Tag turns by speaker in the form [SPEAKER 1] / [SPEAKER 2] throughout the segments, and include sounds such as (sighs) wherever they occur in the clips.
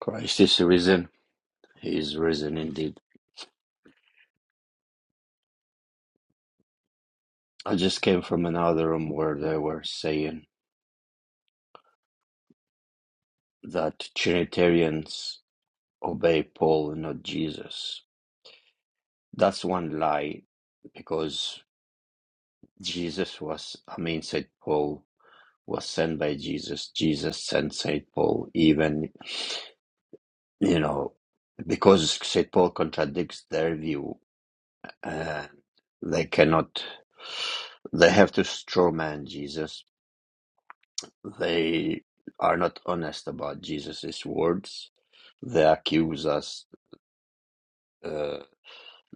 [SPEAKER 1] Christ is risen. He is risen indeed. I just came from another room where they were saying that Trinitarians obey Paul and not Jesus. That's one lie because Jesus was, I mean, St. Paul was sent by Jesus. Jesus sent St. Paul, even, you know, because St. Paul contradicts their view, uh, they cannot, they have to strawman Jesus They are not honest about Jesus's words. They accuse us, uh,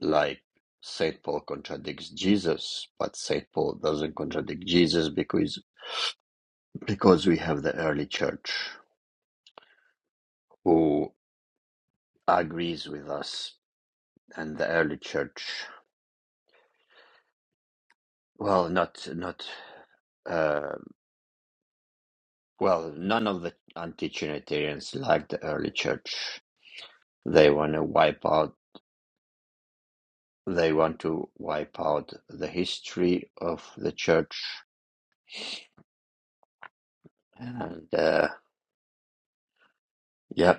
[SPEAKER 1] like Saint Paul contradicts Jesus, but Saint Paul doesn't contradict Jesus because because we have the early church who agrees with us, and the early church, well, not not uh, well, none of the anti-Trinitarians like the early church. They want to wipe out they want to wipe out the history of the church and uh, yeah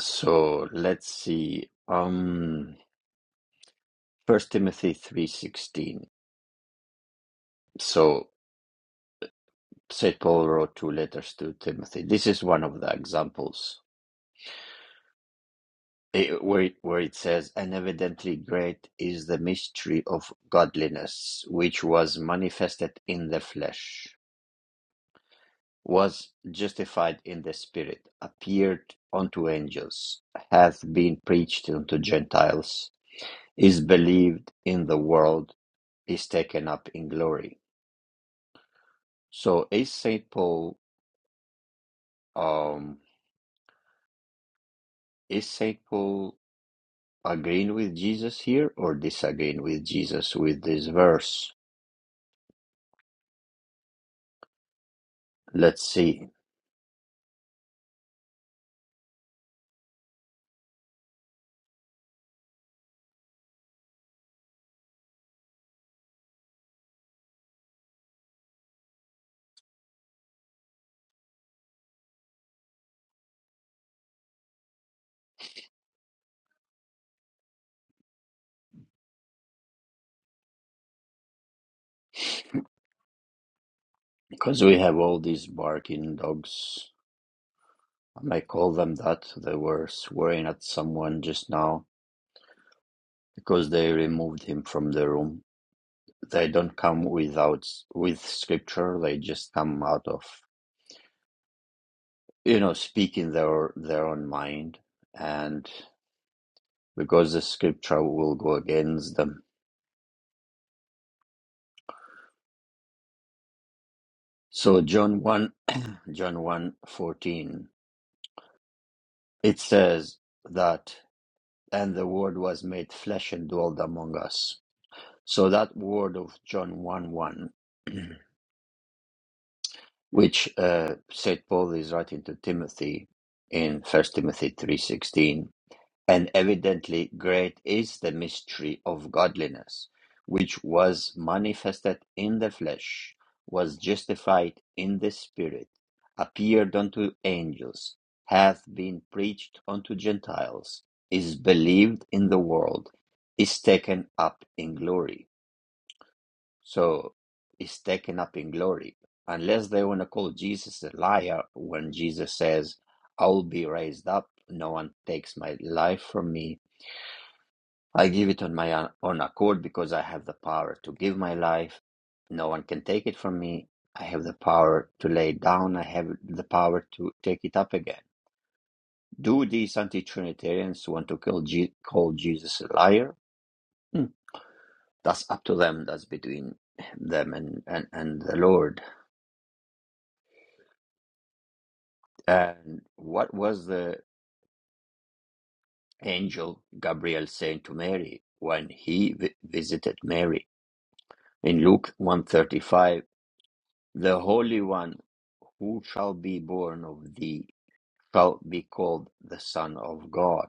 [SPEAKER 1] so let's see um first timothy 3.16 so st paul wrote two letters to timothy this is one of the examples it, where, it, where it says and evidently great is the mystery of godliness which was manifested in the flesh was justified in the Spirit, appeared unto angels, hath been preached unto Gentiles, is believed in the world, is taken up in glory. So is Saint Paul um is Saint Paul agreeing with Jesus here or disagreeing with Jesus with this verse? Let's see. Because we have all these barking dogs. I might call them that. They were swearing at someone just now because they removed him from the room They don't come without with scripture. They just come out of you know speaking their their own mind, and because the scripture will go against them. So John one John one fourteen it says that and the word was made flesh and dwelled among us. So that word of John one one, (clears throat) which uh, Saint Paul is writing to Timothy in First Timothy three sixteen And evidently great is the mystery of godliness, which was manifested in the flesh, was justified in the spirit, appeared unto angels, hath been preached unto Gentiles, is believed in the world, is taken up in glory. So, is taken up in glory. Unless they want to call Jesus a liar when Jesus says, I will be raised up, no one takes my life from me I give it on my own accord because I have the power to give my life. No one can take it from me. I have the power to lay it down. I have the power to take it up again. Do these anti-Trinitarians want to kill Je- call Jesus a liar? Hmm, That's up to them. That's between them and, and, and the Lord. And what was the angel Gabriel saying to Mary when he vi- visited Mary? In Luke 135, the Holy One Who shall be born of thee shall be called the Son of God.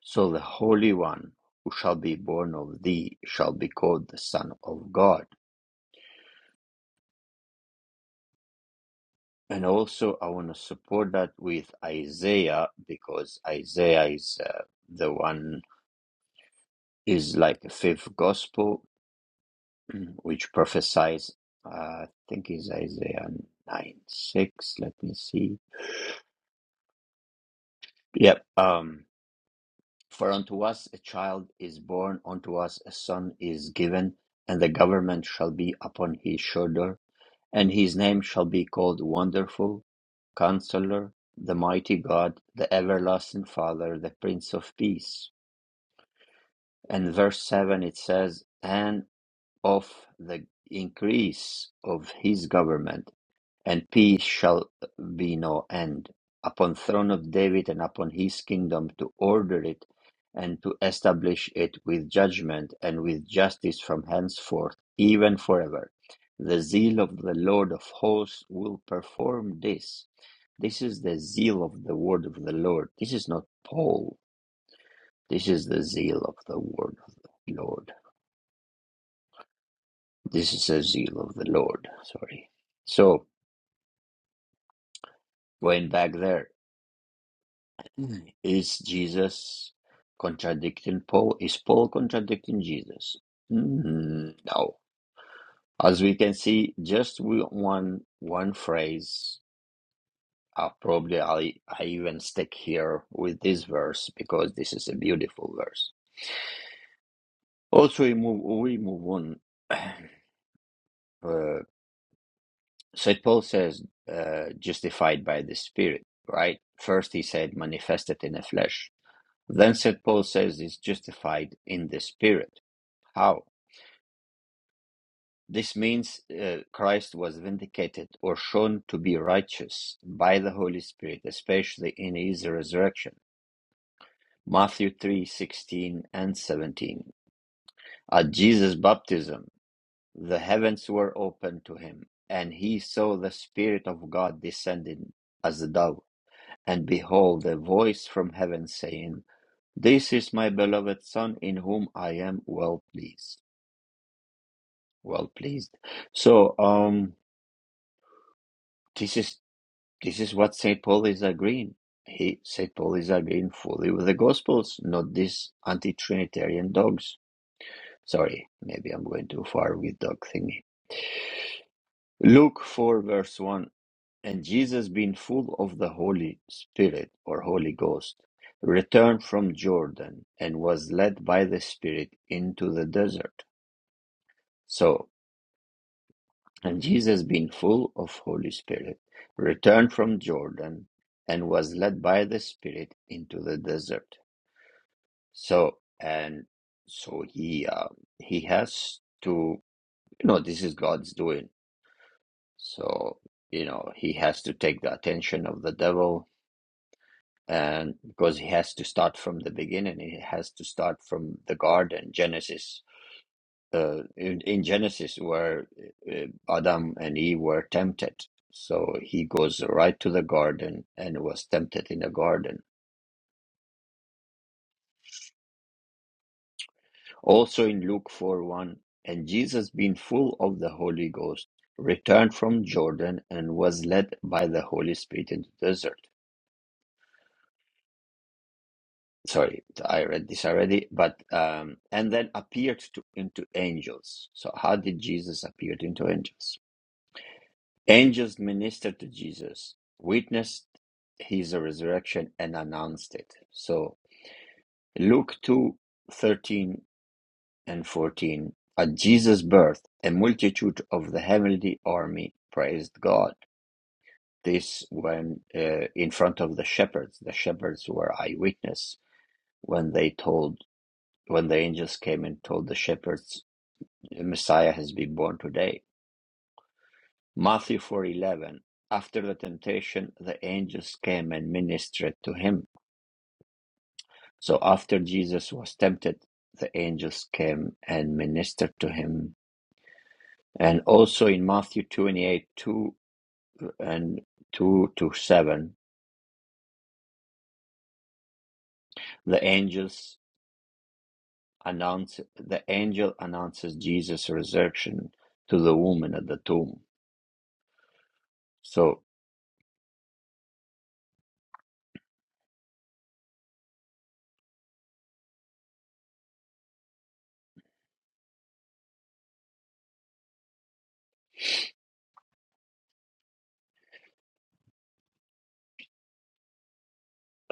[SPEAKER 1] So the Holy One who shall be born of thee shall be called the Son of God. And also, I want to support that with Isaiah because Isaiah is uh, the one is like the fifth gospel, (clears throat) which prophesies. Uh, I think is Isaiah nine six. Let me see. Yep. Um, For unto us a child is born, unto us a son is given, and the government shall be upon his shoulder, and his name shall be called Wonderful, Counselor, the Mighty God, the Everlasting Father, the Prince of Peace. And verse 7 it says, And of the increase of his government and peace shall be no end upon throne of David and upon his kingdom to order it and to establish it with judgment and with justice from henceforth, even forever. The zeal of the Lord of hosts will perform this. This is the zeal of the word of the Lord. This is not Paul. This is the zeal of the word of the Lord. This is the zeal of the Lord. Sorry. So, going back there. Mm. Is Jesus contradicting Paul? Is Paul contradicting Jesus? Mm, no. As we can see, just with one one phrase. Uh, probably I I even stick here with this verse because this is a beautiful verse. Also, we move we move on. (clears throat) uh, Saint Paul says, uh, "Justified by the Spirit." Right. First, he said, "Manifested in the flesh." Then Saint Paul says, "Is justified in the Spirit." How? This means uh, Christ was vindicated or shown to be righteous by the Holy Spirit, especially in his resurrection. Matthew 3:16 and 17. At Jesus' baptism, the heavens were opened to him, and he saw the Spirit of God descending as a dove. And behold, a voice from heaven saying, This is my beloved Son, in whom I am well pleased. Well pleased. So, um, this is This is what Saint Paul is agreeing. He Saint Paul is agreeing fully with the Gospels, not these anti-Trinitarian dogs. Sorry, maybe I'm going too far with dog thingy. Luke four verse one. And Jesus, being full of the Holy Spirit or Holy Ghost, returned from Jordan and was led by the Spirit into the desert. So, and Jesus, being full of Holy Spirit, returned from Jordan and was led by the Spirit into the desert So and so he uh, he has to you know this is God's doing. So you know he has to take the attention of the devil and because he has to start from the beginning he has to start from the garden genesis uh, in, in genesis where uh, adam and eve were tempted so he goes right to the garden and was tempted in the garden Also in Luke 4 1, and Jesus, being full of the Holy Ghost, returned from Jordan and was led by the Holy Spirit into the desert. Sorry, I read this already, but um, and then appeared to into angels. So how did Jesus appear into angels? Angels ministered to Jesus, witnessed his resurrection, and announced it. So Luke two thirteen and fourteen, At Jesus' birth, a multitude of the heavenly army praised God. This when uh, in front of the shepherds. The shepherds were eyewitness when they told when the angels came and told the shepherds, the Messiah has been born today. Matthew four eleven. After the temptation, the angels came and ministered to him. So after Jesus was tempted, the angels came and ministered to him and also in Matthew twenty eight two. and 2 to 7 the angels announce the angel announces jesus resurrection to the woman at the tomb so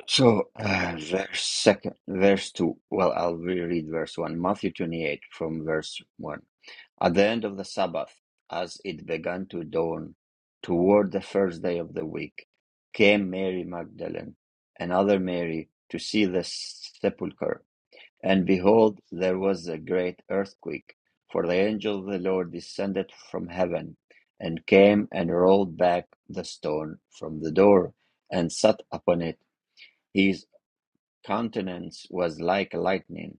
[SPEAKER 1] so uh, verse second verse 2 well i'll reread verse 1 matthew 28 from verse 1 at the end of the sabbath as it began to dawn toward the first day of the week came mary magdalene and other mary to see the sepulchre And behold, there was a great earthquake, for the angel of the Lord descended from heaven, and came and rolled back the stone from the door, and sat upon it. His countenance was like lightning,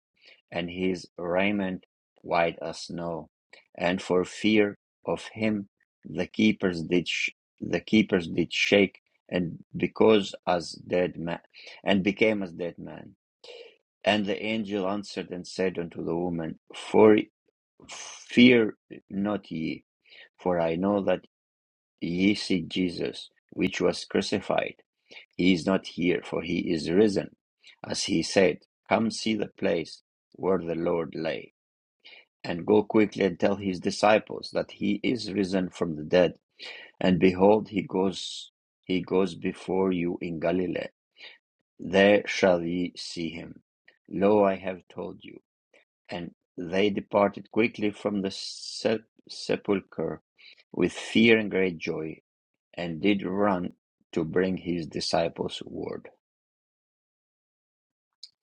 [SPEAKER 1] and his raiment white as snow. And for fear of him, the keepers did sh- the keepers did shake, and because as dead man, and became as dead man. And the angel answered and said unto the woman, For fear not ye, for I know that ye seek Jesus, which was crucified. He is not here, for he is risen, as he said. Come see the place where the Lord lay, and go quickly and tell his disciples that he is risen from the dead. And behold, he goes, he goes before you in Galilee. There shall ye see him. Lo, I have told you. And they departed quickly from the sep- sepulchre with fear and great joy, and did run to bring his disciples word.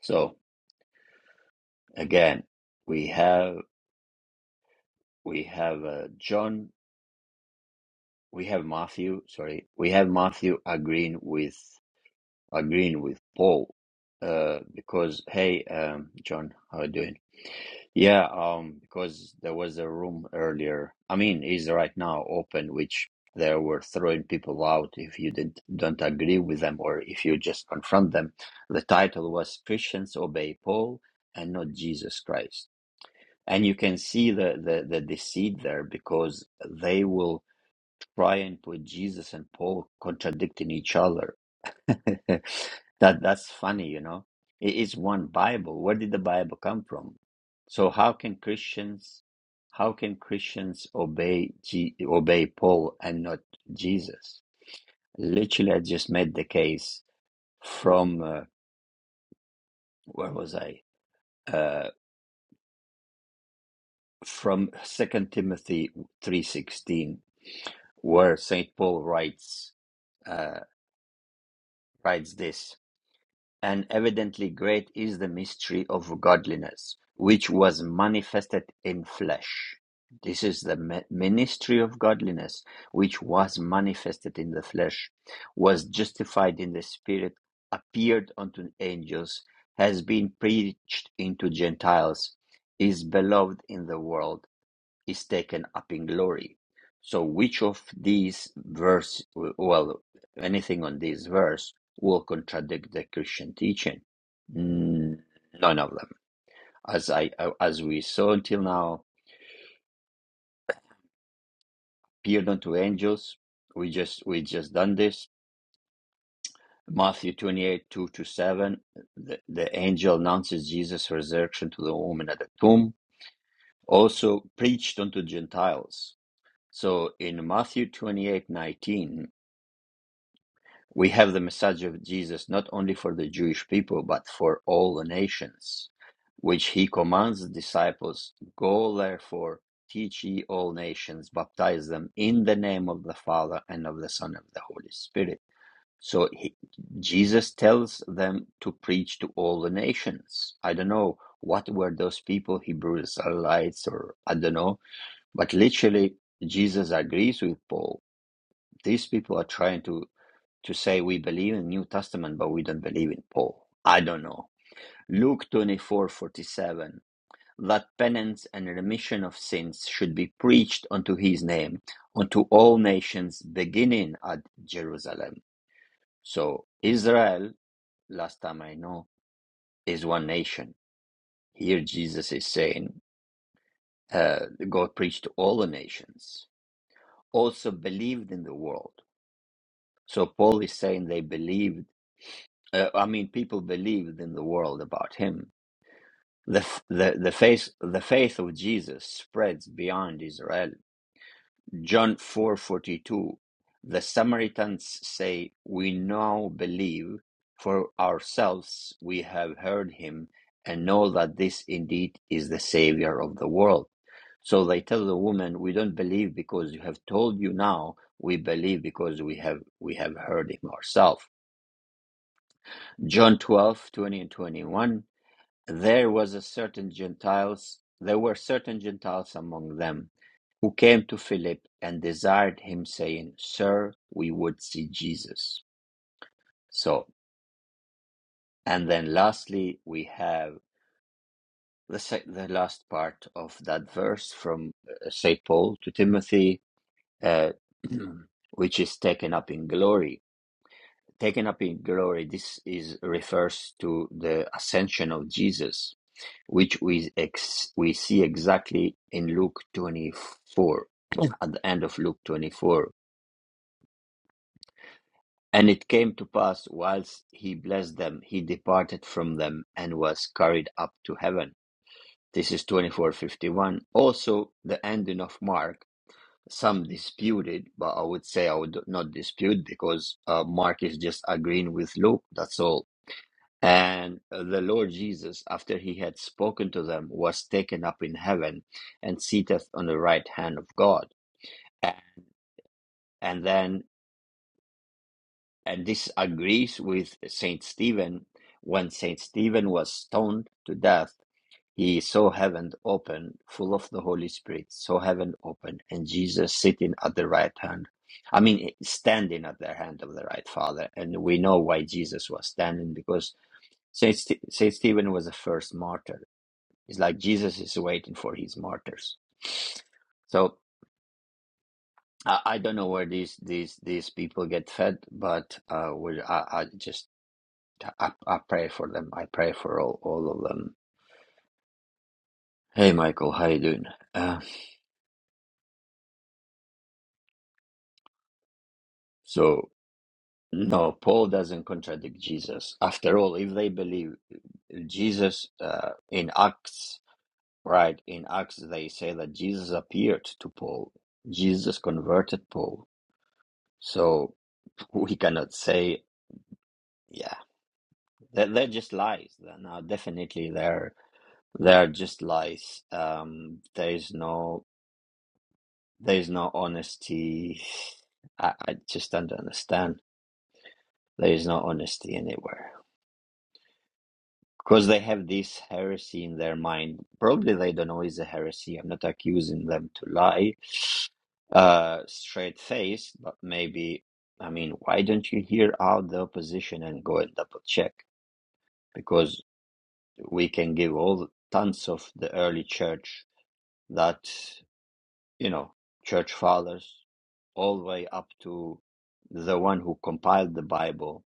[SPEAKER 1] So again, we have we have uh, John, we have Matthew. Sorry, we have Matthew agreeing with agreeing with Paul, uh, because hey, um, John, how are you doing? Yeah, um, because there was a room earlier. I mean, is right now open, which they were throwing people out if you didn't don't agree with them or if you just confront them. The title was Christians Obey Paul and not Jesus Christ. And you can see the, the, the deceit there because they will try and put Jesus and Paul contradicting each other (laughs) That that's funny, you know. It is one Bible. Where did the Bible come from? So how can Christians how can Christians obey G, obey Paul and not Jesus? Literally, I just made the case from uh, where was I? Uh, from Second Timothy three sixteen, where Saint Paul writes uh, writes this. And evidently great is the mystery of godliness, which was manifested in flesh. This is the ministry of godliness, which was manifested in the flesh, was justified in the spirit, appeared unto angels, has been preached into Gentiles, is beloved in the world, is taken up in glory. So, which of these verse, well, anything on this verse will contradict the Christian teaching? Mm, None of them. As I, as we saw until now, appeared unto angels. We just, we just done this. Matthew 28, 2 to 7, the, the angel announces Jesus' resurrection to the woman at the tomb. Also preached unto Gentiles. So in Matthew 28:19, We have the message of Jesus not only for the Jewish people, but for all the nations, which he commands the disciples Go therefore, teach ye all nations, baptize them in the name of the Father and of the Son and of the Holy Spirit. So he, Jesus tells them to preach to all the nations. I don't know what were those people, Hebrews, Israelites, or I don't know, but literally Jesus agrees with Paul. These people are trying to to say we believe in New Testament, but we don't believe in Paul. I don't know. Luke twenty four forty seven that penance and remission of sins should be preached unto his name, unto all nations, beginning at Jerusalem. So Israel, last time I know, is one nation. Here Jesus is saying, uh, go preach to all the nations. Also believed in the world. So Paul is saying they believed, uh, I mean, people believed in the world about him The, the the faith the faith of Jesus spreads beyond Israel. John four forty two, the Samaritans say, "We now believe for ourselves. We have heard him and know that this indeed is the Savior of the world." So they tell the woman, "We don't believe because you have told you now. We believe because we have we have heard him ourselves." John twelve twenty and twenty one. there was a certain Gentiles, there were certain Gentiles among them who came to Philip and desired him, saying, Sir, we would see Jesus. So, and then lastly, we have the, the last part of that verse from uh, St. Paul to Timothy, uh, (clears throat) which is taken up in glory. Taken up in glory, this is refers to the ascension of Jesus which we ex- we see exactly in Luke 24, at the end of Luke 24. And it came to pass, whilst he blessed them, he departed from them and was carried up to heaven. This is 24:51. Also, the ending of Mark. Some disputed, but I would say I would not dispute because uh, Mark is just agreeing with Luke. That's all And the Lord Jesus, after he had spoken to them, was taken up in heaven and seated on the right hand of God. And then, and this agrees with Saint Stephen. When Saint Stephen was stoned to death, he saw heaven open, full of the Holy Spirit, saw heaven open, and Jesus sitting at the right hand. I mean, standing at the hand of the right Father. And we know why Jesus was standing because Saint, St- Saint Stephen was the first martyr It's like Jesus is waiting for his martyrs. So I, I don't know where these these these people get fed, but uh, we, I, I just I, I pray for them. I pray for all all of them. Hey, Michael, how you doing? Uh, so no, Paul doesn't contradict Jesus. After all, if they believe Jesus uh, in Acts, right? In Acts, they say that Jesus appeared to Paul. Jesus converted Paul. So (laughs) we cannot say yeah They're, they're just lies. They're no, definitely they're they're just lies. Um, there is no there is no honesty. I, I just don't understand. There is no honesty anywhere because they have this heresy in their mind. Probably they don't know it's a heresy. I'm not accusing them to lie, uh, straight face, but maybe. I mean, why don't you hear out the opposition and go and double check? Because we can give all the, tons of the early church that you know church fathers all the way up to the one who compiled the bible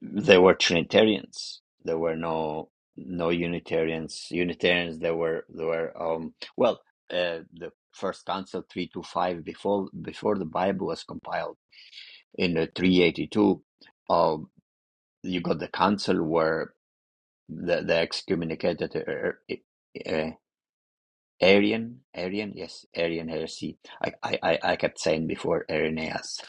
[SPEAKER 1] they were trinitarians there were no no unitarians unitarians there were there were um well uh, the first council 325 before before the bible was compiled in uh, 382 um you got the council where the, the excommunicated uh, uh, Arian, Arian, yes, Arian heresy. I, I, I I kept saying before Irenaeus.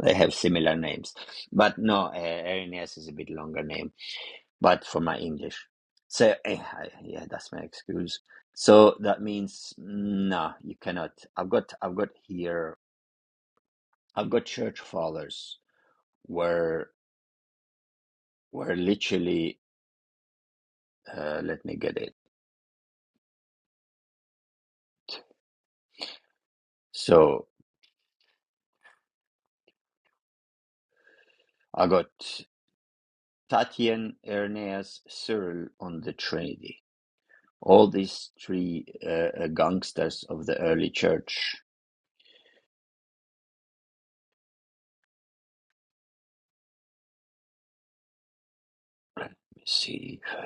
[SPEAKER 1] They have similar names, but no, uh, Irenaeus is a bit longer name. But for my English, so eh, I, yeah, that's my excuse. So that means no, you cannot. I've got, I've got here, I've got church fathers where where literally, uh, let me get it. So I got Tatian, Irenaeus, Cyril on the Trinity all these three uh, uh, gangsters of the early church. Let me see if I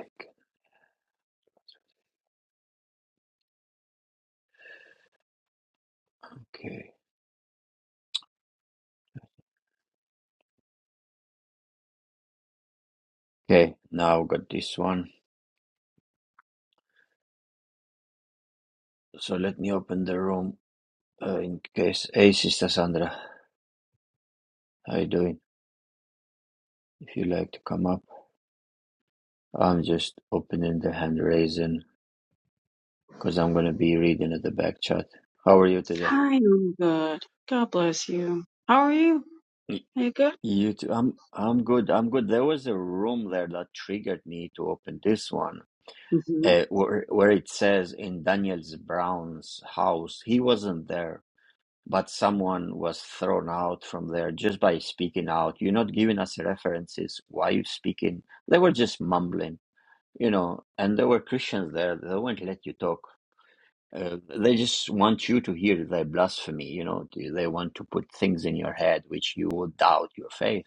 [SPEAKER 1] can. Okay. Okay, now got this one. So let me open the room uh, in case. Hey, Sister Sandra, how you doing? If you like to come up, I'm just opening the hand raising because I'm gonna be reading at the back chat. How are you today?
[SPEAKER 2] Hi, I'm good. God bless you. How are you?
[SPEAKER 1] Y-
[SPEAKER 2] Are you good?
[SPEAKER 1] You too. I'm I'm good. I'm good. There was a room there that triggered me to open this one
[SPEAKER 2] hmm
[SPEAKER 1] uh, where, where it says in Daniel's Brown's house, he wasn't there, but someone was thrown out from there just by speaking out. You're not giving us references. Why you speaking? They were just mumbling, you know, and there were Christians there. They won't let you talk. Uh, they just want you to hear their blasphemy, you know, they want to put things in your head which you would doubt your faith.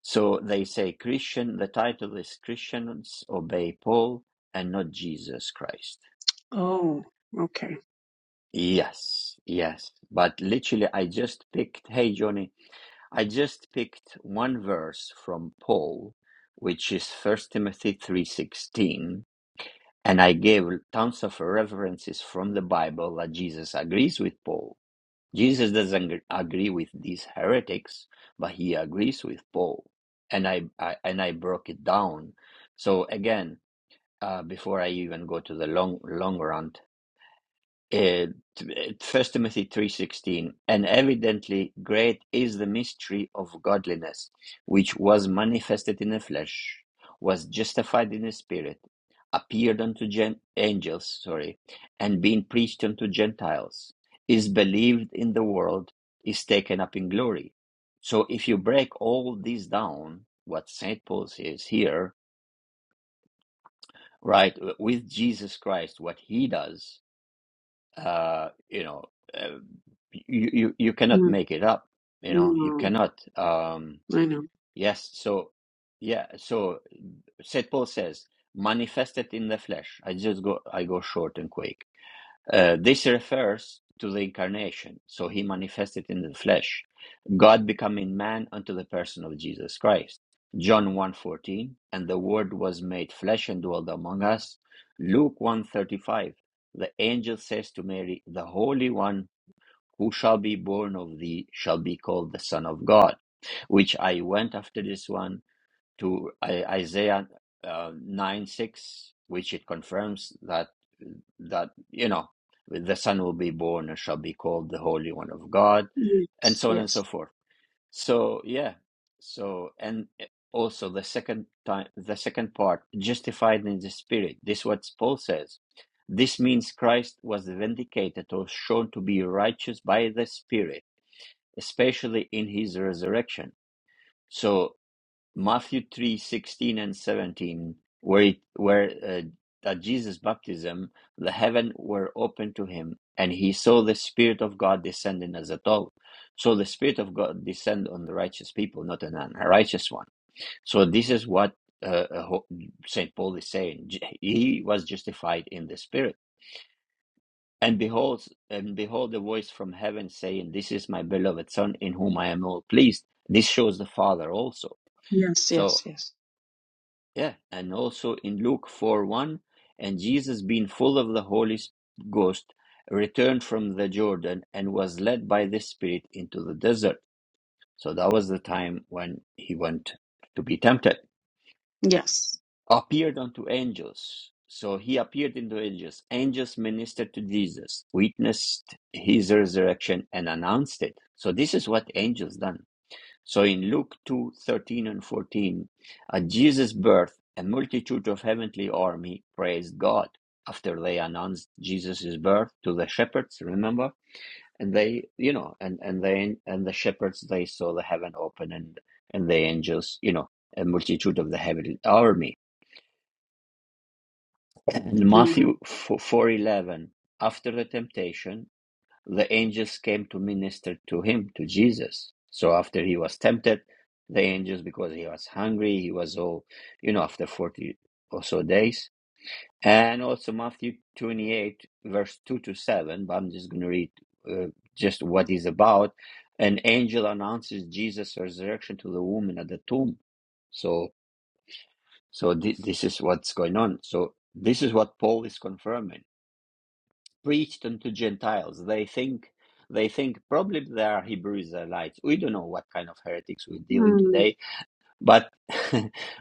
[SPEAKER 1] So they say Christian, the title is Christians obey Paul and not Jesus Christ
[SPEAKER 2] Oh, okay.
[SPEAKER 1] Yes, yes. But literally, I just picked, hey, Johnny, I just picked one verse from Paul, which is First Timothy 3:16, and I gave tons of references from the Bible that Jesus agrees with Paul. Jesus doesn't ag- agree with these heretics, but he agrees with Paul. And I, I and I broke it down. So again, uh, before I even go to the long long run uh, First Timothy 3:16 and evidently great is the mystery of godliness which was manifested in the flesh was justified in the spirit appeared unto gen- angels sorry and being preached unto gentiles is believed in the world is taken up in glory so if you break all this down what St Paul says here right uh, with Jesus Christ what he does uh, you know, uh, you, you you cannot
[SPEAKER 2] Mm,
[SPEAKER 1] make it up. You know, you
[SPEAKER 2] No,
[SPEAKER 1] cannot. Um,
[SPEAKER 2] I know.
[SPEAKER 1] yes, so yeah, so Saint Paul says, manifested in the flesh. I just go, I go short and quick. Uh, this refers to the incarnation, so he manifested in the flesh, God becoming man unto the person of Jesus Christ. John one fourteen, and the word was made flesh and dwelt among us. Luke one thirty five. the angel says to Mary, the holy one who shall be born of thee shall be called the son of God, which I went after this one to I- Isaiah uh, 9 6, which it confirms that that you know the son will be born and shall be called the Holy One of God, and
[SPEAKER 2] Yes,
[SPEAKER 1] so on and so
[SPEAKER 2] yes,
[SPEAKER 1] forth. So yeah, so and eh, also the second time, the second part, justified in the Spirit. This what Paul says. This means Christ was vindicated or shown to be righteous by the Spirit, especially in his resurrection. So Matthew three sixteen and 17, where, it, where uh, at Jesus' baptism, the heaven were opened to him, and he saw the Spirit of God descending as a dove. So the Spirit of God descend on the righteous people, not an unrighteous one. So this is what uh, uh, ho- Saint Paul is saying. J- He was justified in the Spirit. And behold, and behold, a voice from heaven saying, "This is my beloved Son, in whom I am well pleased." This shows the Father also.
[SPEAKER 2] yes,
[SPEAKER 1] So
[SPEAKER 2] yes, yes,
[SPEAKER 1] Yeah, and also in Luke 4 1, and Jesus, being full of the Holy Ghost, returned from the Jordan and was led by the Spirit into the desert. So that was the time when he went to be tempted.
[SPEAKER 2] yes.
[SPEAKER 1] Appeared unto angels. So he appeared into angels. Angels ministered to Jesus, witnessed his resurrection, and announced it. So this is what angels done so in Luke 2 13 and 14, at Jesus' birth, a multitude of heavenly army praised God after they announced Jesus' birth to the shepherds, remember? And they, you know, and, and they and the shepherds they saw the heaven open and and the angels, you know, a multitude of the heavenly army. (clears throat) And Matthew
[SPEAKER 2] Amen.
[SPEAKER 1] four eleven, after the temptation, the angels came to minister to him, to Jesus. So after he was tempted, the angels, because he was hungry, he was all, you know, after 40 or so days. And also Matthew 28, verse 2 to 7, but I'm just going to read uh, just what is about. An angel announces Jesus' resurrection to the woman at the tomb. So, so thi- this is what's going on. So, this is what Paul is confirming preached unto Gentiles. They think they think probably they are Hebrew Israelites. We don't know what kind of heretics we're dealing
[SPEAKER 2] Mm,
[SPEAKER 1] today, but (laughs)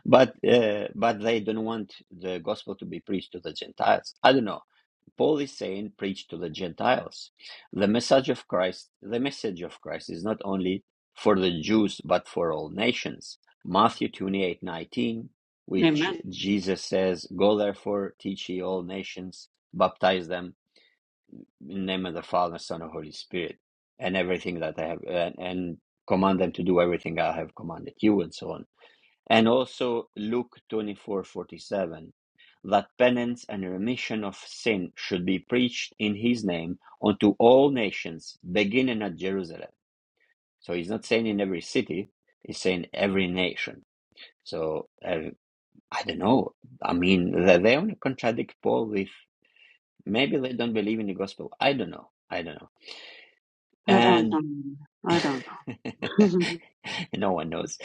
[SPEAKER 1] but uh, but they don't want the gospel to be preached to the Gentiles. I don't know. Paul is saying preach to the Gentiles. The message of Christ, the message of Christ is not only for the Jews but for all nations. Matthew twenty eight nineteen, which
[SPEAKER 2] Amen.
[SPEAKER 1] Jesus says, Go therefore, teach ye all nations, baptize them in the name of the Father, Son, and Holy Spirit, and everything that I have, and, and command them to do everything I have commanded you, and so on. And also Luke twenty four forty seven, that penance and remission of sin should be preached in His name unto all nations, beginning at Jerusalem. So He's not saying in every city; He's saying every nation. So uh, I don't know. I mean, they, they only contradict Paul with maybe they don't believe in the gospel. I don't know. I don't know.
[SPEAKER 2] I don't
[SPEAKER 1] And
[SPEAKER 2] know. I don't know. (laughs)
[SPEAKER 1] (laughs) No one knows.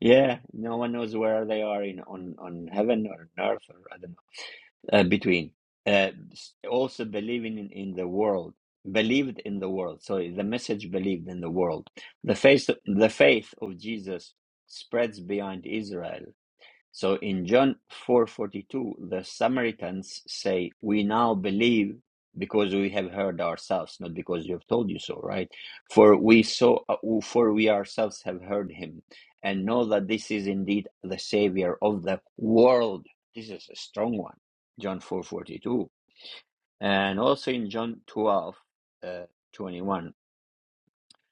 [SPEAKER 1] Yeah, no one knows where they are in on on heaven or on earth or I don't know uh, between. Uh, s- also believing in, in the world, believed in the world. Sorry, the message believed in the world. The faith the faith of Jesus spreads beyond Israel. So in John 4:42, the Samaritans say, "We now believe because we have heard ourselves, not because you have told you so." Right? For we saw, uh, for we ourselves have heard him, and know that this is indeed the Savior of the world. This is a strong one. John 4:42, and also in John 12, uh, 21,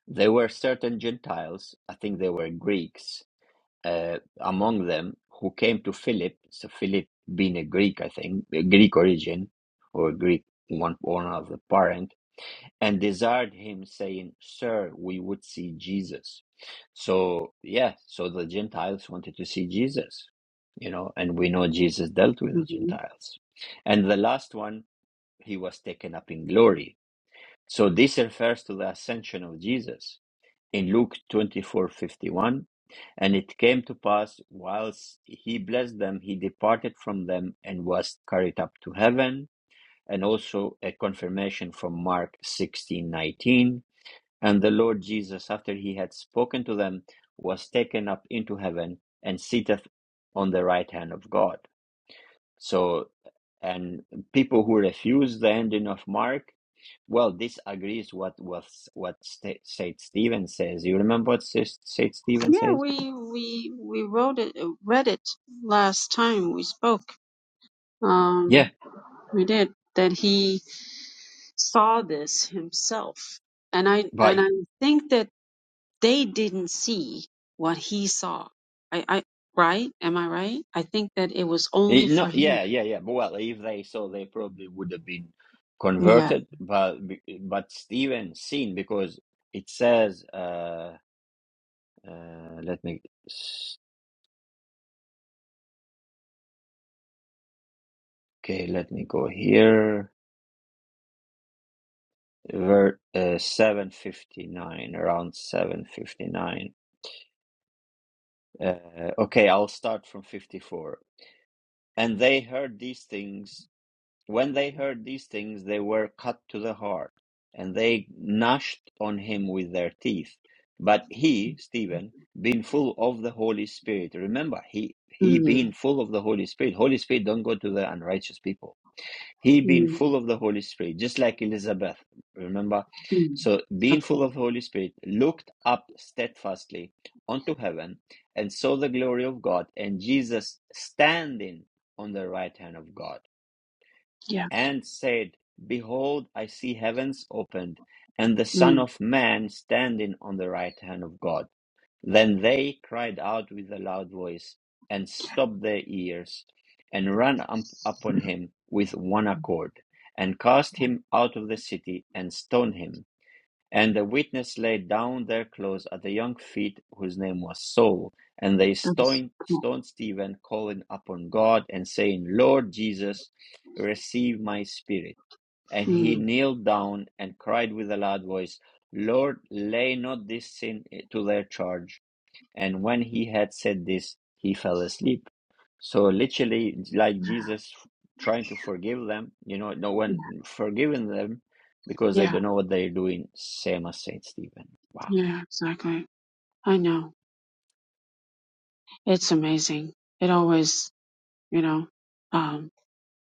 [SPEAKER 1] there were certain Gentiles. I think they were Greeks uh, among them who came to Philip. So Philip, being a Greek, I think, a Greek origin or Greek one one of the parent, and desired him, saying, "Sir, we would see Jesus." So yeah, so the Gentiles wanted to see Jesus, you know, and we know Jesus dealt with the
[SPEAKER 2] Mhm.
[SPEAKER 1] Gentiles, and the last one, he was taken up in glory. So this refers to the ascension of Jesus in Luke 24:51, and it came to pass whilst he blessed them, he departed from them and was carried up to heaven, and also a confirmation from Mark 16:19, and the Lord Jesus after he had spoken to them was taken up into heaven and sitteth on the right hand of God. So, and people who refuse the ending of Mark, well, this agrees what was what St- St. Stephen says. You remember what St. St. Stephen
[SPEAKER 2] Yeah,
[SPEAKER 1] says?
[SPEAKER 2] we we we wrote it, uh, read it last time we spoke.
[SPEAKER 1] Yeah,
[SPEAKER 2] Um, we did that. He saw this himself, and I and
[SPEAKER 1] but
[SPEAKER 2] I think that. they didn't see what he saw. I, I right? Am I right? I think that it was only
[SPEAKER 1] he- no,
[SPEAKER 2] for him.
[SPEAKER 1] yeah, yeah, yeah. But well, if they saw, they probably would have been
[SPEAKER 2] Yeah.
[SPEAKER 1] converted. But be- but Stephen seen because it says. Uh, uh, let me s- okay. Let me go here. Ver, uh, seven fifty nine around seven fifty nine Uh, okay, I'll start from 54. And they heard these things. When they heard these things, they were cut to the heart, and they gnashed on him with their teeth. But he, Stephen, being full of the Holy Spirit, remember, he, he
[SPEAKER 2] Mm,
[SPEAKER 1] being full of the Holy Spirit, Holy Spirit don't go to the unrighteous people he being
[SPEAKER 2] mm,
[SPEAKER 1] full of the holy spirit just like elizabeth remember
[SPEAKER 2] mm.
[SPEAKER 1] so being full
[SPEAKER 2] Absolutely.
[SPEAKER 1] of the holy spirit looked up steadfastly unto heaven and saw the glory of god and jesus standing on the right hand of god
[SPEAKER 2] Yeah.
[SPEAKER 1] and said, Behold, I see heavens opened, and the Son
[SPEAKER 2] Mm,
[SPEAKER 1] of Man standing on the right hand of God. Then they cried out with a loud voice, and stopped their ears, and ran up upon him with one accord, and cast him out of the city, and stoned him. And the witness laid down their clothes at the young feet, whose name was Saul. And they
[SPEAKER 2] that was
[SPEAKER 1] stoned,
[SPEAKER 2] cool.
[SPEAKER 1] stoned Stephen, calling upon God and saying, Lord Jesus, receive my spirit. And he
[SPEAKER 2] Mm,
[SPEAKER 1] kneeled down and cried with a loud voice, Lord, lay not this sin to their charge and when he had said this, he fell asleep. So literally, like Jesus trying to forgive them, you know, no
[SPEAKER 2] yeah.
[SPEAKER 1] one forgiving them because they
[SPEAKER 2] Yeah.
[SPEAKER 1] don't know what they're doing. Same as Saint Stephen. Wow.
[SPEAKER 2] Yeah. Exactly. I know. It's amazing. It always, you know, um,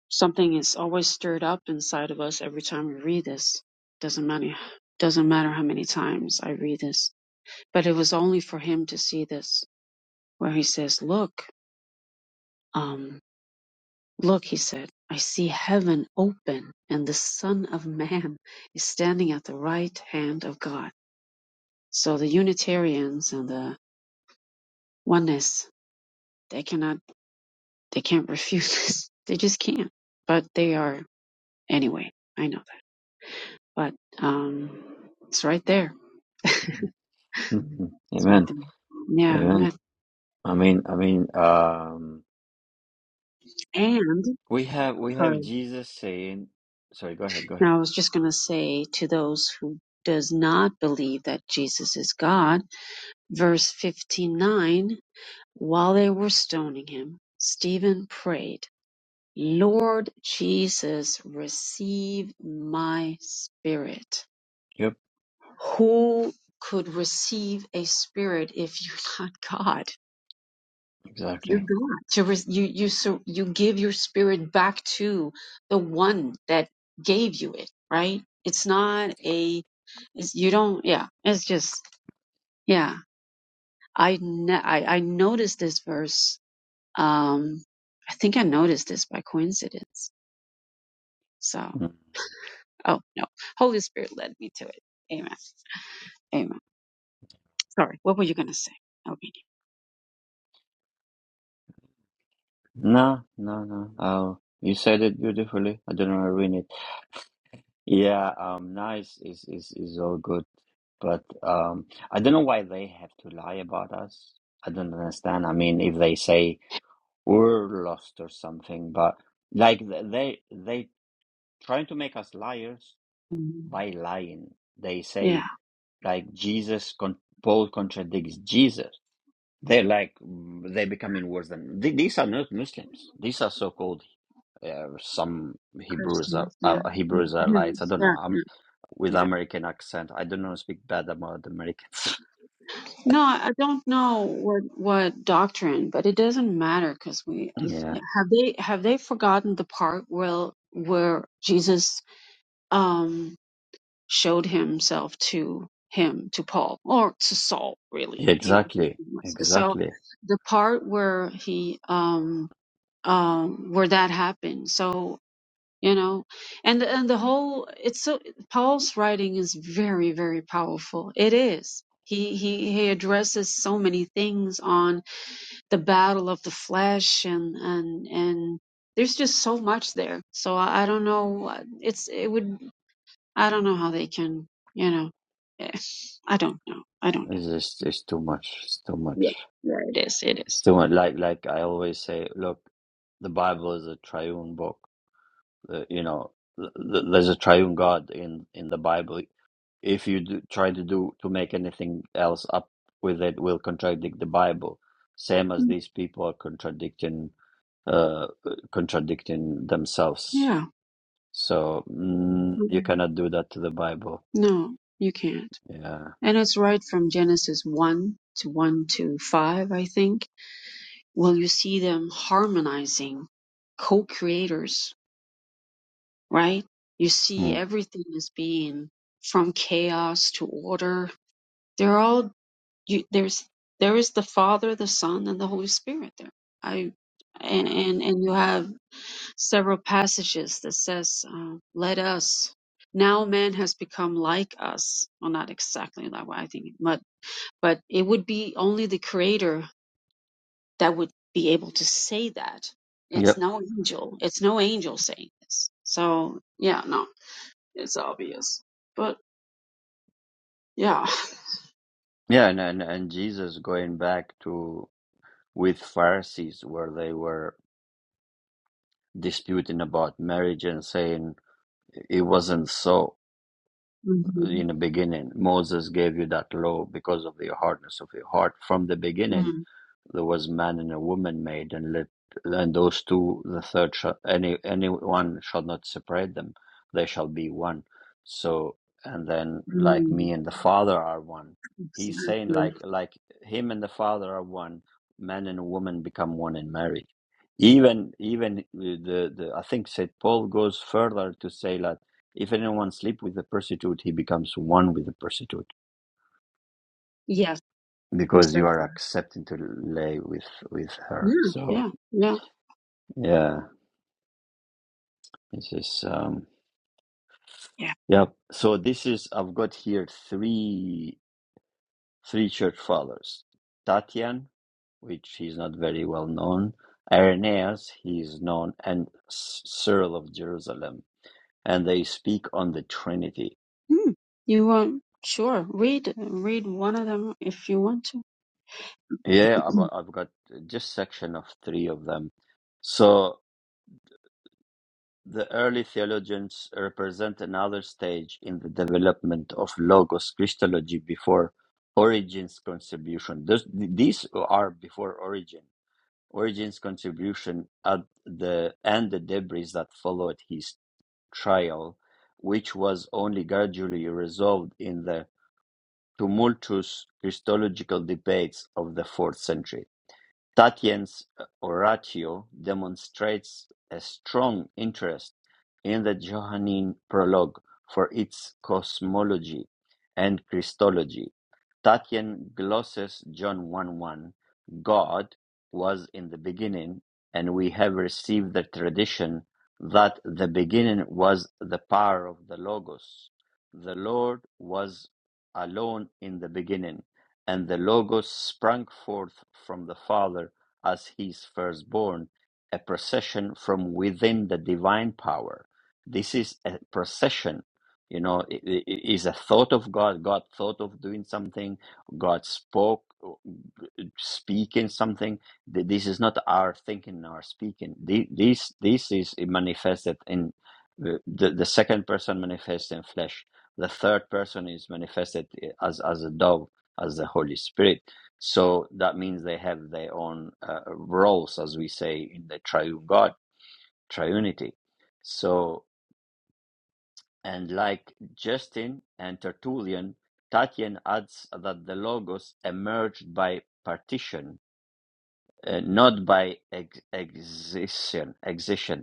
[SPEAKER 2] something is always stirred up inside of us every time we read this. Doesn't matter. Doesn't matter how many times I read this. But it was only for him to see this, where he says, "Look." Um, Look, he said, I see heaven open, and the Son of Man is standing at the right hand of God. So the Unitarians and the oneness, they cannot they can't refuse (laughs) this. They just can't. But they are anyway, I know that. But um it's right there. (laughs) it's
[SPEAKER 1] (laughs) Mhm.
[SPEAKER 2] right
[SPEAKER 1] Amen.
[SPEAKER 2] there. Yeah, I'm
[SPEAKER 1] Amen.
[SPEAKER 2] not-
[SPEAKER 1] I mean, I mean, um,
[SPEAKER 2] and
[SPEAKER 1] we have we have
[SPEAKER 2] sorry.
[SPEAKER 1] Jesus saying, "Sorry, go ahead, go ahead."
[SPEAKER 2] Now I was just gonna say to those who does not believe that Jesus is God, verse 59 While they were stoning him, Stephen prayed, Lord Jesus, receive my spirit.
[SPEAKER 1] Yep,
[SPEAKER 2] Who could receive a spirit if you're (laughs) not God? You're
[SPEAKER 1] exactly.
[SPEAKER 2] God. To re- you, you, sur- you give your spirit back to the one that gave you it, right? It's not a, it's, you don't, yeah, it's just, yeah. I, ne- I, I noticed this verse Um, I think I noticed this by coincidence. So,
[SPEAKER 1] Mm.
[SPEAKER 2] oh no, Holy Spirit led me to it. Amen. Amen. Sorry, what were you gonna say? Okay.
[SPEAKER 1] No, no, no. Oh, you said it beautifully. I don't want to ruin it. Yeah, um, nice is is is all good, but um, I don't know why they have to lie about us. I don't understand. I mean, if they say we're lost or something, but like th- they they trying to make us liars
[SPEAKER 2] Mm,
[SPEAKER 1] by lying. They say
[SPEAKER 2] Yeah,
[SPEAKER 1] like Jesus con Paul contradicts Jesus. They're like mm, they're becoming worse than th these are not Muslims. These are so-called uh, some Hebrews are
[SPEAKER 2] Christians. Yeah.
[SPEAKER 1] uh, Hebrew
[SPEAKER 2] Mhm.
[SPEAKER 1] Israelites. I don't know.
[SPEAKER 2] Yeah,
[SPEAKER 1] I'm
[SPEAKER 2] yeah,
[SPEAKER 1] with
[SPEAKER 2] yeah.
[SPEAKER 1] American accent. I don't know speak bad about the Americans.
[SPEAKER 2] No, I don't know what what doctrine, but it doesn't matter because we
[SPEAKER 1] (laughs)
[SPEAKER 2] if,
[SPEAKER 1] yeah.
[SPEAKER 2] have they have they forgotten the part where where Jesus um showed himself to him, to Paul, or to Saul, really.
[SPEAKER 1] yeah,
[SPEAKER 2] He
[SPEAKER 1] exactly,
[SPEAKER 2] so
[SPEAKER 1] exactly.
[SPEAKER 2] the part where he um um where that happened. So you know, and and the whole it's so Paul's writing is very very powerful. It is. He, he he addresses so many things on the battle of the flesh and and and there's just so much there. So I, I don't know. uh, It's it would. I don't know how they can, you know. eh, (sighs) I don't know. I don't
[SPEAKER 1] It's just it's too much. It's too
[SPEAKER 2] know.
[SPEAKER 1] much.
[SPEAKER 2] Yeah, yeah, it is. It
[SPEAKER 1] It's
[SPEAKER 2] is.
[SPEAKER 1] too much. Like like I always say, look, the Bible is a triune book. Uh, you know, th- th- there's a triune God in in the Bible. If you do, try to do to make anything else up with it, will contradict the Bible. Same as
[SPEAKER 2] Mm,
[SPEAKER 1] these people are contradicting uh, contradicting themselves.
[SPEAKER 2] Yeah.
[SPEAKER 1] So mm, you
[SPEAKER 2] Mhm.
[SPEAKER 1] cannot do that to the Bible.
[SPEAKER 2] No, you can't.
[SPEAKER 1] Yeah.
[SPEAKER 2] And it's right from Genesis 1 to 1 to 5, I think. Well, you see them harmonizing, co creators. right? You see
[SPEAKER 1] Mm.
[SPEAKER 2] everything as being from chaos to order. They're all you, there's there is the Father, the Son, and the Holy Spirit there. I and and, and you have several passages that says, uh, "Let us." Now man has become like us. Well, not exactly that way, I think, but but it would be only the Creator that would be able to say that. It's
[SPEAKER 1] Yep.
[SPEAKER 2] no angel. It's no angel saying this. So yeah, no. It's obvious. But yeah.
[SPEAKER 1] Yeah, and, and and Jesus going back to with Pharisees where they were disputing about marriage and saying it wasn't so
[SPEAKER 2] hmm
[SPEAKER 1] in the beginning. Moses gave you that law because of the hardness of your heart from the beginning
[SPEAKER 2] mm
[SPEAKER 1] there was man and a woman made, and let and those two, the third shall any anyone shall not separate them; they shall be one. So and then like
[SPEAKER 2] mm
[SPEAKER 1] me and the Father are one. He's saying like
[SPEAKER 2] Exactly.
[SPEAKER 1] like him and the Father are one. Man and woman become one in marriage. Even even the the I think Saint Paul goes further to say that if anyone sleep with the prostitute, he becomes one with the prostitute
[SPEAKER 2] Yes, he
[SPEAKER 1] because
[SPEAKER 2] said
[SPEAKER 1] you are
[SPEAKER 2] that.
[SPEAKER 1] accepting to lay with with her.
[SPEAKER 2] Yeah,
[SPEAKER 1] So.
[SPEAKER 2] yeah, yeah,
[SPEAKER 1] Yeah, this is um
[SPEAKER 2] yeah.
[SPEAKER 1] yeah. So this is I've got here three three church fathers. Tatian, which is not very well known, Irenaeus, he is known, and S- Cyril of Jerusalem, and they speak on the Trinity.
[SPEAKER 2] Hmm. You want? Sure. Read, read one of them if you want to.
[SPEAKER 1] Yeah, I've,
[SPEAKER 2] (clears throat)
[SPEAKER 1] I've got just section of three of them. So The early theologians represent another stage in the development of Logos Christology before Origen's contribution. Those, these are before Origen, Origen's contribution at the and the debris that followed his trial, which was only gradually resolved in the tumultuous Christological debates of the fourth century. Tatian's oratio demonstrates a strong interest in the Johannine prologue for its cosmology and Christology. Tatian glosses John 1 1 God was in the beginning, and we have received the tradition that the beginning was the power of the Logos. The Lord was alone in the beginning and the Logos sprang forth from the Father as his firstborn, a procession from within the divine power. This is a procession. You know, i- i- i- is a thought of God. God thought of doing something. God spoke, speaking something. Th- This is not our thinking, our speaking. Th- This, this is manifested in the, the the second person manifests in flesh. The third person is manifested eh, as as a dove as the Holy Spirit. So that means they have their own uh, roles, as we say in the triune God, triunity. So, and like Justin and Tertullian, Tatian adds that the Logos emerged by partition, uh, not by ex- excision,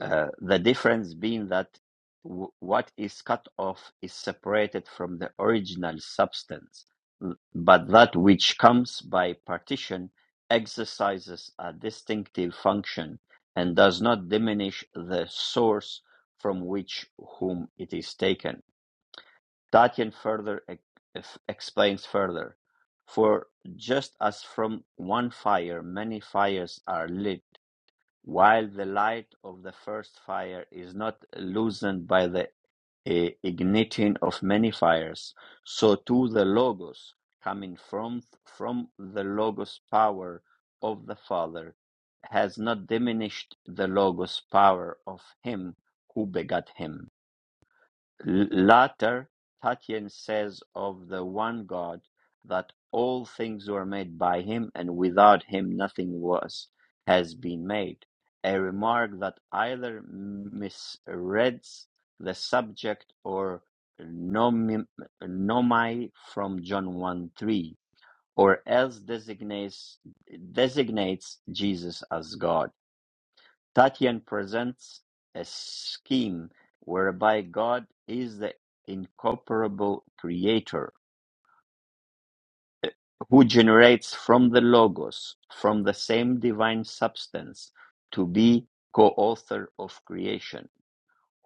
[SPEAKER 1] Uh, the difference being that w- what is cut off is separated from the original substance, l- but that which comes by partition exercises a distinctive function and does not diminish the source from which whom it is taken. Tatian further ex- ex- explains further. For just as from one fire many fires are lit, while the light of the first fire is not loosened by the eh, igniting of many fires, so too the Logos, coming from, from the Logos power of the Father, has not diminished the Logos power of Him who begat Him. L- Later, Tatian says of the one God that all things were made by him and without him nothing was has been made, a remark that either misreads the subject or nomi, nomai from John 1 3, or else designates, designates Jesus as God. Tatian presents a scheme whereby God is the incorporeal creator who generates from the Logos, from the same divine substance, to be co author of creation,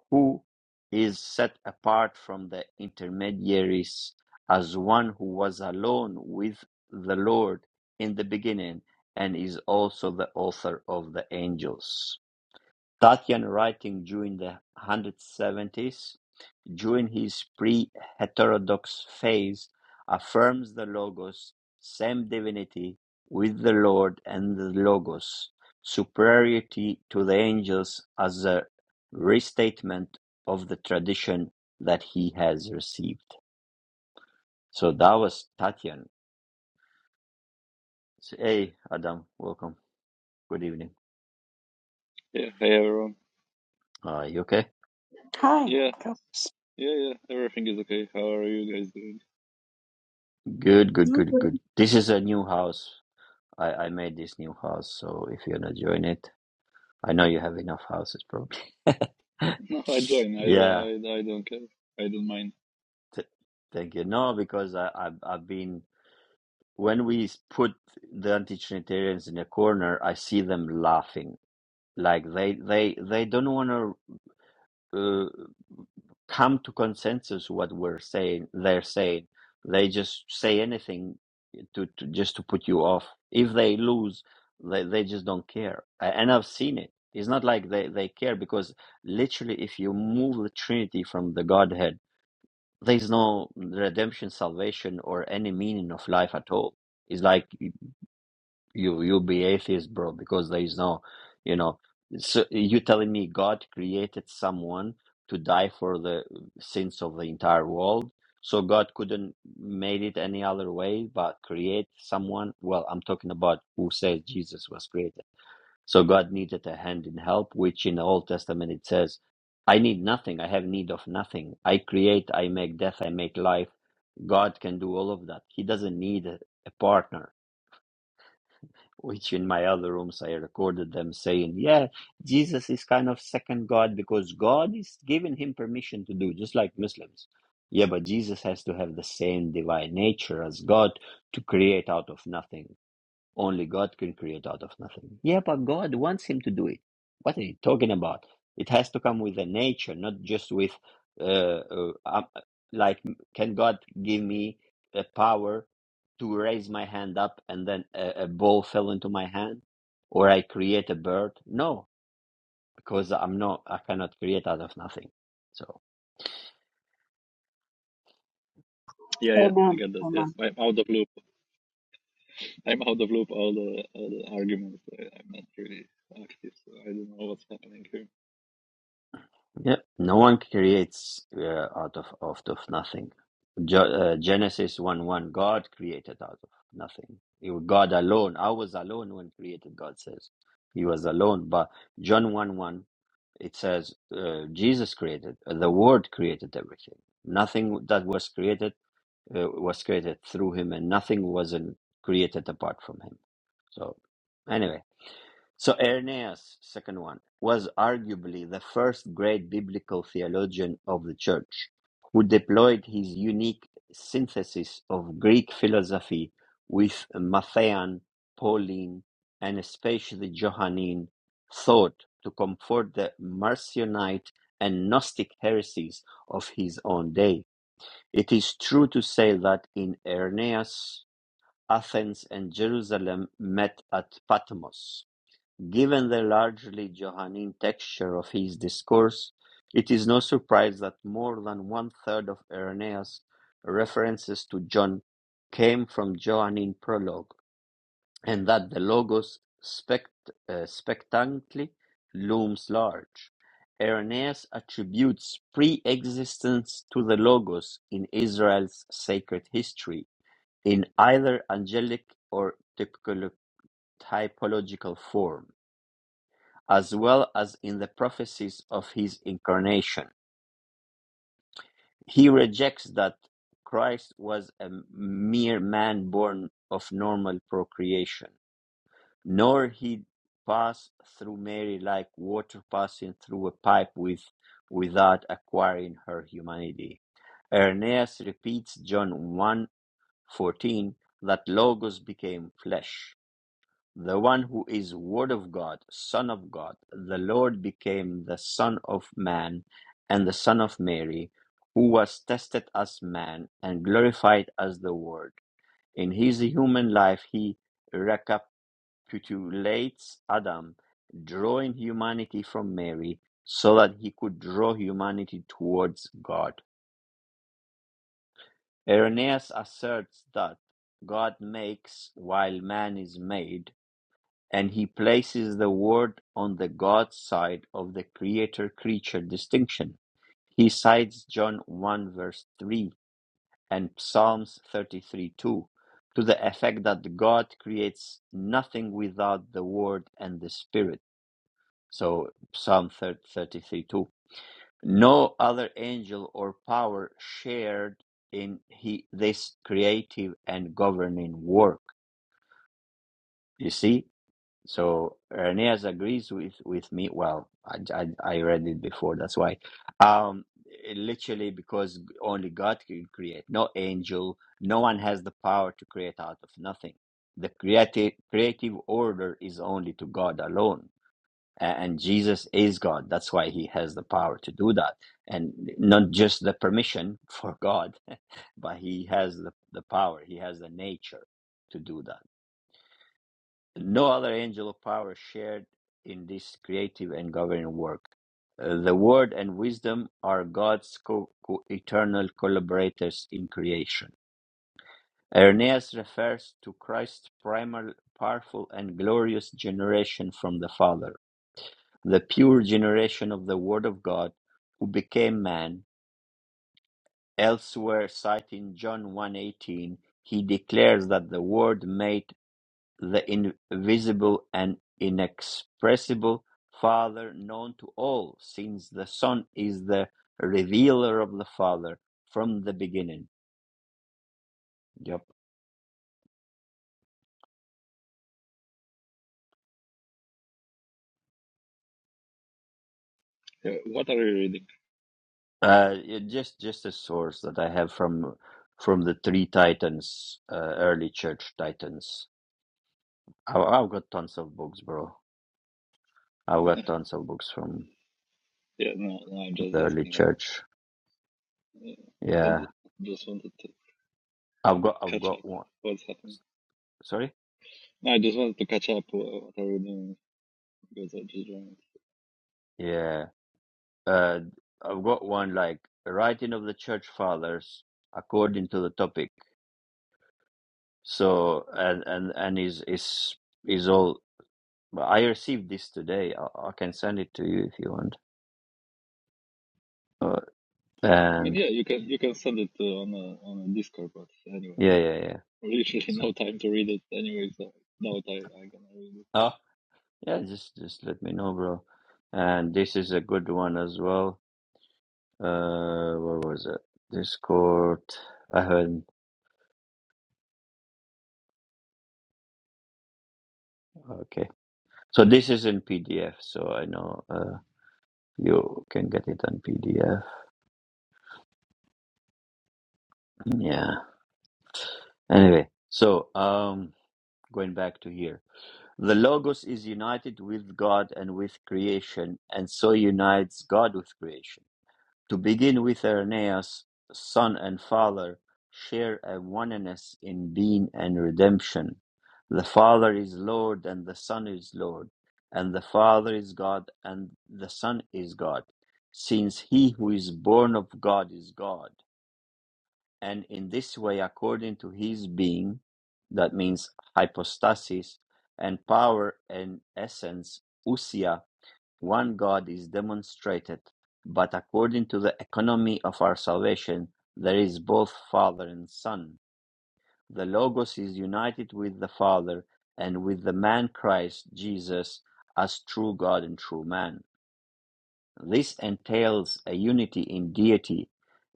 [SPEAKER 1] who is set apart from the intermediaries as one who was alone with the Lord in the beginning and is also the author of the angels. Tatian writing during the 170s, during his pre-heterodox phase, affirms the Logos, same divinity with the Lord and the Logos, superiority to the angels as a restatement of the tradition that he has received. So that was Tatian. So, hey, Adam, welcome. Good evening.
[SPEAKER 3] Yeah, hey everyone.
[SPEAKER 1] Uh, you okay?
[SPEAKER 2] Hi.
[SPEAKER 3] Yeah,
[SPEAKER 2] Go.
[SPEAKER 3] yeah, yeah. Everything is okay. How are you guys doing?
[SPEAKER 1] Good, good, good,
[SPEAKER 2] Okay.
[SPEAKER 1] good. This is a new house. I, I made this new house, so if you're not join it, I know you have enough houses probably. (laughs)
[SPEAKER 3] (laughs) No, I join. I,
[SPEAKER 1] Yeah,
[SPEAKER 3] I, I don't care. I don't mind.
[SPEAKER 1] th thank you. No, because I, I've, I've been, when we s- put the anti-Trinitarians in a corner, I see them laughing. Like they, they, they don't want to uh, come to consensus what we're saying, they're saying. They just say anything to, to just to put you off. If they lose, they, they just don't care. And I've seen it. It's not like they, they care because literally, if you move the Trinity from the Godhead, there's no redemption, salvation, or any meaning of life at all. It's like you you'll be atheist, bro, because there is no, you know, so you telling me God created someone to die for the sins of the entire world, so God couldn't made it any other way but create someone. Well, I'm talking about who says Jesus was created. So God needed a hand in help, which in the Old Testament it says, "I need nothing. I have need of nothing. I create. I make death. I make life. God can do all of that. He doesn't need a a partner." which in my other rooms I recorded them saying, yeah, Jesus is kind of second God because God is giving him permission to do, just like Muslims. Yeah, but Jesus has to have the same divine nature as God to create out of nothing. Only God can create out of nothing. Yeah, but God wants him to do it. What are you talking about? It has to come with a nature, not just with, uh, uh, um, like, can God give me a power to raise my hand up and then a, a ball fell into my hand, or I create a bird? No, because I'm not. I cannot create out of nothing. So.
[SPEAKER 3] Yeah, yeah. I
[SPEAKER 2] Amen.
[SPEAKER 3] get that. Yeah,
[SPEAKER 2] Amen.
[SPEAKER 3] I'm out of loop. I'm out of loop. All the, all the arguments. I, I'm not really active, so I don't know what's happening here.
[SPEAKER 1] Yeah, no one creates uh, out of out of nothing. Ge- uh, Genesis one one, God created out of nothing. You- God alone. I was alone when created. God says He was alone. But John one one, it says uh, Jesus created. uh, The Word created everything. Nothing that was created uh, was created through Him, and nothing wasn't created apart from Him. So, anyway. So Irenaeus, second one, was arguably the first great biblical theologian of the church, who deployed his unique synthesis of Greek philosophy with Matthean, Pauline, and especially Johannine thought to comfort the Marcionite and Gnostic heresies of his own day. It is true to say that in Irenaeus, Athens and Jerusalem met at Patmos Given the largely Johannine texture of his discourse, it is no surprise that more than one-third of Irenaeus' references to John came from Johannine prologue, and that the Logos spect- uh, spectantly looms large. Irenaeus attributes pre-existence to the Logos in Israel's sacred history, in either angelic or typical- typological form as well as in the prophecies of his incarnation. He rejects that Christ was a mere man born of normal procreation, nor he passed through Mary like water passing through a pipe with, without acquiring her humanity. Irenaeus repeats John one fourteen that Logos became flesh. The one who is Word of God, Son of God, the Lord became the Son of Man and the Son of Mary, who was tested as man and glorified as the Word. In his human life, he recapitulates Adam, drawing humanity from Mary so that he could draw humanity towards God. Irenaeus asserts that God makes while man is made and he places the Word on the God side of the creator creature distinction. He cites John 1 verse 3 and Psalms 33 2 to the effect that God creates nothing without the Word and the Spirit. So Psalm 33 2. No other angel or power shared in he, this creative and governing work. You see, So Reneas agrees with with me. Well, I, I I read it before. That's why. Um, it literally because only God can create. No angel. No one has the power to create out of nothing. The creative creative order is only to God alone. A- And Jesus is God. That's why He has the power to do that, and not just the permission for God, (laughs) but He has the, the power. He has the nature to do that. No other angel of power shared in this creative and governing work. Uh, the Word and wisdom are God's co- co- eternal collaborators in creation. Irenaeus refers to Christ's primal, powerful, and glorious generation from the Father, the pure generation of the Word of God, who became man. Elsewhere, citing John one eighteen, he declares that the Word made the invisible and inexpressible Father known to all, since the Son is the revealer of the Father from the beginning. Yep.
[SPEAKER 3] Yeah, what are you reading?
[SPEAKER 1] Uh, it- just just a source that I have from from the three titans, uh, early church titans. I, I've got tons of books, bro. I've got tons of books from
[SPEAKER 3] Yeah, no, no. I'm just
[SPEAKER 1] the early
[SPEAKER 3] asking.
[SPEAKER 1] church.
[SPEAKER 3] Uh, I ju-
[SPEAKER 1] Yeah,
[SPEAKER 3] just wanted to
[SPEAKER 1] I've got I've
[SPEAKER 3] catch up.
[SPEAKER 1] got one.
[SPEAKER 3] What's happening?
[SPEAKER 1] Sorry.
[SPEAKER 3] No, I just wanted to catch up. What, what are you doing? Because I just joined.
[SPEAKER 1] Yeah. Uh, I've got one like writing of the church fathers according to the topic. So and and and is is is all. But I received this today. I, I can send it to you if you want. Uh,
[SPEAKER 3] I mean,
[SPEAKER 1] and
[SPEAKER 3] yeah, you can you can send it uh, on a on a Discord, but anyway,
[SPEAKER 1] yeah,
[SPEAKER 3] (laughs) I
[SPEAKER 1] yeah,
[SPEAKER 3] have
[SPEAKER 1] yeah.
[SPEAKER 3] literally
[SPEAKER 1] So
[SPEAKER 3] no time to read it anyway, so doubt I I gonna read it.
[SPEAKER 1] oh yeah, just just let me know, bro. And this is a good one as well. Uh, what was it? Discord. I heard. Okay. So this is in PDF. So I know uh, you can get it on PDF. Yeah. Anyway, so um going back to here. The logos is united with God and with creation and so unites God with creation. To begin with Irenaeus, son and father, share a oneness in being and redemption. The Father is Lord and the Son is Lord, and the Father is God and the Son is God, since he who is born of God is God. and in this way, according to his being, that means hypostasis, and power and essence, usia, one God is demonstrated, but according to the economy of our salvation, there is both Father and Son. The Logos is united with the Father and with the man Christ Jesus as true God and true man. This entails a unity in deity,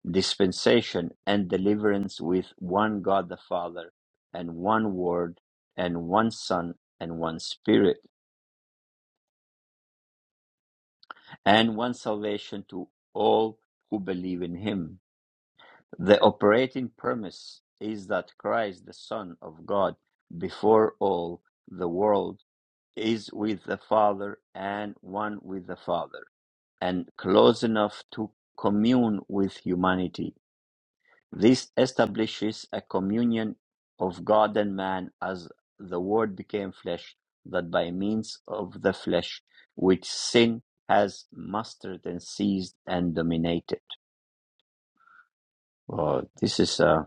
[SPEAKER 1] dispensation, and deliverance with one God the Father, and one Word, and one Son, and one Spirit, and one salvation to all who believe in Him. The operating premise is that Christ, the Son of God, before all the world, is with the Father and one with the Father, and close enough to commune with humanity This establishes a communion of God and man as the Word became flesh, that by means of the flesh, which sin has mastered and seized and dominated. Oh, this is uh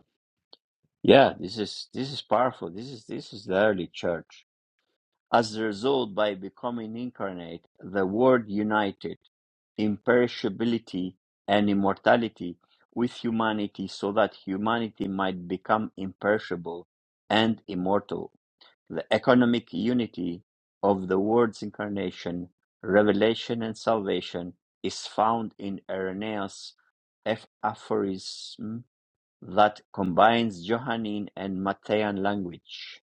[SPEAKER 1] yeah, this is this is powerful. This is this is the early church. As a result, by becoming incarnate, the Word united imperishability and immortality with humanity so that humanity might become imperishable and immortal. The economic unity of the Word's incarnation, revelation, and salvation is found in Irenaeus' aph- aphorism that combines Johannine and Matthean language.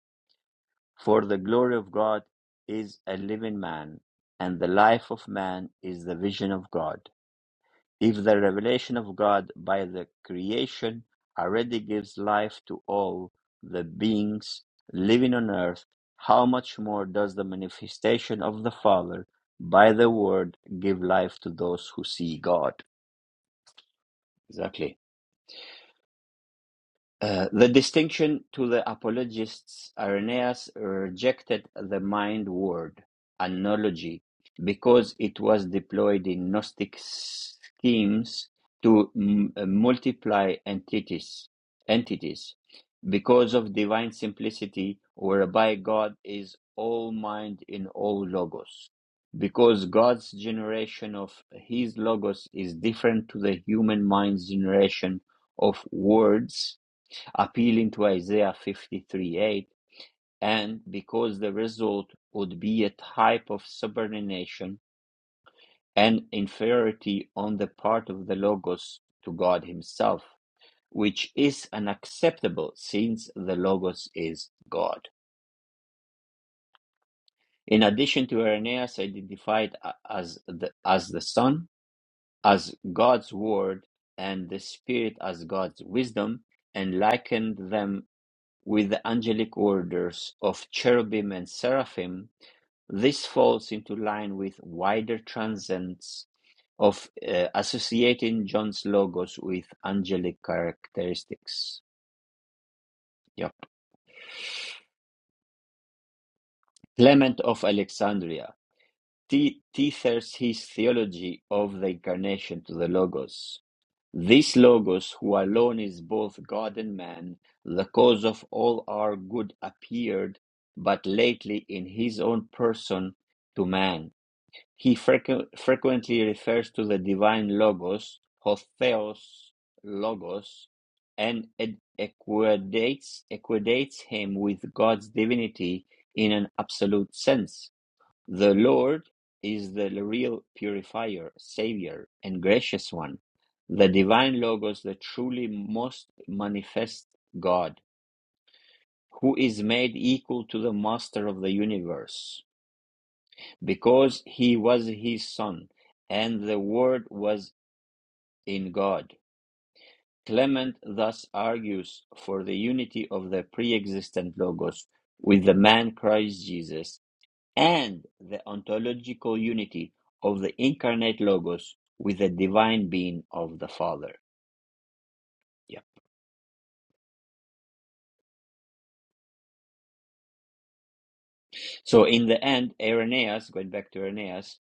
[SPEAKER 1] For the glory of God is a living man, and the life of man is the vision of God. If the revelation of God by the creation already gives life to all the beings living on earth, how much more does the manifestation of the Father by the Word give life to those who see God? Exactly. Uh, the distinction to the apologists, Irenaeus rejected the mind word, analogy, because it was deployed in Gnostic schemes to m- uh, multiply entities, entities, because of divine simplicity, whereby God is all mind in all logos. Because God's generation of his logos is different to the human mind's generation of words appealing to Isaiah 53 8, and because the result would be a type of subordination and inferiority on the part of the Logos to God Himself, which is unacceptable since the Logos is God. In addition to Irenaeus identified as the, as the Son, as God's Word, and the Spirit as God's wisdom, and likened them with the angelic orders of cherubim and seraphim, this falls into line with wider transcends of uh, associating John's logos with angelic characteristics. Yep. Clement of Alexandria te- tethers his theology of the incarnation to the logos. This Logos, who alone is both God and man, the cause of all our good, appeared but lately in his own person to man. He frequ- frequently refers to the divine Logos, Hotheos Logos, and ed- equidates, equidates him with God's divinity in an absolute sense. The Lord is the real purifier, savior, and gracious one, the divine Logos, the truly most manifest God, who is made equal to the Master of the universe, because he was his Son, and the Word was in God. Clement thus argues for the unity of the pre existent Logos with the man Christ Jesus and the ontological unity of the incarnate Logos with the divine being of the Father. Yeah. So in the end, Irenaeus, going back to Irenaeus,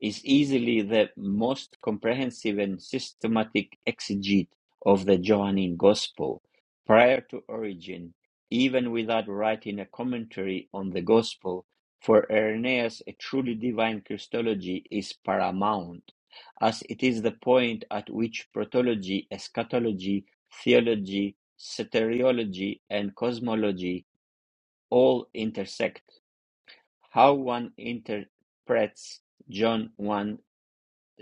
[SPEAKER 1] is easily the most comprehensive and systematic exegete of the Johannine Gospel prior to Origen, even without writing a commentary on the Gospel. For Irenaeus, a truly divine Christology is paramount, as it is the point at which protology, eschatology, theology, soteriology, and cosmology all intersect how one interprets John one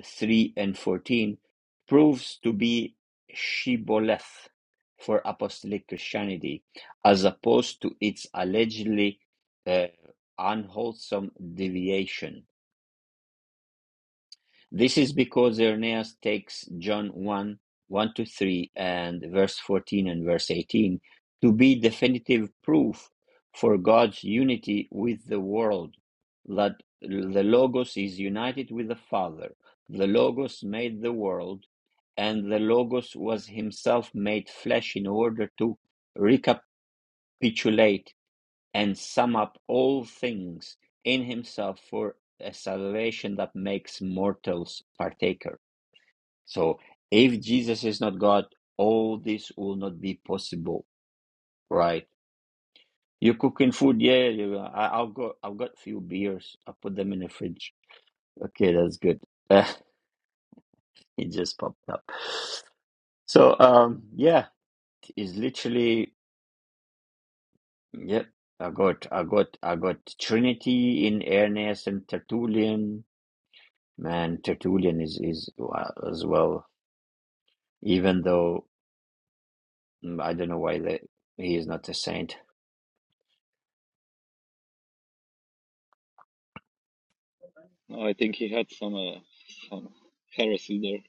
[SPEAKER 1] three and fourteen proves to be shibboleth for apostolic Christianity, as opposed to its allegedly uh, unwholesome deviation. This is because Irenaeus takes John 1, 1 to 3 and verse 14 and verse 18 to be definitive proof for God's unity with the world. That the Logos is united with the Father. The Logos made the world, and the Logos was himself made flesh in order to recapitulate and sum up all things in himself for a salvation that makes mortals partaker. So if Jesus is not God, all this will not be possible, right? You're cooking food, yeah. You, I, I'll go. I've got few beers. I put them in the fridge. Okay, that's good. (laughs) it just popped up. So um, yeah, it's literally yeah. I got, I got, I got Trinity in Ernest and Tertullian. Man, Tertullian is is uh, as well. Even though mm, I don't know why that he is not a saint.
[SPEAKER 3] No, I think he had some uh, some heresy there,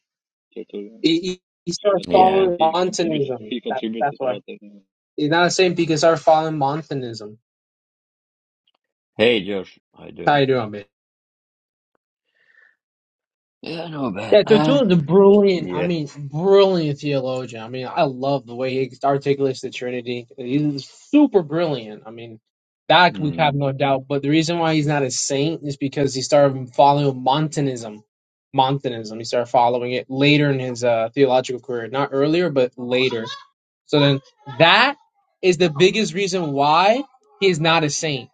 [SPEAKER 3] Tertullian.
[SPEAKER 4] He, he, he starts
[SPEAKER 3] But
[SPEAKER 1] Yeah.
[SPEAKER 3] anyway,
[SPEAKER 4] following
[SPEAKER 3] he contributed (laughs)
[SPEAKER 4] Montanism.
[SPEAKER 3] he
[SPEAKER 4] That,
[SPEAKER 3] contributed
[SPEAKER 4] that's
[SPEAKER 3] a
[SPEAKER 4] why.
[SPEAKER 3] lot. Anyway.
[SPEAKER 4] He's not a saint because he started following Montanism.
[SPEAKER 1] Hey Josh, how you
[SPEAKER 4] How
[SPEAKER 1] doing?
[SPEAKER 4] you doing, man?
[SPEAKER 1] Yeah, not bad.
[SPEAKER 4] Yeah,
[SPEAKER 1] Uh,
[SPEAKER 4] Tertullian's a brilliant, I
[SPEAKER 1] yeah,
[SPEAKER 4] mean, brilliant theologian. I mean, I love the way he articulates the Trinity. He's super brilliant. I mean, that we have
[SPEAKER 1] mm,
[SPEAKER 4] no doubt. But the reason why he's not a saint is because he started following Montanism. Montanism. He started following it later in his uh, theological career. Not earlier, but later. So then that is the biggest reason why he is not a saint.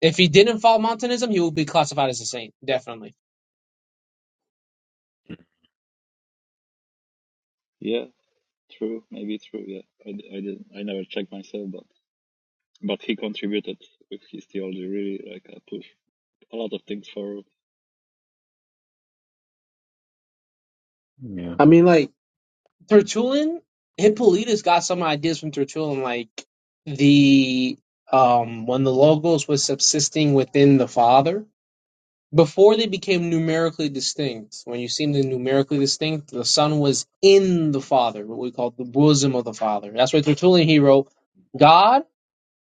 [SPEAKER 4] If he didn't follow Montanism, he would be classified as a saint, definitely.
[SPEAKER 3] Yeah, true, maybe true. Yeah, I, d- I didn't I never checked myself, but but he contributed with his theology really like uh, push a lot of things forward.
[SPEAKER 1] yeah,
[SPEAKER 4] I mean, like, Tertullian, Hippolytus got some ideas from Tertullian, like the um when the logos was subsisting within the father before they became numerically distinct when you see them numerically distinct the son was in the father what we call the bosom of the father that's why tertullian he wrote god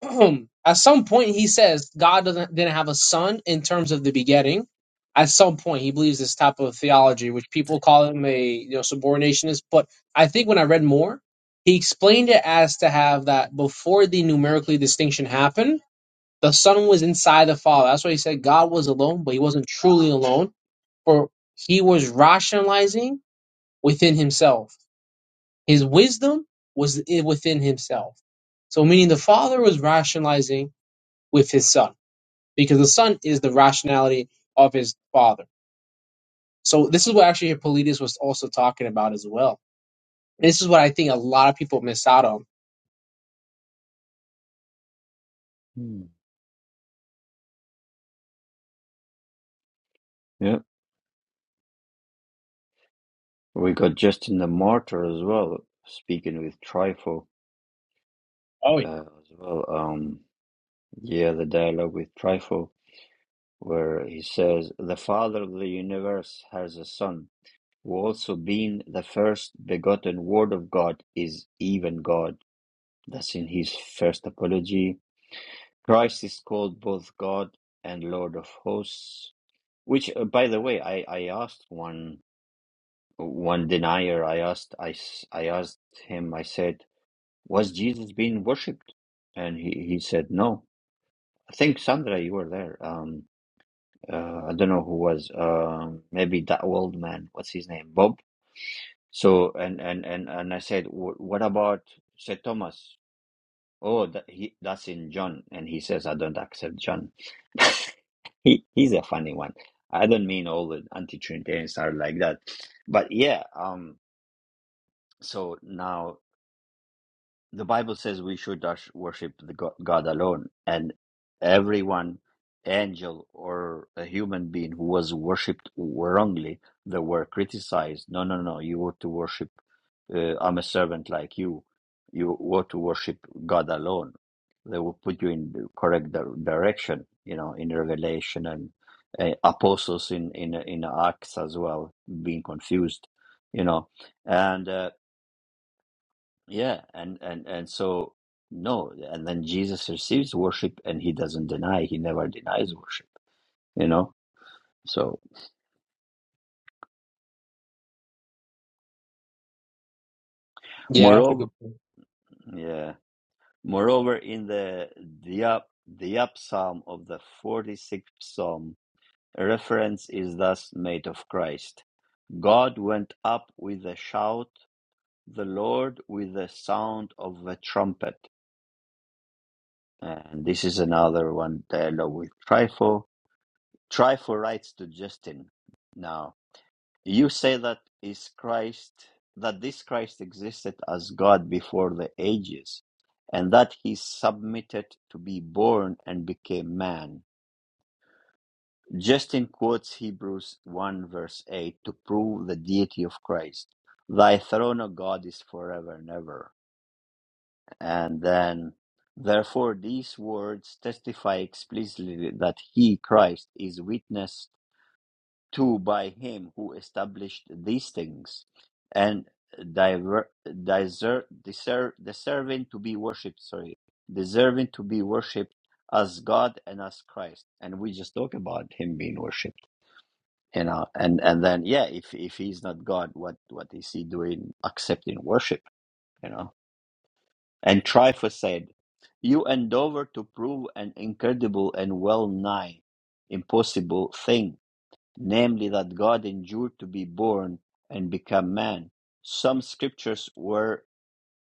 [SPEAKER 4] (clears throat) at some point he says God doesn't didn't have a son in terms of the begetting. At some point he believes this type of theology, which people call him a you know subordinationist. But I think when I read more, he explained it as to have that before the numerically distinction happened, the son was inside the father. That's why he said God was alone, but he wasn't truly alone, for he was rationalizing within himself. His wisdom was i- within himself. So meaning the father was rationalizing with his son because the son is the rationality of his father. So this is what actually Hippolytus was also talking about as well. This is what I think a lot of people miss out on.
[SPEAKER 1] mm, yeah. We got Justin the Martyr as well, speaking with Trifle
[SPEAKER 4] Oh yeah,
[SPEAKER 1] uh, as well. Um, yeah, the dialogue with Trifle, where he says, "The Father of the universe has a Son, who also being the first begotten Word of God is even God." That's in his first apology. Christ is called both God and Lord of Hosts Which, uh, by the way, I I asked one one denier. I asked I s- I asked him. I said, "Was Jesus being worshipped?" And he he said, "No." I think Sandra, you were there. Um, uh, I don't know who was. Um, maybe that old man. What's his name? Bob. So and and and and I said, "Wh- "What about St. Thomas?" Oh, that, he, that's in John, and he says, "I don't accept John." (laughs) he he's a funny one. I don't mean all the anti-Trinitarians are like that, but yeah. Um. So now the Bible says we should us- worship the go- God alone, and everyone, angel or a human being who was worshipped wrongly, they were criticized. No, no, no. You ought to worship. Uh, I'm a servant like you. You ought to worship God alone. They will put you in the correct di- direction. You know, in Revelation and uh, apostles in in in Acts as well, being confused. You know, and. Uh, yeah, and and and so no, and then Jesus receives worship, and he doesn't deny. He never denies worship. You know. So
[SPEAKER 4] yeah, that's a
[SPEAKER 1] moreover,
[SPEAKER 4] good point.
[SPEAKER 1] yeah, moreover, in the the up the up psalm of the forty sixth psalm, a reference is thus made of Christ. God went up with a shout, the Lord with the sound of a trumpet. And this is another one dialogue with Trifo. Trifo writes to Justin now. You say that is Christ, that this Christ existed as God before the ages, and that he submitted to be born and became man. Justin quotes Hebrews 1 verse 8 to prove the deity of Christ. Thy throne, O God, is forever and ever. And then, therefore, these words testify explicitly that he, Christ, is witness to by him who established these things, and diver, deser, deser, deserving to be worshipped, sorry, deserving to be worshipped as God and as Christ. And we just talk about him being worshipped, you know, and, and then, yeah, if, if he's not God, what, what is he doing accepting worship, you know? And Tryphus said, You endeavor to prove an incredible and well nigh impossible thing namely that God endured to be born and become man. Some scriptures were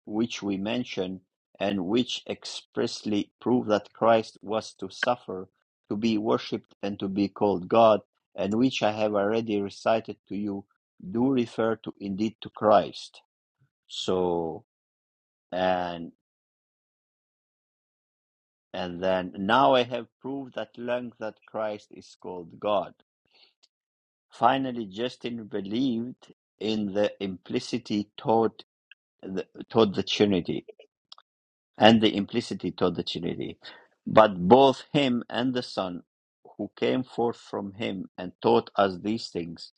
[SPEAKER 1] which we mention and which expressly prove that Christ was to suffer, to be worshipped, and to be called God, and which I have already recited to you, do refer to indeed to Christ. So and and then now I have proved at length that Christ is called God. Finally, Justin believed in the implicitly taught the, taught the Trinity and the implicitly taught the Trinity. But both him and the Son, who came forth from him and taught us these things,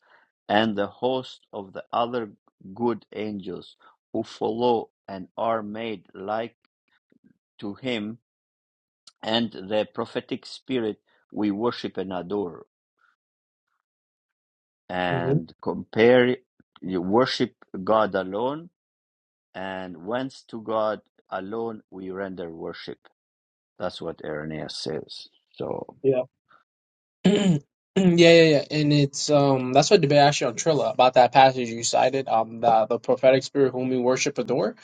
[SPEAKER 1] and the host of the other good angels who follow and are made like to him, and the prophetic spirit we worship and adore,
[SPEAKER 4] hmm
[SPEAKER 1] and compare, you worship God alone and whence to God alone we render worship. That's what Irenaeus says. So
[SPEAKER 4] Yeah. (clears throat) yeah, yeah, yeah, and it's um that's what debate actually on Trilla about that passage you cited um the the prophetic spirit whom we worship adore.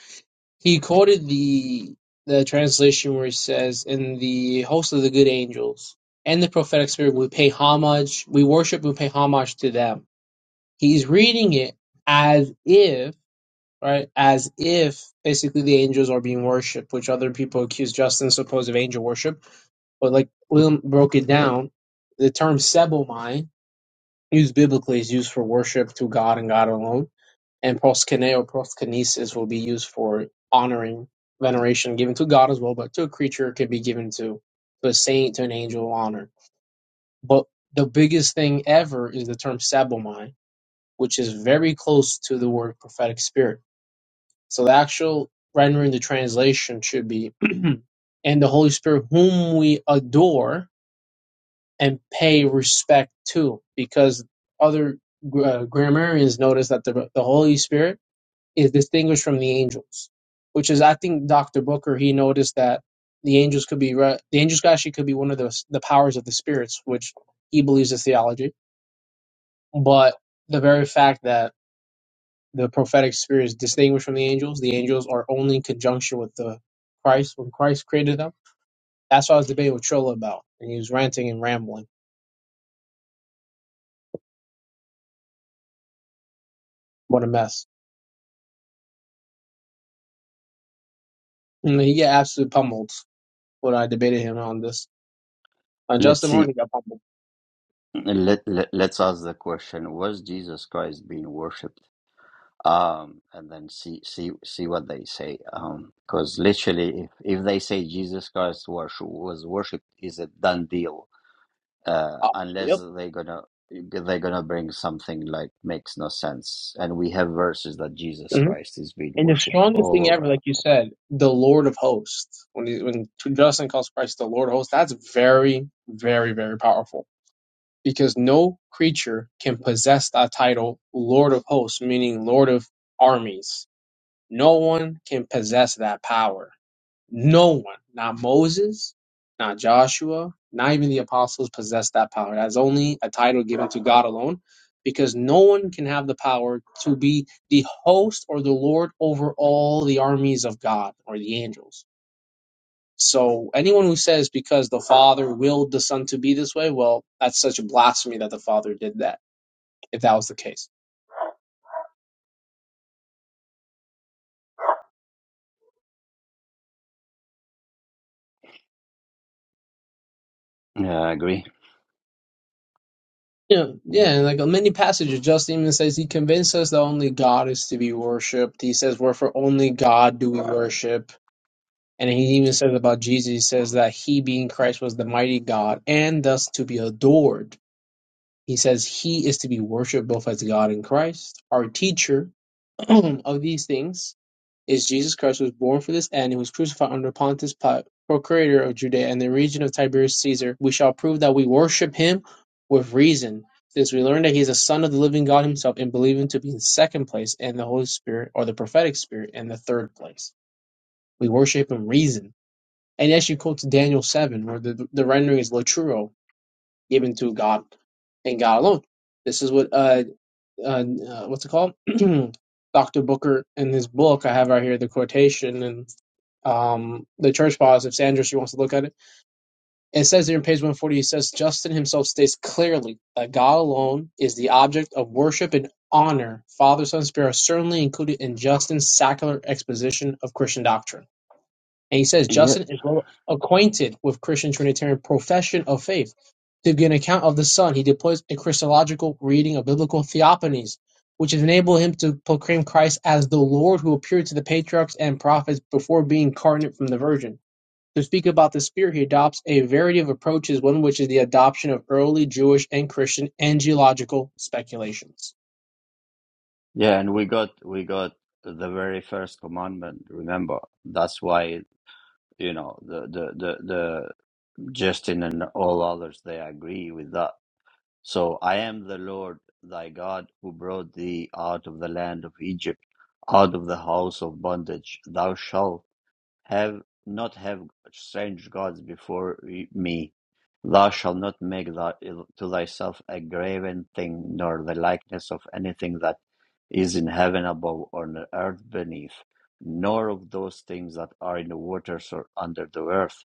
[SPEAKER 4] He quoted the the translation where he says, "In the host of the good angels and the prophetic spirit, we pay homage. We worship. We pay homage to them." He's reading it as if, right, as if basically the angels are being worshipped, which other people accuse Justin's supposed of angel worship. But like William broke it down, the term sebomai, used biblically, is used for worship to God and God alone. And proskene or proskinesis will be used for honoring, veneration given to God as well, but to a creature it could be given to, to a saint, to an angel, honor. But the biggest thing ever is the term sebomai which is very close to the word prophetic spirit. So the actual rendering, the translation should be, (clears throat) and the Holy Spirit, whom we adore and pay respect to, because other uh, grammarians notice that the, the Holy Spirit is distinguished from the angels, which is, I think, Dr. Booker, he noticed that the angels could be, re- the angels actually could be one of the the powers of the spirits, which he believes is theology. But the very fact that the prophetic spirit is distinguished from the angels. The angels are only in conjunction with the Christ when Christ created them. That's what I was debating with Trilla about, and he was ranting and rambling. What a mess! And he got absolutely pummeled when I debated him on this. Uh,
[SPEAKER 1] let's
[SPEAKER 4] Justin
[SPEAKER 1] see.
[SPEAKER 4] Martin got pummeled.
[SPEAKER 1] Let, let, let's ask the question: Was Jesus Christ being worshipped? Um, and then see see see what they say. Um, because literally, if, if they say Jesus Christ was was worshipped, is a done deal. Uh,
[SPEAKER 4] Oh,
[SPEAKER 1] unless
[SPEAKER 4] yep.
[SPEAKER 1] they're gonna they're gonna bring something like makes no sense. And we have verses that Jesus
[SPEAKER 4] hmm
[SPEAKER 1] Christ is being
[SPEAKER 4] And the
[SPEAKER 1] worshipped
[SPEAKER 4] strongest
[SPEAKER 1] all
[SPEAKER 4] thing ever,
[SPEAKER 1] over the
[SPEAKER 4] like you
[SPEAKER 1] place.
[SPEAKER 4] said, the Lord of Hosts. When he, when Justin calls Christ the Lord of Hosts, that's very, very, very powerful. Because no creature can possess that title, Lord of Hosts, meaning Lord of Armies No one can possess that power. No one, not Moses, not Joshua, not even the apostles possess that power. That's only a title given to God alone because no one can have the power to be the host or the Lord over all the armies of God or the angels. So anyone who says because the Father willed the Son to be this way, well, that's such a blasphemy that the Father did that, if that was the case.
[SPEAKER 1] Yeah, I agree.
[SPEAKER 4] Yeah,
[SPEAKER 1] Yeah.
[SPEAKER 4] yeah, and like many passages, just even says he convinced us that only God is to be worshipped. He says, "Wherefore only God do we worship." And he even says about Jesus, he says that he, being Christ, was the mighty God and thus to be adored. He says he is to be worshipped both as God and Christ, our teacher (clears throat) of these things is Jesus Christ was born for this end and was crucified under Pontius Pilate, procurator of Judea and the region of Tiberius Caesar. We shall prove that we worship him with reason, since we learn that he is a son of the living God himself and believe him to be in second place and the Holy Spirit or the prophetic spirit in the third place. We worship him reason. And yes, she quotes Daniel 7, where the, the rendering is laturo, given to God and God alone. This is what uh, uh uh, what's it called? (clears throat) Dr. Booker in his book, I have right here the quotation, and um, the church fathers, if Sanders, you wants to look at it. It says here in page 140, it says, Justin himself states clearly that God alone is the object of worship and honor. Father, Son, Spirit are certainly included in Justin's secular exposition of Christian doctrine. And he says,
[SPEAKER 1] Yeah,
[SPEAKER 4] Justin is well acquainted with Christian Trinitarian profession of faith. To give an account of the Son, he deploys a Christological reading of biblical theophanies, which has enabled him to proclaim Christ as the Lord who appeared to the patriarchs and prophets before being incarnate from the Virgin. To speak about the Spirit, he adopts a variety of approaches, one of which is the adoption of early Jewish and Christian angelological speculations.
[SPEAKER 1] yeah, and we got we got the very first commandment, remember. That's why, you know, the the the, the Justin and all others they agree with that. So I am the Lord thy God who brought thee out of the land of Egypt, out of the house of bondage. Thou shalt have not have strange gods before me. Thou shalt not make thy, to thyself a graven thing, nor the likeness of anything that is in heaven above or on the earth beneath, nor of those things that are in the waters or under the earth.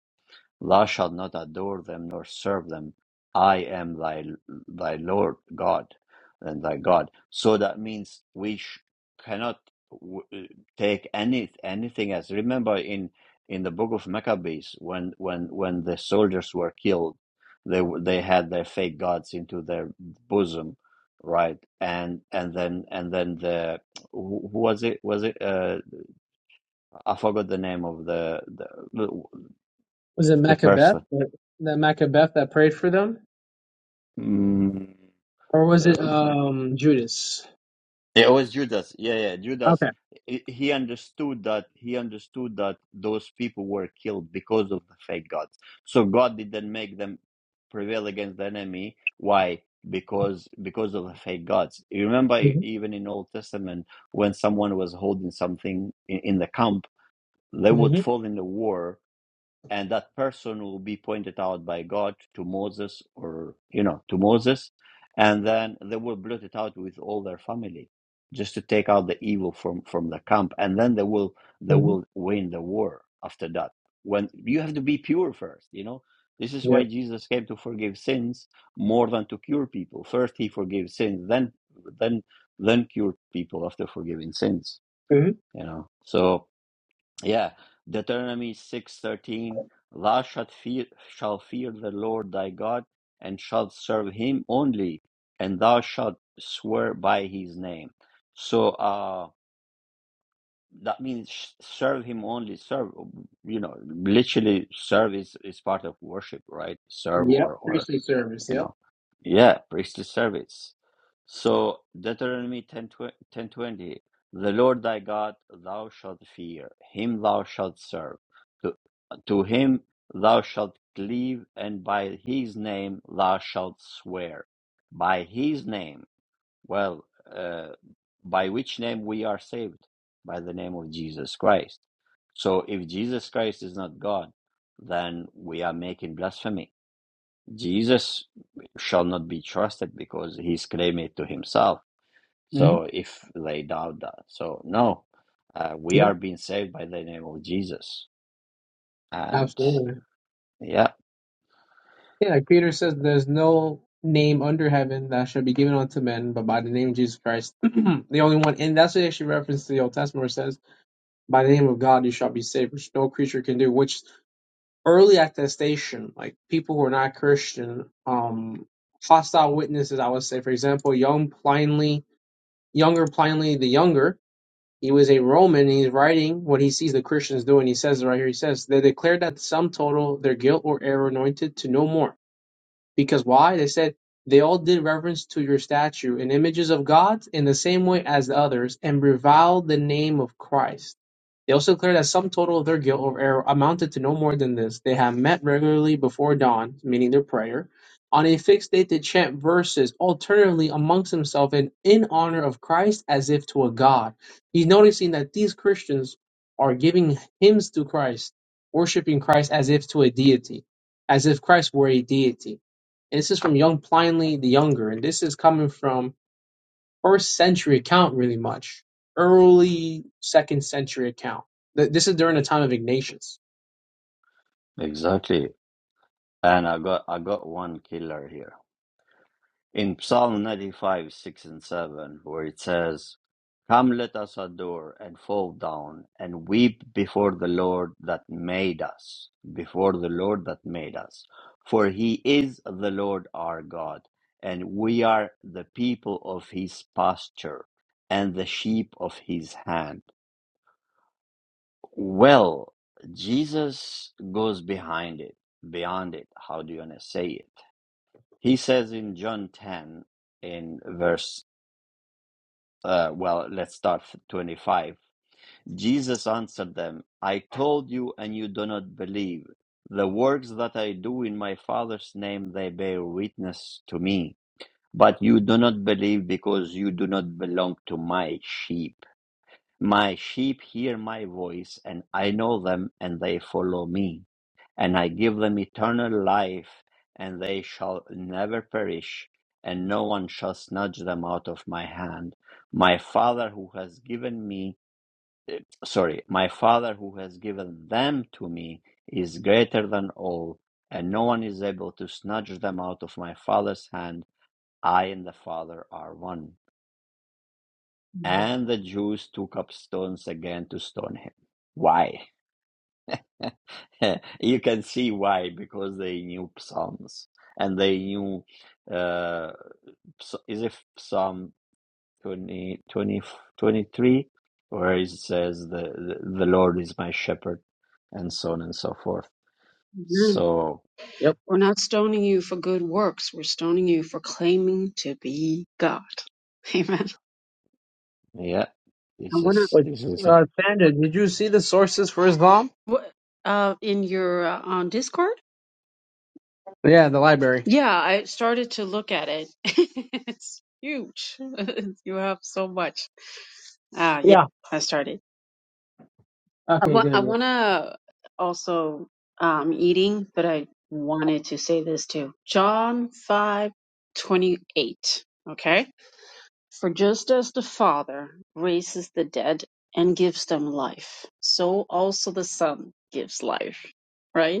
[SPEAKER 1] Thou shalt not adore them nor serve them. I am thy thy Lord God and thy God. So that means we sh- cannot w- uh, take any anything as. Remember in in the book of Maccabees when when when the soldiers were killed, they were- they had their fake gods into their bosom, right? And and then and then the who who was it was it uh, I forgot the name of the the,
[SPEAKER 4] Was it
[SPEAKER 1] the
[SPEAKER 4] Macbeth
[SPEAKER 1] person.
[SPEAKER 4] that, that Macbeth that prayed for them,
[SPEAKER 1] Mm,
[SPEAKER 4] or was it
[SPEAKER 1] Uh,
[SPEAKER 4] um Judas?
[SPEAKER 1] It was Judas. Yeah, yeah, Judas.
[SPEAKER 4] Okay.
[SPEAKER 1] He he understood that he understood that those people were killed because of the fake gods. So God didn't make them prevail against the enemy. Why? Because because of the fake gods. You remember
[SPEAKER 4] Mm-hmm.
[SPEAKER 1] even in Old Testament when someone was holding something in, in the camp, they would
[SPEAKER 4] Mm-hmm.
[SPEAKER 1] fall in the war and that person will be pointed out by God to Moses or you know to Moses, and then they will blot it out with all their family, just to take out the evil from from the camp, and then they will they
[SPEAKER 4] hmm
[SPEAKER 1] will win the war after that. When you have to be pure first, you know. This is why
[SPEAKER 4] Yep.
[SPEAKER 1] Jesus came to forgive sins more than to cure people. First he forgives sins, then then then cure people after forgiving sins. You know. So yeah, Deuteronomy six thirteen. Thou shalt fear, shall fear the Lord thy God, and shalt serve him only, and thou shalt swear by his name. So uh, that means sh- serve him only. Serve, you know, literally serve is, is part of worship, right? Serve
[SPEAKER 4] Mm-hmm. Yep.
[SPEAKER 1] or, or
[SPEAKER 4] Priestly service.
[SPEAKER 1] you
[SPEAKER 4] Yep.
[SPEAKER 1] know yeah priestly service so deuteronomy ten ten twenty, the lord thy god thou shalt fear him thou shalt serve to, to him thou shalt cleave and by his name thou shalt swear by his name well uh, by which name we are saved by the name of jesus christ so if jesus christ is not god then we are making blasphemy Jesus shall not be trusted because he's claiming it to himself.
[SPEAKER 4] Mm-hmm.
[SPEAKER 1] So if they doubt that, so no, uh, we
[SPEAKER 4] Yep.
[SPEAKER 1] are being saved by the name of Jesus. And
[SPEAKER 4] Absolutely.
[SPEAKER 1] yeah,
[SPEAKER 4] Yeah. Peter says, "There's no name under heaven that shall be given unto men, but by the name of Jesus Christ, (clears throat) the only one." And that's what actually references to the Old Testament, where it says by the name of God you shall be saved, which no creature can do, which early attestation, like people who are not Christian, um, hostile witnesses, I would say, for example, young Pliny, younger Pliny the younger, he was a Roman, and he's writing what he sees the Christians doing. He says it right here, he says, they declared that sum total, their guilt or error anointed to no more. Because why? They said, they all did reverence to your statue and images of gods in the same way as the others, and reviled the name of Christ they also declare that sum total of their guilt or error amounted to no more than this. They have met regularly before dawn, meaning their prayer. On a fixed date, they chant verses alternately amongst themselves and in honor of Christ as if to a God. He's noticing that these Christians are giving hymns to Christ, worshiping Christ as if to a deity, as if Christ were a deity. And this is from young Pliny the Younger, and this is coming from first century account really much. Early second century account. Th- This is during the time of Ignatius.
[SPEAKER 1] exactly. And I got I got one killer here. in Psalm 95, 6 and 7, where it says, Come, let us adore and fall down and weep before the Lord that made us, before the Lord that made us. For he is the Lord our God, and we are the people of his pasture and the sheep of his hand. Well, Jesus goes behind it, beyond it. How do you want to say it? He says in John 10, in verse Uh, well, let's start 25. Jesus answered them, I told you, and you do not believe. The works that I do in my Father's name, they bear witness to me. But you do not believe because you do not belong to my sheep. My sheep hear my voice, and I know them, and they follow me. And I give them eternal life, and they shall never perish, and no one shall snatch them out of my hand. My Father who has given me, sorry, my Father who has given them to me is greater than all, and no one is able to snatch them out of my Father's hand. I and the Father are one. And the Jews took up stones again to stone him. Why? (laughs) you can see why, because they knew Psalms and they knew, uh, so, is it Psalm 20 20 23, where it says, the, the, Lord is my shepherd, and so on and so forth.
[SPEAKER 2] Amen.
[SPEAKER 1] So,
[SPEAKER 4] Yep.
[SPEAKER 2] We're not stoning you for good works. We're stoning you for claiming to be God. (laughs) Amen.
[SPEAKER 1] yeah, this
[SPEAKER 2] And we're not.
[SPEAKER 1] is,
[SPEAKER 4] Which
[SPEAKER 1] this is, a,
[SPEAKER 4] uh, Sandra, did you see the sources for Islam?
[SPEAKER 2] What? Uh, in your uh, on Discord.
[SPEAKER 4] Yeah, the library.
[SPEAKER 2] Yeah, I started to look at it. (laughs) It's huge. (laughs) You have so much. Uh, yeah,
[SPEAKER 4] Yeah.
[SPEAKER 2] I started. I
[SPEAKER 4] Okay,
[SPEAKER 2] want,
[SPEAKER 4] good.
[SPEAKER 2] I
[SPEAKER 4] Yeah.
[SPEAKER 2] want to also, um, eating, but I wanted to say this too. John 5 28. Okay. For just as the Father raises the dead and gives them life, so also the Son gives life, right?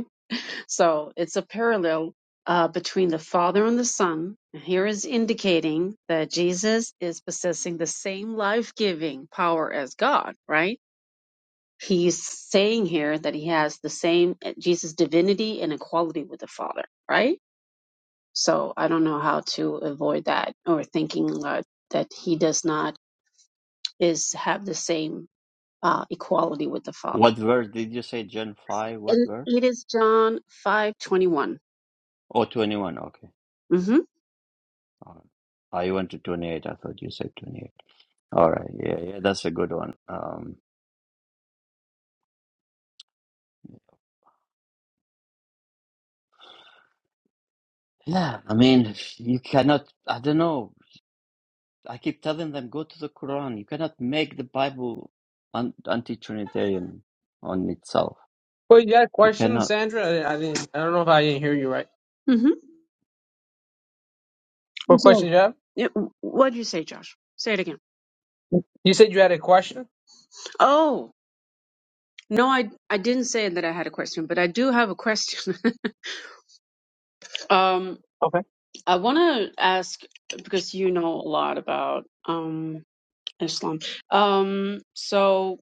[SPEAKER 2] So it's a parallel uh, between the Father and the Son. And Here is indicating that Jesus is possessing the same life giving power as God, right? He's saying here that he has the same eh, Jesus divinity and equality with the Father, right? So I don't know how to avoid that or thinking uh, that he does not is have the same uh, equality with the Father.
[SPEAKER 1] what verse did you say, Gen 5? What
[SPEAKER 2] And
[SPEAKER 1] verse?
[SPEAKER 2] it is John five twenty one.
[SPEAKER 1] Oh, 21. okay.
[SPEAKER 2] mm Mm-hmm.
[SPEAKER 1] All right. I went to 28, I thought you said 28. All right. Yeah, yeah, that's a good one. Um, yeah, I mean, you cannot, I don't know. I keep telling them, go to the Quran. You cannot make the Bible un anti-Trinitarian on itself.
[SPEAKER 4] Well, you had a
[SPEAKER 1] You
[SPEAKER 4] question,
[SPEAKER 1] cannot.
[SPEAKER 4] Sandra. I, I didn't. I don't know if I didn't hear you right.
[SPEAKER 2] Mm-hmm.
[SPEAKER 4] What
[SPEAKER 2] So,
[SPEAKER 4] question you have?
[SPEAKER 2] yeah, what'd you say, Josh? Say it again.
[SPEAKER 4] You said you had a question.
[SPEAKER 2] Oh, no, I I didn't say that I had a question, but I do have a question. (laughs) um,
[SPEAKER 4] Okay.
[SPEAKER 2] I want to ask because you know a lot about um Islam. Um, so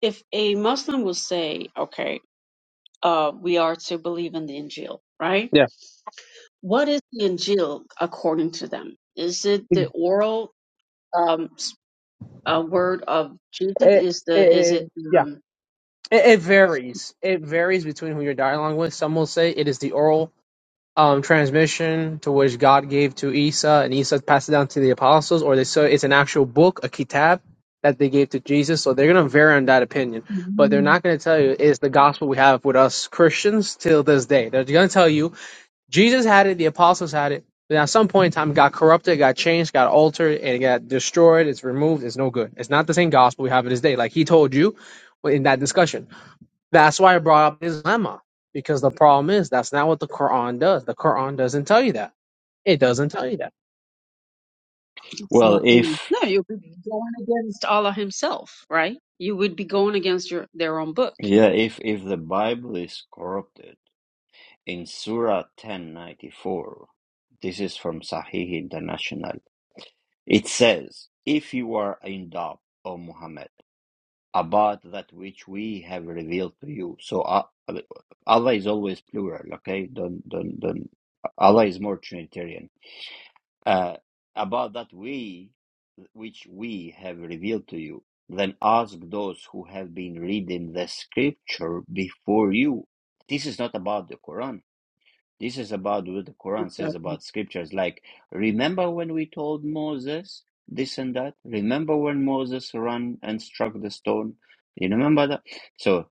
[SPEAKER 2] if a Muslim will say, okay, uh, we are to believe in the Injil, right?
[SPEAKER 4] Yeah.
[SPEAKER 2] What is the Injil according to them? Is it the oral um s- uh, word of Jesus?
[SPEAKER 4] It,
[SPEAKER 2] Is the is it
[SPEAKER 4] it, yeah.
[SPEAKER 2] um
[SPEAKER 4] It, it varies. It varies between who you're dialoguing with. Some will say it is the oral. um, transmission to which God gave to Isa, and Isa passed it down to the apostles, or they say it's an actual book, a kitab that they gave to Jesus. So they're going to vary on that opinion, but they're not
[SPEAKER 2] Mhm.
[SPEAKER 4] going to tell you it's the gospel we have with us Christians till this day. They're going to tell you Jesus had it, the apostles had it. Then at some point in time, it got corrupted, it got changed, got altered, and it got destroyed. It's removed. It's no good. It's not the same gospel we have in this day. Like he told you in that discussion. That's why I brought up this dilemma. Because the problem is that's not what the Quran does. The Quran doesn't tell you that. It doesn't tell you that.
[SPEAKER 1] Well,
[SPEAKER 2] Exactly.
[SPEAKER 1] if,
[SPEAKER 2] No, you would be going against Allah Himself, right? You would be going against your their own book.
[SPEAKER 1] yeah, if if the Bible is corrupted in Surah 1094, this is from Sahih International. It says, if you are in doubt, O Muhammad. about that which we have revealed to you. So uh, Allah is always plural, okay? Don't don't don't. Allah is more Trinitarian. Uh, about that we, which we have revealed to you. Then ask those who have been reading the scripture before you. This is not about the Quran this is about what the Quran says
[SPEAKER 2] Exactly.
[SPEAKER 1] about scriptures. Like, remember when we told Moses this and that? Remember when Moses ran and struck the stone? You remember that? So,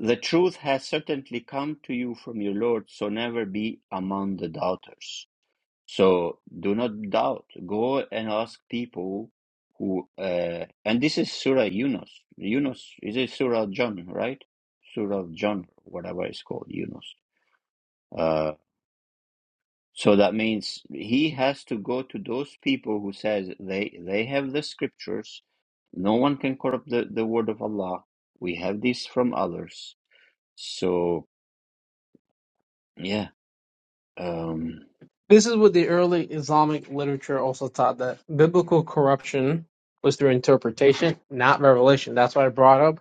[SPEAKER 1] the truth has certainly come to you from your Lord, so never be among the doubters. So, do not doubt. Go and ask people who, uh, and this is Surah Yunus. Yunus is it Surah John, right? Surah John, whatever it's called, Yunus Uh, so that means he has to go to those people who says they they have the scriptures. No one can corrupt the, the word of Allah. We have this from others. So yeah, um,
[SPEAKER 4] This is what the early Islamic literature also taught that biblical corruption was through interpretation, not revelation. That's why I brought up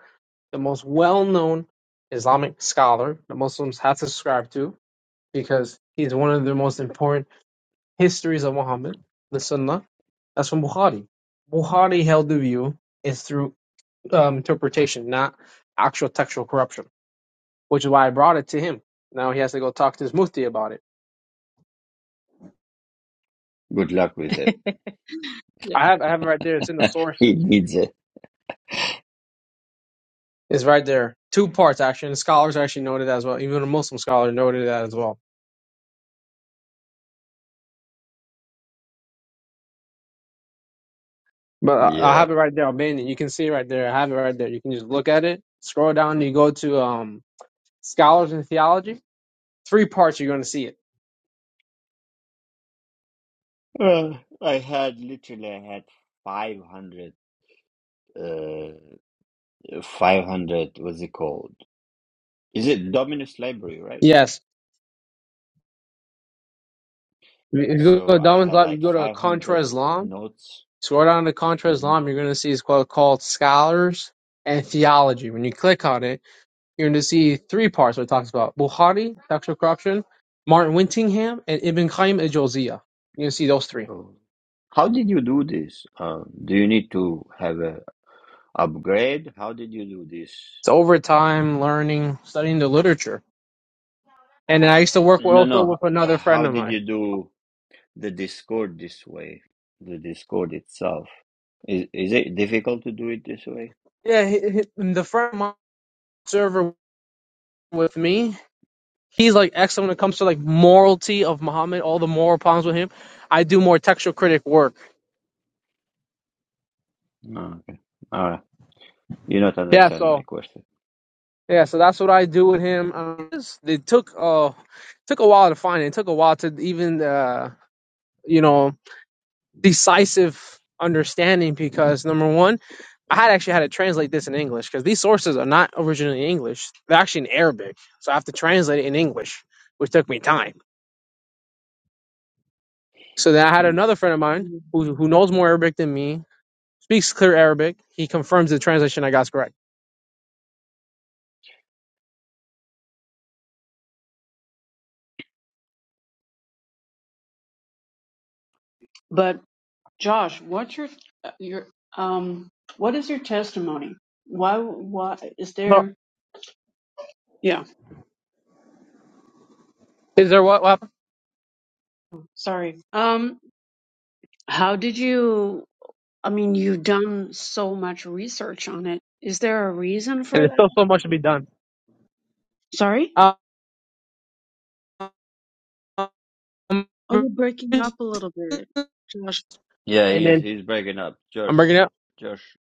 [SPEAKER 4] the most well known Islamic scholar that Muslims have to subscribe to because he's one of the most important histories of Muhammad, the Sunnah. That's from Bukhari. Bukhari held the view is through um, interpretation, not actual textual corruption, which is why I brought it to him. Now he has to go talk to his mufti about it.
[SPEAKER 1] good luck with it.
[SPEAKER 2] (laughs) yeah.
[SPEAKER 4] I have, I have it right there. It's in the
[SPEAKER 1] (laughs) he
[SPEAKER 4] sources.
[SPEAKER 1] needs it.
[SPEAKER 4] It's right there. Two parts actually, and scholars actually noted that as well. Even a Muslim scholar noted that as well. But I I
[SPEAKER 1] Yeah.
[SPEAKER 4] have it right there, Albanian. You can see it right there. I have it right there. You can just look at it. Scroll down. You go to um, scholars in theology. Three parts. You're going to see it.
[SPEAKER 1] Uh, I had literally I had 500 uh 500 what's it called? Is it Dominus Library, right?
[SPEAKER 4] Yes. If you go
[SPEAKER 1] So
[SPEAKER 4] to
[SPEAKER 1] I
[SPEAKER 4] Darwin's
[SPEAKER 1] had
[SPEAKER 4] lab, you
[SPEAKER 1] like
[SPEAKER 4] go to Contra
[SPEAKER 1] 500
[SPEAKER 4] Islam
[SPEAKER 1] notes.
[SPEAKER 4] Scroll down to Contra
[SPEAKER 1] Mhm.
[SPEAKER 4] Islam, you're going to see it's called, called Scholars and Theology. When you click on it, you're going to see three parts where it talks about Bukhari, sexual corruption, Martin Wintingham, and Ibn Qayyim al Jawziyah. You're going to see those three.
[SPEAKER 1] Oh. How did you do this? Um, do you need to have a upgrade? How did you do this?
[SPEAKER 4] It's over time, learning, studying the literature. And then I used to work with,
[SPEAKER 1] No,
[SPEAKER 4] also
[SPEAKER 1] no.
[SPEAKER 4] with
[SPEAKER 1] h-
[SPEAKER 4] another friend
[SPEAKER 1] How
[SPEAKER 4] of
[SPEAKER 1] did you
[SPEAKER 4] mine.
[SPEAKER 1] do the Discord this way? The Discord itself. Is is it difficult to do it this way?
[SPEAKER 4] Yeah, he, he- the friend of mine, server with me, he's like excellent when it comes to like morality of Muhammad, all the moral problems with him. I do more textual critic work.
[SPEAKER 1] No. Okay. All right. You not
[SPEAKER 4] Yeah,
[SPEAKER 1] understand my
[SPEAKER 4] so
[SPEAKER 1] question.
[SPEAKER 4] Yeah, so that's what I do with him. Um, it's- it took uh took a while to find it. It took a while to even uh you know decisive understanding because number one, I had actually had to translate this in English because these sources are not originally in English. They're actually in Arabic, so I have to translate it in English, which took me time. So then I had
[SPEAKER 1] Mm.
[SPEAKER 4] another friend of mine who who knows more Arabic than me, speaks clear Arabic. He confirms the translation I got is correct.
[SPEAKER 2] But Josh, what's your uh, your um what is your testimony? Why why is
[SPEAKER 4] So
[SPEAKER 2] there yeah,
[SPEAKER 4] is there what? what happened?
[SPEAKER 2] sorry. Um how did you I mean you've done so much research on it. Is there a reason
[SPEAKER 4] And
[SPEAKER 2] for
[SPEAKER 4] there's
[SPEAKER 2] that?
[SPEAKER 4] still so much to be done.
[SPEAKER 2] Sorry?
[SPEAKER 4] Um,
[SPEAKER 2] Oh, you're breaking up a little bit. Josh.
[SPEAKER 1] Yeah,
[SPEAKER 4] And
[SPEAKER 1] he's
[SPEAKER 4] then
[SPEAKER 1] he's breaking up.
[SPEAKER 4] I'm
[SPEAKER 1] Josh,
[SPEAKER 4] breaking up.
[SPEAKER 1] Josh.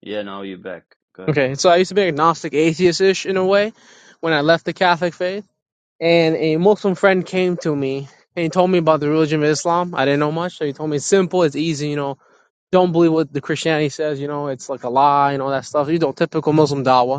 [SPEAKER 1] Yeah, now you're back. Go ahead.
[SPEAKER 4] Okay, so I used to be agnostic, atheist-ish in a way when I left the Catholic faith, and a Muslim friend came to me and he told me about the religion of Islam. I didn't know much, so he told me it's simple, it's easy, you know. Don't believe what the Christianity says, you know, it's like a lie and all that stuff. You know, typical Muslim dawah.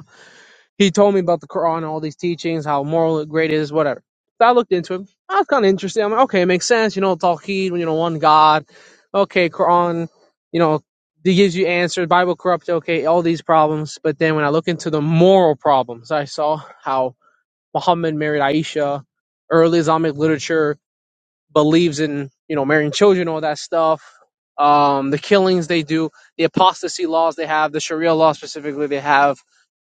[SPEAKER 4] He told me about the Quran, all these teachings, how moral it great it is, whatever. So I looked into him. I was kind of interested. I'm like, okay, it makes sense. You know, Tawheed, you know, one God. Okay, Quran, you know, it gives you answers. Bible corrupt. Okay, all these problems. But then when I look into the moral problems, I saw how Muhammad married Aisha. Early Islamic literature believes in, you know, marrying children, all that stuff. Um, the killings they do, the apostasy laws they have, the Sharia law specifically they have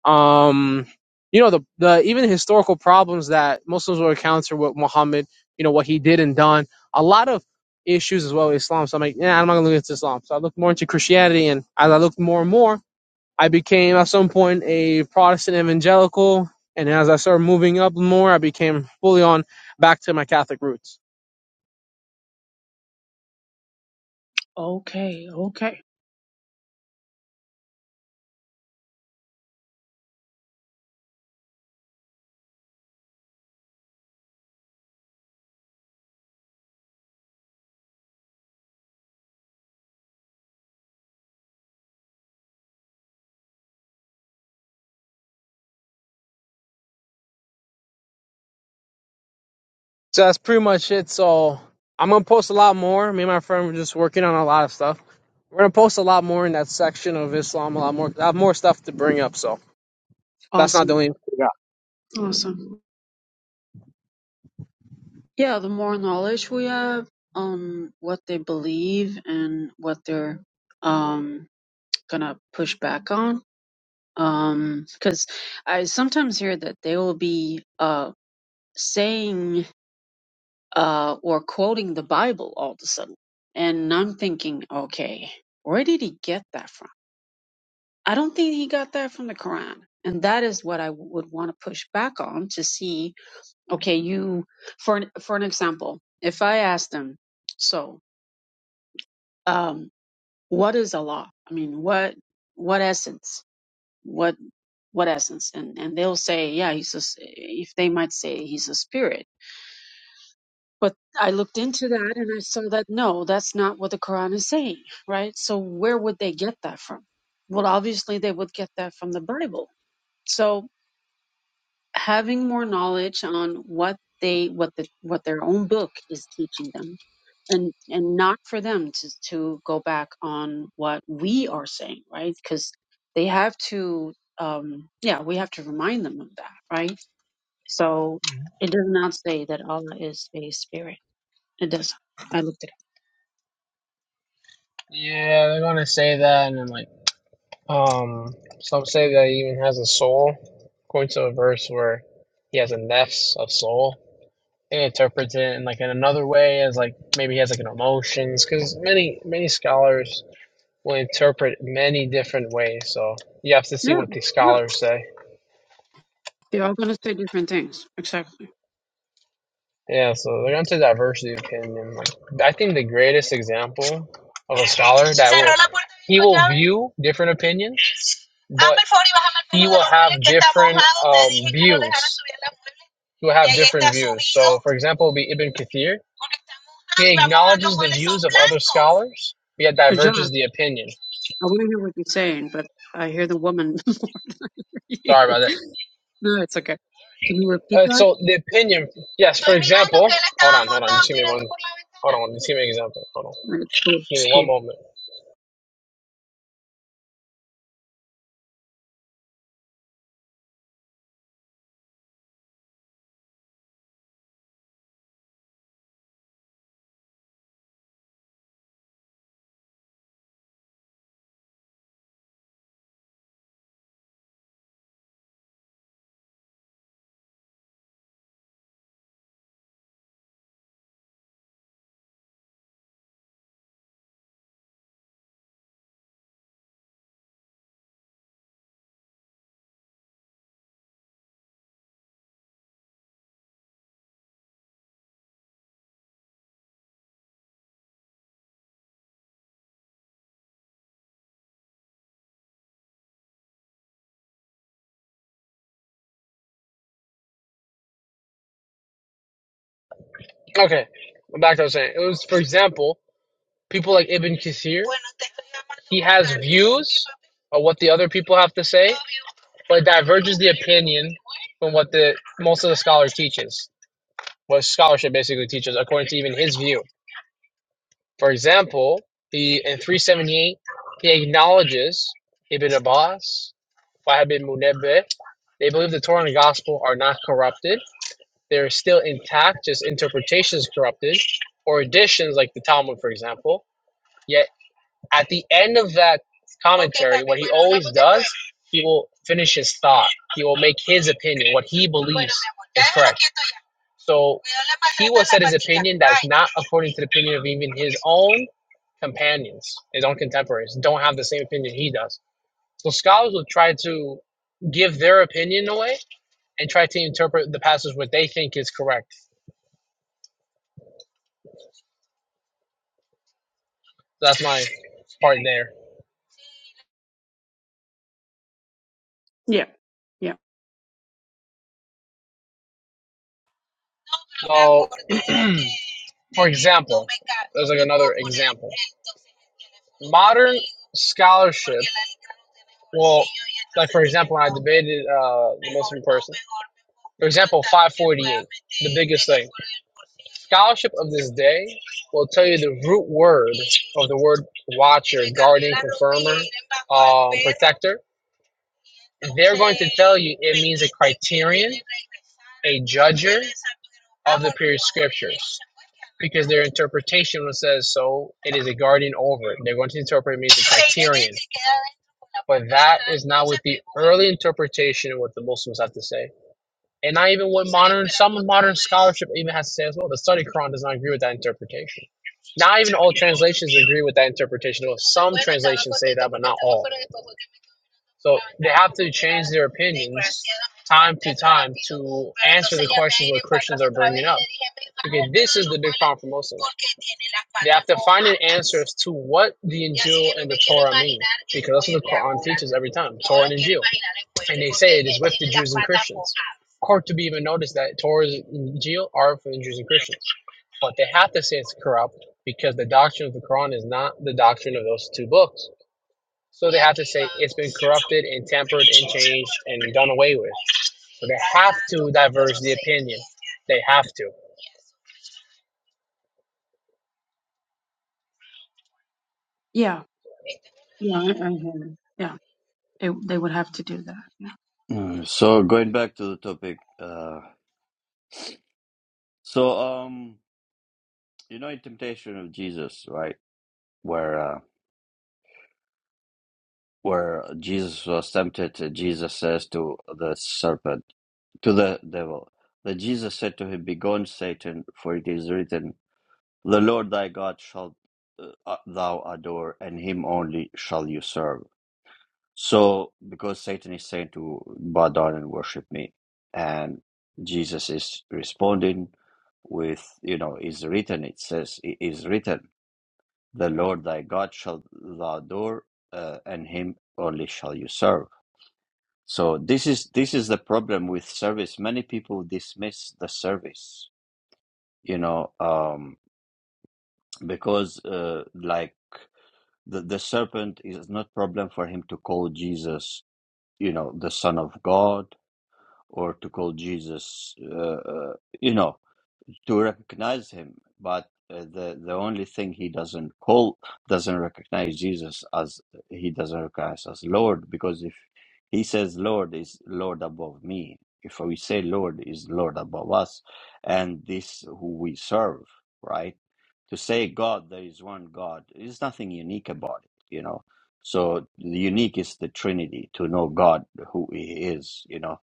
[SPEAKER 4] um you know the the even historical problems that muslims will encounter with muhammad you know what he did and done a lot of issues as well with islam so i'm like yeah i'm not gonna look into islam so i looked more into christianity and as i looked more and more i became at some point a protestant evangelical and as i started moving up more i became fully on back to my catholic roots
[SPEAKER 2] Okay, okay.
[SPEAKER 4] So that's pretty much it. So I'm gonna post a lot more. Me and my friend were just working on a lot of stuff. We're gonna post a lot more in that section of Islam. A lot more. I have more stuff to bring up. So that's not the
[SPEAKER 2] Awesome.
[SPEAKER 4] only. Yeah.
[SPEAKER 2] Awesome. Yeah, the more knowledge we have on what they believe and what they're um gonna push back on um because i sometimes hear that they will be uh saying uh or quoting the bible all of a sudden and i'm thinking okay where did he get that from i don't think he got that from the quran and that is what i would want to push back on to see okay you for an, for an example if i asked them so um what is allah i mean what what essence What what essence and and they'll say yeah he's a s if they might say he's a spirit but i looked into that and i saw that no that's not what the quran is saying right so where would they get that from well obviously they would get that from the bible so having more knowledge on what they what the what their own book is teaching them and and not for them to to go back on what we are saying right because they have to um yeah we have to remind them of that right So it does not say that Allah is a spirit. It doesn't. I looked it up.
[SPEAKER 4] Yeah, they're gonna say that, and then like, um, some say that he even has a soul, according to a verse where he has a nefs of soul. They interpret it in like in another way as like maybe he has like an emotions, because many many scholars will interpret many different ways. So you have to see what
[SPEAKER 2] Yeah,
[SPEAKER 4] the
[SPEAKER 2] yeah.
[SPEAKER 4] scholars say.
[SPEAKER 2] They're all going to say different things. Exactly.
[SPEAKER 4] Yeah, so they're going to diversity of opinion. Like, I think the greatest example of a scholar (laughs) that will he will view different opinions, but he will have different um, views. He will have different views. So, for example, be Ibn Kathir. We had
[SPEAKER 2] But
[SPEAKER 4] diverges
[SPEAKER 2] I
[SPEAKER 4] the opinion.
[SPEAKER 2] want to hear what you're saying, but I hear the woman (laughs) more you.
[SPEAKER 4] Sorry about
[SPEAKER 2] No, it's okay. Can you
[SPEAKER 4] that.
[SPEAKER 2] repeat
[SPEAKER 4] Uh,
[SPEAKER 2] that?
[SPEAKER 4] so the opinion, yes. Hold on, Let's give me an example. Hold on.
[SPEAKER 2] No, It's cool.
[SPEAKER 4] Give
[SPEAKER 2] It's
[SPEAKER 4] me one
[SPEAKER 2] cool.
[SPEAKER 4] moment. Okay, back to what I was saying. It was, for example, people like Ibn Kathir or what the other people have to say, but it diverges the opinion from what the most of the scholar teaches, what scholarship basically teaches, according to even his view. For example, he in 378, he acknowledges Ibn Abbas, Wahab ibn Munabbih. They believe the Torah and the Gospel are not corrupted. They're still intact, just interpretations corrupted, or additions like the Talmud, for example. Yet at the end of that he will finish his thought. He will make his opinion, what he believes. So, not according to the opinion of even his own companions, his own contemporaries, don't have the same opinion he does. So, scholars will try to give their opinion away and try to interpret the passage what they think is correct. So That's my part there.
[SPEAKER 2] Yeah, yeah,
[SPEAKER 4] For example, scholarship, uh, scholarship of this day will tell you the root word, word watch sector, tell you if a judge interpretation says so, it is a guardian over it. They're going to interpret it means early interpretation of what the Muslims have to say. And not even what worship even has to say as well. The study Quran does not agree with that interpretation. Not even all translations agree with that interpretation. Well, some their opinion time Quran for Muslims to what the injustice every time. Hard to be even noticed that Torah and Injil are for the Jews and Christians. But they have to say it's corrupt because the doctrine of the Quran is not the doctrine of those two books. So corrupted and tampered and changed and done away with. So they have to divert. They have to.
[SPEAKER 2] yeah, yeah. I, I hear you. Yeah, they they would have to do that. Yeah.
[SPEAKER 1] Uh, So going back to the topic, uh, so um, you know, in Temptation of Jesus, right? where uh, where Jesus was tempted. uh, Jesus says to the serpent, to the devil, that Jesus said to him, "Begone, Satan, for it is written, The Lord thy God shalt uh, uh, thou adore, and him only shall you serve." So, because Satan is saying to bow down and worship me, and Jesus is responding with, you know, is written. It says, "It is written." The Lord thy God shall thou adore, uh, and him only shall you serve. So this is this is the problem with service. Many people dismiss the service, you know, um, because uh, like the, the serpent is not problem for him to call Jesus, you know, the Son of God, or to call Jesus, uh, uh, you know, to recognize him but uh, the the only thing he doesn't call doesn't recognize jesus as he doesn't recognize as lord because if he says lord is lord above me if we say lord is lord above us and this who we serve right to say god there is one god is nothing unique about it you know so the unique is the trinity to know god who he is you know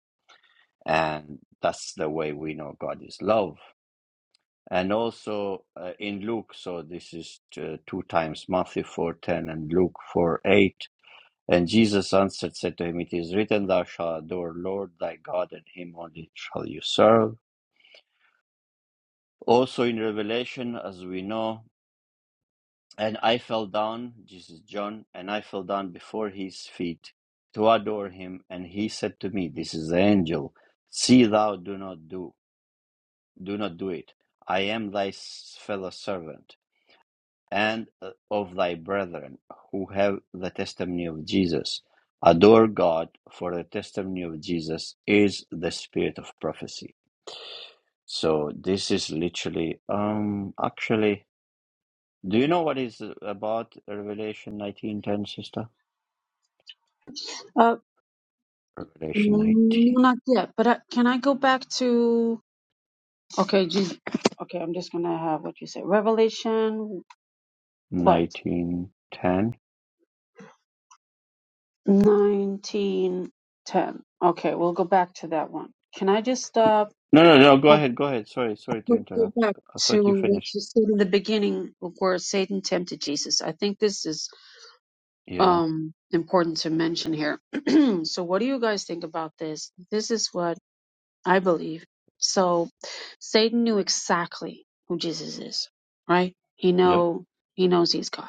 [SPEAKER 1] and that's the way we know god is love and also uh, in Luke. So this is uh, two times Matthew four ten and Luke four eight. And Jesus answered, said to him, It is written, Thou shalt adore Lord thy God, and him only shall you serve. Also in Revelation, as we know, and I fell down, Jesus John, and I fell down before his feet to adore him, and he said to me, This is the angel, see thou do not do do not do it. I am thy fellow servant and uh, of thy brethren who have the testimony of Jesus. Adore God, for the testimony of Jesus is the spirit of prophecy. So this is literally, um, actually, do you know what is about Revelation 19:10, sister?
[SPEAKER 2] Uh,
[SPEAKER 1] Revelation
[SPEAKER 2] no,
[SPEAKER 1] nineteen
[SPEAKER 2] not yet. But I, can I go back to? Okay, Jesus. Okay, I'm just gonna have what you say. Revelation. What?
[SPEAKER 1] nineteen ten.
[SPEAKER 2] 19 10. Okay, we'll go back to that one. Can I just uh,
[SPEAKER 1] No, no, no. Go
[SPEAKER 2] go,
[SPEAKER 1] ahead, go ahead. Sorry, sorry to
[SPEAKER 2] go, go
[SPEAKER 1] interrupt.
[SPEAKER 2] back
[SPEAKER 1] I
[SPEAKER 2] to
[SPEAKER 1] thought you
[SPEAKER 2] what
[SPEAKER 1] finished.
[SPEAKER 2] you said in the beginning of where Satan tempted Jesus? I think this is
[SPEAKER 1] Yeah.
[SPEAKER 2] um, important to mention here. (clears throat) so, what do you guys think about this? This is what I believe. So, Satan knew exactly who Jesus is, right? He
[SPEAKER 1] Yep.
[SPEAKER 2] know he knows he's God.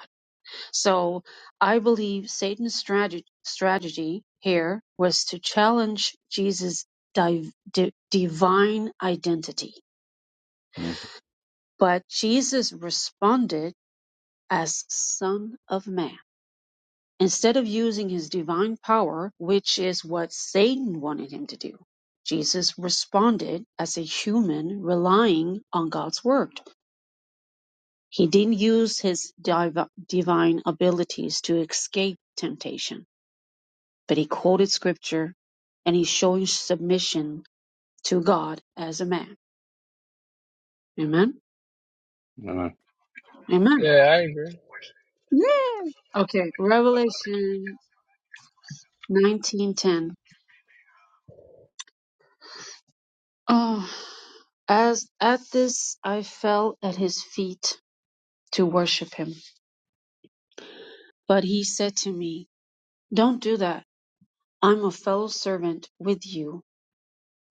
[SPEAKER 2] So I believe Satan's strategy, strategy here was to challenge Jesus' div, di, divine identity.
[SPEAKER 1] Mm.
[SPEAKER 2] But Jesus responded as Son of Man instead of using his divine power, which is what Satan wanted him to do. Jesus responded as a human relying on God's word. He didn't use his div- divine abilities to escape temptation but he quoted scripture and he's showing submission to God as a man. Amen.
[SPEAKER 1] No, no.
[SPEAKER 2] Amen.
[SPEAKER 4] Yeah, I agree.
[SPEAKER 2] Yeah. Okay. Revelation 19:10. Oh, as at this I fell at his feet to worship him, but he said to me, "Don't do that. I'm a fellow servant with you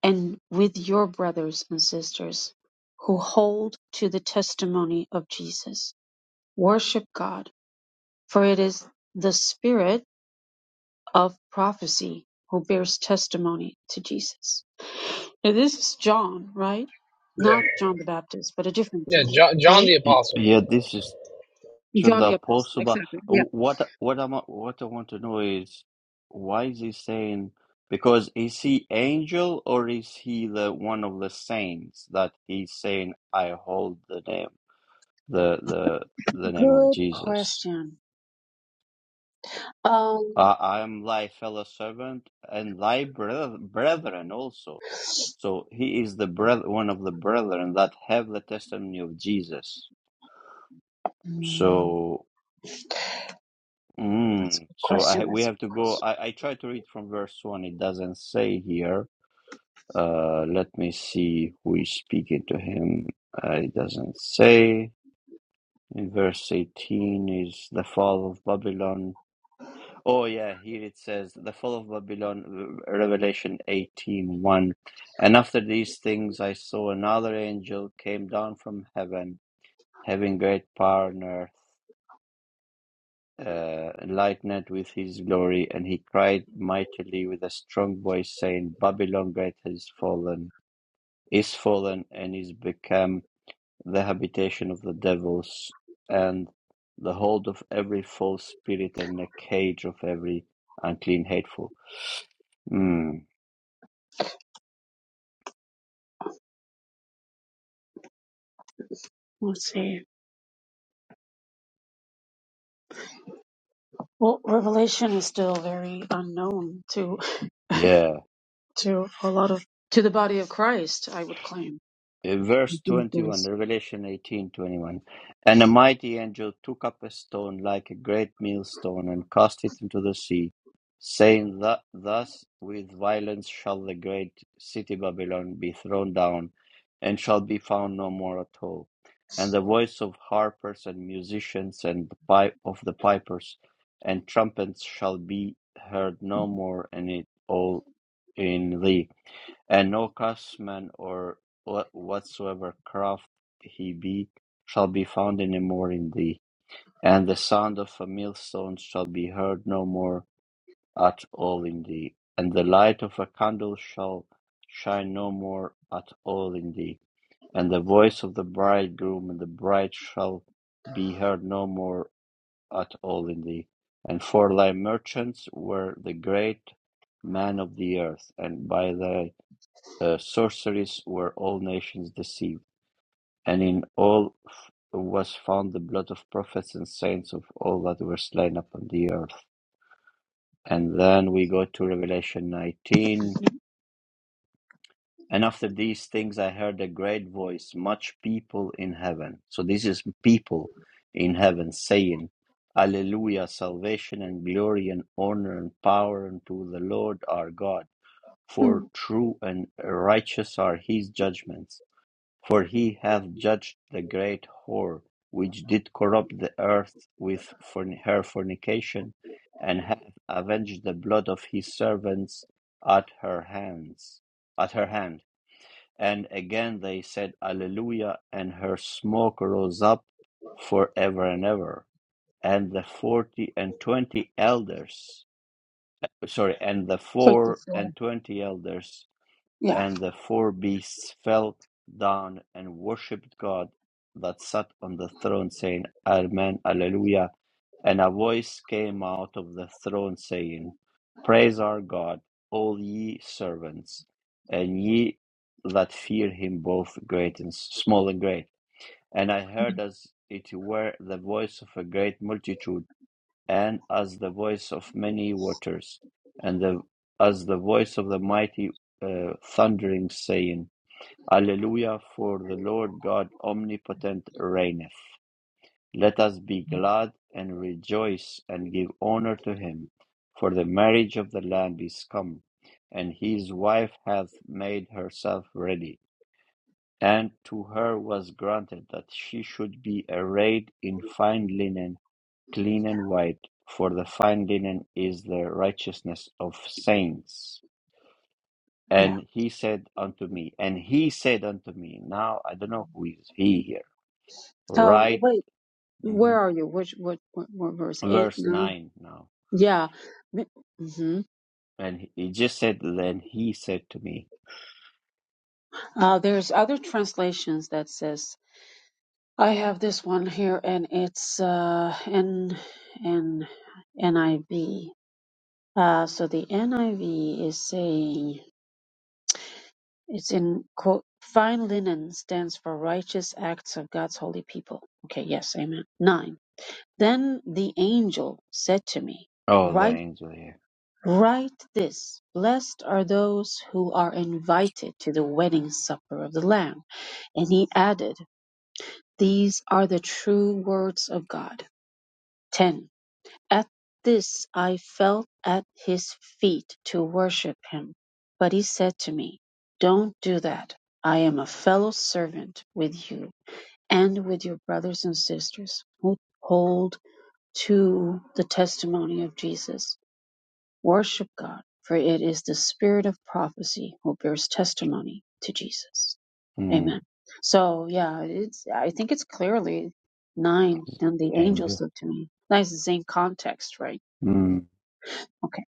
[SPEAKER 2] and with your brothers and sisters who hold to the testimony of Jesus. Worship God." For it is the spirit of prophecy who bears testimony to Jesus. Now, this is John, right?
[SPEAKER 4] Yeah,
[SPEAKER 2] Not John the Baptist, but a different
[SPEAKER 4] yeah.
[SPEAKER 2] John,
[SPEAKER 4] John, John
[SPEAKER 2] right?
[SPEAKER 4] the
[SPEAKER 1] Y-
[SPEAKER 4] Apostle.
[SPEAKER 1] Yeah. This is Should
[SPEAKER 2] John
[SPEAKER 1] the
[SPEAKER 2] the Apostle,
[SPEAKER 1] apostle, but
[SPEAKER 2] exactly. Yeah.
[SPEAKER 1] what what I'm what I want to know is why is he saying because is he angel or is he the one of the saints that he's saying I hold the name the the the name of
[SPEAKER 2] Good
[SPEAKER 1] Jesus.
[SPEAKER 2] question.
[SPEAKER 1] Uh,
[SPEAKER 2] Um,
[SPEAKER 1] I am thy fellow servant and thy breth- brethren also. So he is the breth- one of the brethren that have the testimony of Jesus.
[SPEAKER 2] hmm,
[SPEAKER 1] So.
[SPEAKER 2] that's a
[SPEAKER 1] Mm,
[SPEAKER 2] good
[SPEAKER 1] so I
[SPEAKER 2] question.
[SPEAKER 1] we
[SPEAKER 2] That's a
[SPEAKER 1] have to
[SPEAKER 2] good
[SPEAKER 1] go.
[SPEAKER 2] question.
[SPEAKER 1] I, I try to read from verse one. It doesn't say here. Uh, let me see who is speaking to him. Uh, it doesn't say. In verse eighteen is the fall of Babylon. Oh yeah, here it says the fall of Babylon. uh, Revelation eighteen one. And after these things, I saw another angel came down from heaven, having great power. on earth, uh, lightened with his glory, and he cried mightily with a strong voice, saying, Babylon great has fallen, is fallen, and is become the habitation of the devils, and the hold of every false spirit, and the cage of every unclean hateful. Mm,
[SPEAKER 2] Let's see. Well, Revelation is still very unknown to
[SPEAKER 1] yeah,
[SPEAKER 2] to a lot of to the body of Christ. I would claim.
[SPEAKER 1] uh,
[SPEAKER 2] I
[SPEAKER 1] verse
[SPEAKER 2] think
[SPEAKER 1] 21,
[SPEAKER 2] there's-
[SPEAKER 1] Revelation 18 21, And a mighty angel took up a stone like a great millstone and cast it into the sea, saying, that Thus with violence shall the great city Babylon be thrown down, and shall be found no more at all. And the voice of harpers and musicians and the pipe of the pipers and trumpets shall be heard no more in it all in thee and no craftsman or wha- whatsoever craft he be shall be found any more in thee, and the sound of a millstone shall be heard no more at all in thee, and the light of a candle shall shine no more at all in thee, and the voice of the bridegroom and the bride shall be heard no more at all in thee. And for thy merchants were the great man of the earth, and by thy uh, sorceries were all nations deceived, and in all f- was found the blood of prophets and saints of all that were slain upon the earth. And then we go to Revelation 19. And after these things, I heard a great voice, much people in heaven. So this is people in heaven saying, Alleluia, salvation and glory and honor and power unto the Lord our God, for
[SPEAKER 2] Hmm.
[SPEAKER 1] true and righteous are his judgments For he hath judged the great whore, which did corrupt the earth with her fornication, and hath avenged the blood of his servants at her hands at her hand. And again they said Alleluia, and her smoke rose up for ever and ever. And the forty and twenty elders sorry, and the four
[SPEAKER 2] 54.
[SPEAKER 1] and twenty elders
[SPEAKER 2] Yeah,
[SPEAKER 1] and the four beasts fell down and worshipped God that sat on the throne, saying, Amen, Alleluia. And a voice came out of the throne saying, Praise our God, all ye servants, and ye that fear him, both great and small and great. And I heard as it were the voice of a great multitude and as the voice of many waters, and the, as the voice of the mighty uh, thundering, saying, Alleluia, for the Lord God omnipotent reigneth. Let us be glad and rejoice and give honor to him, for the marriage of the Lamb is come, and his wife hath made herself ready. And to her was granted that she should be arrayed in fine linen Clean and white, for the fine linen is the righteousness of saints.
[SPEAKER 2] yeah.
[SPEAKER 1] And he said unto me, and he said unto me, now I don't know who is he here,
[SPEAKER 2] Um,
[SPEAKER 1] right?
[SPEAKER 2] wait.
[SPEAKER 1] hmm
[SPEAKER 2] Where are you? Which what, what, what verse? Eight,
[SPEAKER 1] Verse
[SPEAKER 2] nine?
[SPEAKER 1] 9 now.
[SPEAKER 2] Yeah. Mm-hmm.
[SPEAKER 1] And he just said, then he said to me,
[SPEAKER 2] Uh, there's other translations that says I have this one here, and it's uh, N N NIV. Uh, so the NIV is saying it's in quote. Fine linen stands for righteous acts of God's holy people. Okay, yes, amen. Nine. Then the angel said to me,
[SPEAKER 1] oh, the angel here.
[SPEAKER 2] Write this: Blessed are those who are invited to the wedding supper of the Lamb. And he added, These are the true words of God. 10. At this I fell at his feet to worship him. But he said to me, Don't do that. I am a fellow servant with you and with your brothers and sisters who hold to the testimony of Jesus. Worship God, for it is the spirit of prophecy who bears testimony to Jesus.
[SPEAKER 1] Mm,
[SPEAKER 2] Amen. So yeah, it's I think it's clearly nine and the angels
[SPEAKER 1] angel.
[SPEAKER 2] look to me. That's the same context, right?
[SPEAKER 1] Mm.
[SPEAKER 2] Okay.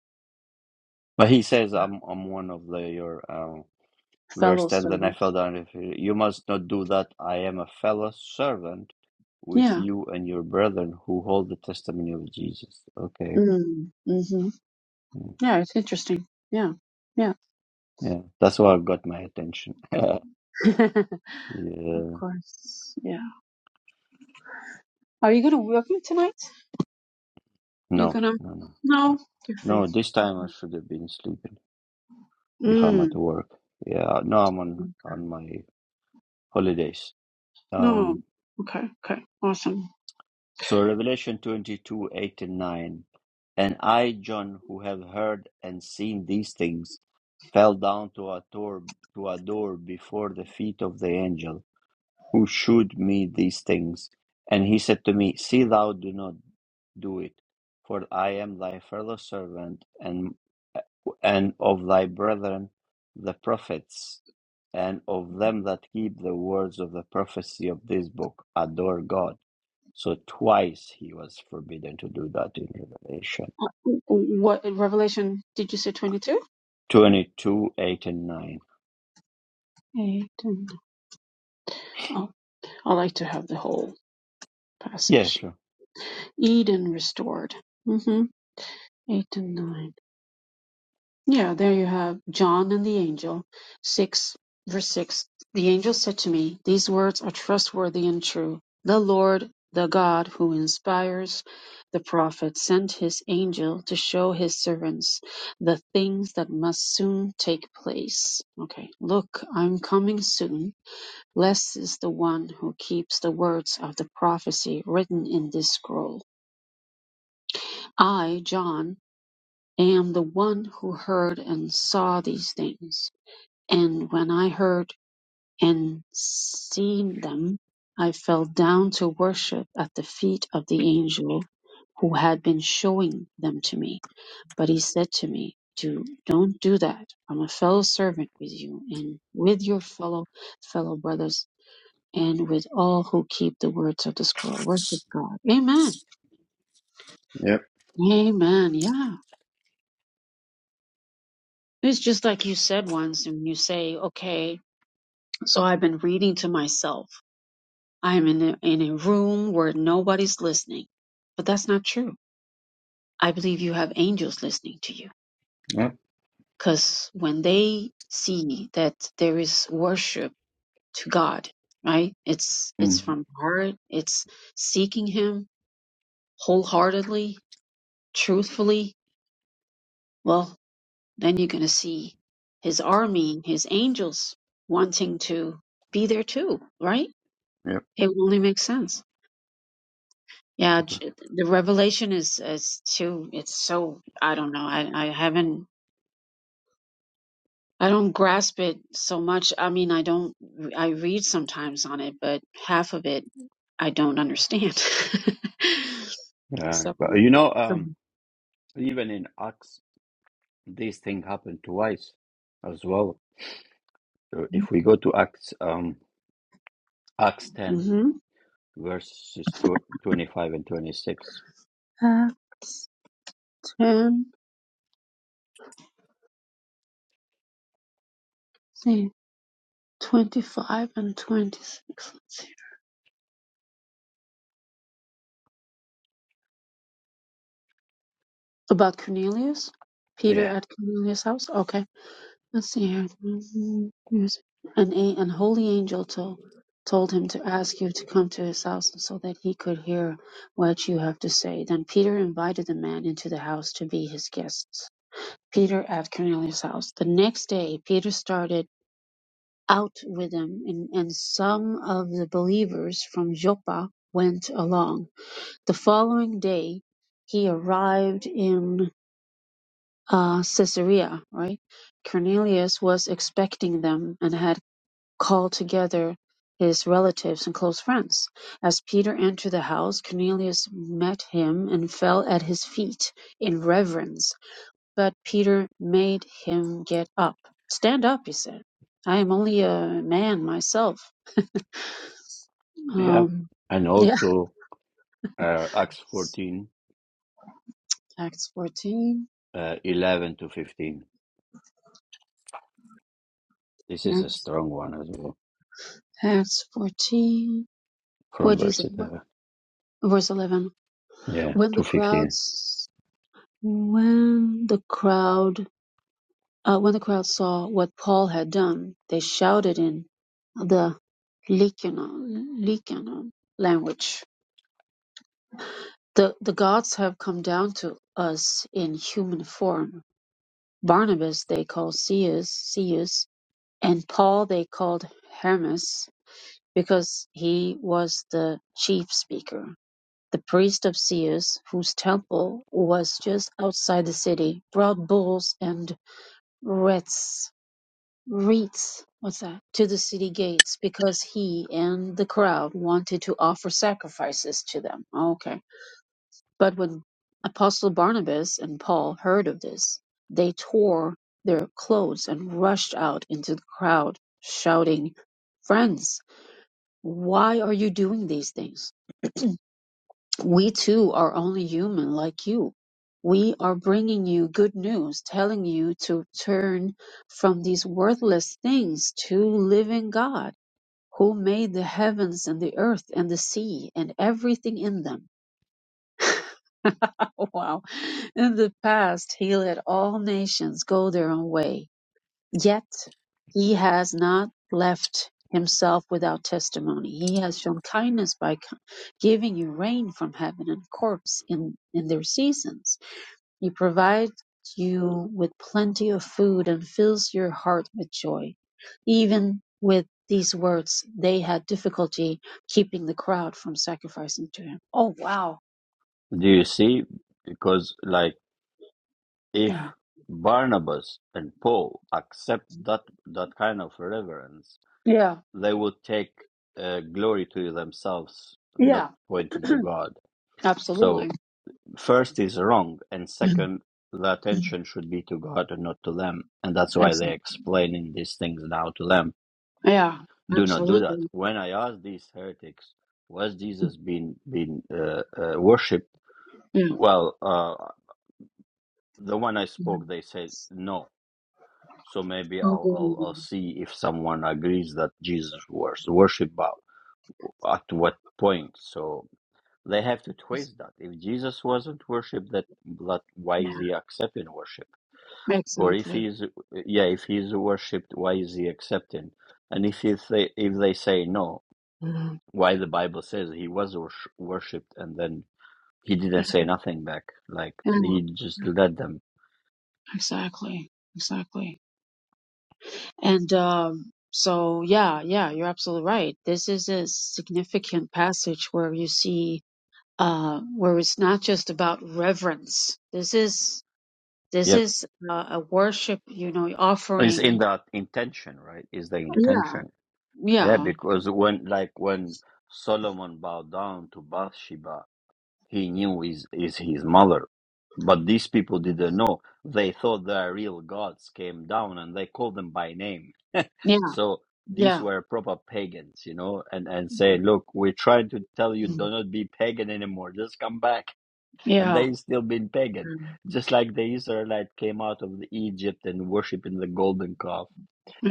[SPEAKER 1] But he says, I'm, I'm one of the, your, um, Verse
[SPEAKER 2] Fellow
[SPEAKER 1] ten. then I
[SPEAKER 2] servants.
[SPEAKER 1] fell down. You must not do that. I am a fellow servant with
[SPEAKER 2] Yeah.
[SPEAKER 1] you and your brethren who hold the testimony of Jesus. Okay.
[SPEAKER 2] Mm. hmm
[SPEAKER 1] Mm,
[SPEAKER 2] Yeah, it's interesting. Yeah. Yeah.
[SPEAKER 1] Yeah. That's what got my attention. (laughs) yeah.
[SPEAKER 2] (laughs) of
[SPEAKER 1] No,
[SPEAKER 2] course. Yeah. Are you gonna work it tonight? You're
[SPEAKER 1] no,
[SPEAKER 2] gonna
[SPEAKER 1] no.
[SPEAKER 2] No, you're free.
[SPEAKER 1] No, this time I
[SPEAKER 2] Mm-hmm.
[SPEAKER 1] should have been sleeping if I'm at
[SPEAKER 2] Mm.
[SPEAKER 1] work. Yeah. No, I'm on, on my holidays.
[SPEAKER 2] No.
[SPEAKER 1] Um,
[SPEAKER 2] Okay, okay, awesome.
[SPEAKER 1] So Revelation 22, 8 and 9. And I, John, who have heard and seen these things, fell down to adore, to adore before the feet of the angel who showed me these things. And he said to me, See thou do not do it, for I am thy fellow servant and, and of thy brethren the prophets, and of them that keep the words of the prophecy of this book. Adore God. So twice he was forbidden to do that in Revelation
[SPEAKER 2] What Revelation did you say 22?
[SPEAKER 1] 22, 8, and 9.
[SPEAKER 2] 8. and- Oh, I like to have the whole
[SPEAKER 1] Yeah,
[SPEAKER 2] passage.
[SPEAKER 1] sure.
[SPEAKER 2] Eden restored. mm hmm 8 and 9. Yeah, there you have John and the angel. 6 verse 6. The angel said to me, These words are trustworthy and true. The Lord, the God who inspires the prophet, sent his angel to show his servants the things that must soon take place. Okay, look, I'm coming soon. Blessed is the one who keeps the words of the prophecy written in this scroll. I, John, am the one who heard and saw these things. And when I heard and seen them, I fell down to worship at the feet of the angel who had been showing them to me. But he said to me, do, don't do that. I'm a fellow servant with you and with your fellow fellow brothers and with all who keep the words of the scroll. Worship God. Amen.
[SPEAKER 1] Yep.
[SPEAKER 2] Amen. Yeah. It's just like you said once, and you say, okay, so I've been reading to myself. I'm in a, in a room where nobody's listening. But that's not true. I believe you have angels listening to you.
[SPEAKER 1] Yep.
[SPEAKER 2] Because when they see that there is worship to God, right? It's it's
[SPEAKER 1] Mm,
[SPEAKER 2] from the heart, it's seeking him wholeheartedly, truthfully. Well, Then you're going to see his army, his angels wanting to be there too, right?
[SPEAKER 1] yep.
[SPEAKER 2] It would only make sense. Yeah,
[SPEAKER 1] Okay.
[SPEAKER 2] j- the revelation is is too. It's so I don't know. I I haven't. I don't grasp it so much. I mean, I don't. I read sometimes on it, but half of it I don't understand. (laughs)
[SPEAKER 1] Yeah.
[SPEAKER 2] so,
[SPEAKER 1] But you know,
[SPEAKER 2] so
[SPEAKER 1] um, even in Acts, this thing happened twice as well. Uh, If we go to Acts, um, Acts 10,
[SPEAKER 2] mm-hmm.
[SPEAKER 1] verses tw 25 and 26.
[SPEAKER 2] uh, 10, see, 25 and 26. Let's see. About Cornelius? Peter
[SPEAKER 1] Yeah.
[SPEAKER 2] at Cornelius' house? Okay. Let's see here. Here's- An a- an holy angel to, told him to ask you to come to his house so that he could hear what you have to say. Then Peter invited the man into the house to be his guests. Peter at Cornelius' house. The next day, Peter started out with them, and, and some of the believers from Joppa went along. The following day, he arrived in uh, Caesarea, right? Cornelius was expecting them and had called together his relatives and close friends. As Peter entered the house, Cornelius met him and fell at his feet in reverence. But Peter made him get up. Stand up, he said. I am only a man myself.
[SPEAKER 1] Yeah.
[SPEAKER 2] Um,
[SPEAKER 1] And
[SPEAKER 2] yeah.
[SPEAKER 1] also uh, Acts 14,
[SPEAKER 2] Acts 14.
[SPEAKER 1] uh, 11 to 15. This is a
[SPEAKER 2] Acts,
[SPEAKER 1] strong one as well
[SPEAKER 2] Acts 14.
[SPEAKER 1] from
[SPEAKER 2] What do you
[SPEAKER 1] verse
[SPEAKER 2] say? What,
[SPEAKER 1] 11.
[SPEAKER 2] verse 11.
[SPEAKER 1] Yeah,
[SPEAKER 2] When the
[SPEAKER 1] 250.
[SPEAKER 2] crowds When the crowd uh, when the crowd saw what Paul had done, they shouted in the Lycaonon, Lycaonon language. The the gods have come down to us in human form. Barnabas they called Ceus, Ceus, and Paul they called Hermas, because he was the chief speaker. The priest of Ceus, whose temple was just outside the city, brought bulls and wreaths reeds what's that to the city gates because he and the crowd wanted to offer sacrifices to them okay but when apostle barnabas and paul heard of this they tore their clothes and rushed out into the crowd shouting friends why are you doing these things we too are only human like you we are bringing you good news telling you to turn from these worthless things to living god who made the heavens and the earth and the sea and everything in them. (laughs) wow. In the past, he let all nations go their own way. Yet, he has not left himself without testimony. He has shown kindness by co- giving you rain from heaven and crops in, in their seasons he provides you with plenty of food and fills your heart with joy. Even with these words, they had difficulty keeping the crowd from sacrificing to him. Oh, wow.
[SPEAKER 1] Do you see? Because like if
[SPEAKER 2] Yeah.
[SPEAKER 1] Barnabas and Paul accept that that kind of reverence,
[SPEAKER 2] Yeah.
[SPEAKER 1] they would take uh, glory to themselves, not
[SPEAKER 2] Yeah.
[SPEAKER 1] pointing to God. So
[SPEAKER 2] Absolutely.
[SPEAKER 1] first is wrong, and second, the attention should be to God and not to them, and that's why they're
[SPEAKER 2] Excellent.
[SPEAKER 1] explaining these things now to them.
[SPEAKER 2] Yeah.
[SPEAKER 1] Do not do that.
[SPEAKER 2] Absolutely.
[SPEAKER 1] When I asked these heretics, was Jesus being being uh, uh, worshipped?
[SPEAKER 2] Yeah.
[SPEAKER 1] Well, uh, The one I spoke, they said no. So maybe I'll I'll, I'll
[SPEAKER 2] Mhm.
[SPEAKER 1] see if someone agrees that Jesus was worshipped, but at what point? So they have to twist that. If Jesus wasn't worshipped, that that why
[SPEAKER 2] Yeah.
[SPEAKER 1] is he accepting worship? Or if
[SPEAKER 2] Exactly.
[SPEAKER 1] he's yeah, if he's worshipped, why is he accepting? And if if they if they say no,
[SPEAKER 2] Mhm.
[SPEAKER 1] why the Bible says he was wors- worshipped and then he didn't
[SPEAKER 2] Yeah.
[SPEAKER 1] say nothing back, like
[SPEAKER 2] Yeah.
[SPEAKER 1] he just let them.
[SPEAKER 2] Exactly. Exactly. And um, so, yeah, yeah, you're absolutely right. This is a significant passage where you see uh, where it's not just about reverence. This is this
[SPEAKER 1] Yep.
[SPEAKER 2] is uh, a worship, you know,
[SPEAKER 1] It's in
[SPEAKER 2] offering.
[SPEAKER 1] that intention, right? Is the
[SPEAKER 2] Yeah,
[SPEAKER 1] intention. Yeah,
[SPEAKER 2] yeah,
[SPEAKER 1] because when like when Solomon bowed down to Bathsheba, he knew is is his mother. But these people didn't know. They thought their real gods came down and they called them by name. (laughs)
[SPEAKER 2] yeah,
[SPEAKER 1] so these
[SPEAKER 2] yeah,
[SPEAKER 1] were proper pagans, you know, and, and say, Look, we're trying to tell you
[SPEAKER 2] Mm.
[SPEAKER 1] do not be pagan anymore, just come back. And
[SPEAKER 2] yeah,
[SPEAKER 1] they still been pagan.
[SPEAKER 2] Mm.
[SPEAKER 1] Just like the Israelite came out of the Egypt and worshiping the golden calf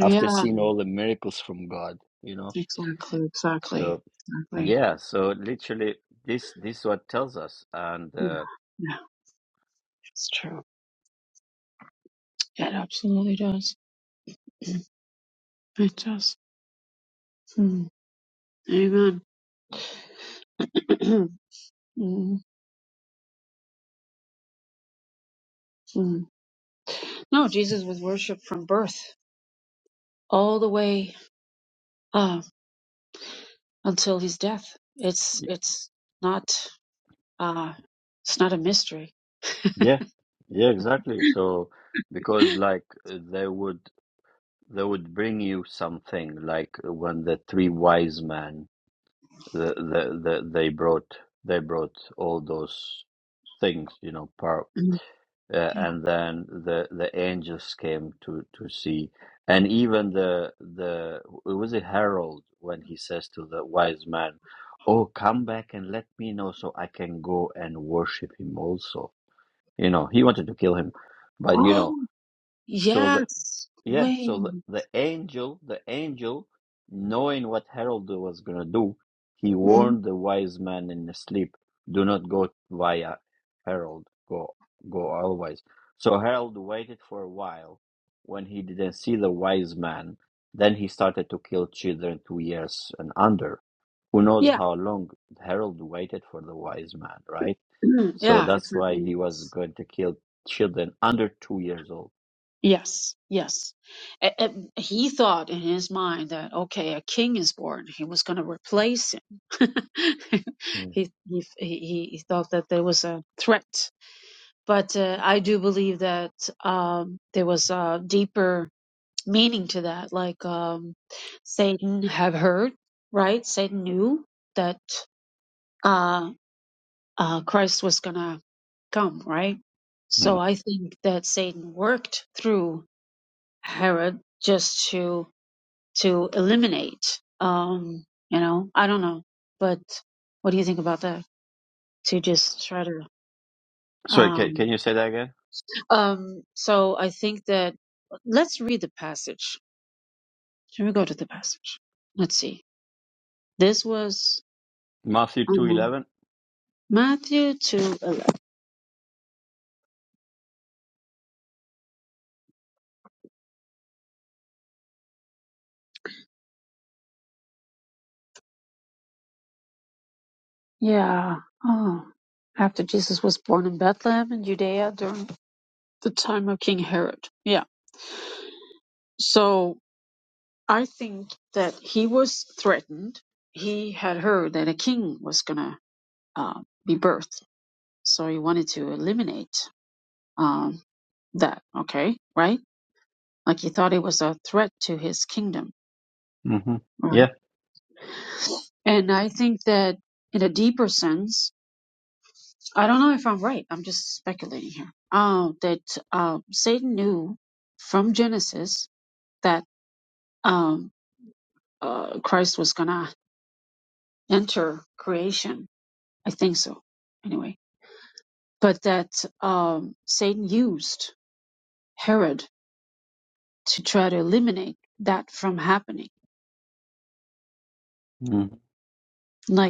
[SPEAKER 1] after seeing all the miracles from God, you know.
[SPEAKER 2] Exactly, exactly,
[SPEAKER 1] So
[SPEAKER 2] exactly.
[SPEAKER 1] yeah, so literally this this what tells us, and
[SPEAKER 2] Yeah,
[SPEAKER 1] uh,
[SPEAKER 2] yeah, it's true. It absolutely does. (clears throat) It does. Mm. Amen. (clears throat) Mm, mm. No, Jesus was worshipped from birth all the way uh, until his death. It's
[SPEAKER 1] y-
[SPEAKER 2] it's not uh, it's not a mystery.
[SPEAKER 1] yeah, yeah, exactly. So
[SPEAKER 2] (gasps)
[SPEAKER 1] because like uh, they would they would bring you something like uh, when the three wise men the, the, the they brought they brought all those things you know par
[SPEAKER 2] Mm,
[SPEAKER 1] uh,
[SPEAKER 2] Yeah.
[SPEAKER 1] and then the the angels came to to see and even the the it was a herald when he says to the wise man oh come back and let me know so i can go and worship him also you know he wanted to kill him but you
[SPEAKER 2] Oh,
[SPEAKER 1] know so the
[SPEAKER 2] yes.
[SPEAKER 1] yeah,
[SPEAKER 2] Wait.
[SPEAKER 1] so the, the angel, the angel, knowing what Harold was gonna do, he
[SPEAKER 2] Mm,
[SPEAKER 1] warned the wise man in his sleep, do not go via Harold, go go always. So Harold waited for a while when he didn't see the wise man. Then he started to kill children two years and under. Who knows
[SPEAKER 2] Yeah.
[SPEAKER 1] how long Harold waited for the wise man, right?
[SPEAKER 2] (clears throat)
[SPEAKER 1] So
[SPEAKER 2] yeah.
[SPEAKER 1] that's why
[SPEAKER 2] Exactly.
[SPEAKER 1] he was going to kill children under two years old.
[SPEAKER 2] Yes. Yes. A- a- he thought in his mind that okay, a king is born. He was going to replace him. (laughs)
[SPEAKER 1] Mm.
[SPEAKER 2] he, he he he thought that there was a threat But uh, I do believe that um, there was a deeper meaning to that. Like um, Satan have heard, right? Satan knew that uh, uh, Christ was gonna come, right? So I think that Satan worked through Herod just to to eliminate. Um, you know, I don't know, but what do you think about that? To just try to
[SPEAKER 1] Sorry, can,
[SPEAKER 2] um,
[SPEAKER 1] can you say that again?
[SPEAKER 2] Um, so I think that let's read the passage. Should we go to the passage? Let's see. This was
[SPEAKER 1] Matthew two
[SPEAKER 2] um,
[SPEAKER 1] eleven.
[SPEAKER 2] Matthew 2 eleven. Yeah. Oh. After Jesus was born in Bethlehem in Judea during the time of King Herod. Yeah. So I think that he was threatened. He had heard that a king was going to uh, be birthed. So he wanted to eliminate um, that. Okay. Right? Like he thought it was a threat to his kingdom.
[SPEAKER 1] Mm-hmm.
[SPEAKER 2] Right.
[SPEAKER 1] Yeah.
[SPEAKER 2] And I think that in a deeper sense, I don't know if I'm right. I'm just speculating here. Uh, that uh, Satan knew from Genesis that um, uh, Christ was gonna enter creation. I think so. Anyway, but that um, Satan used Herod to try to eliminate that from happening,
[SPEAKER 1] Mm-hmm.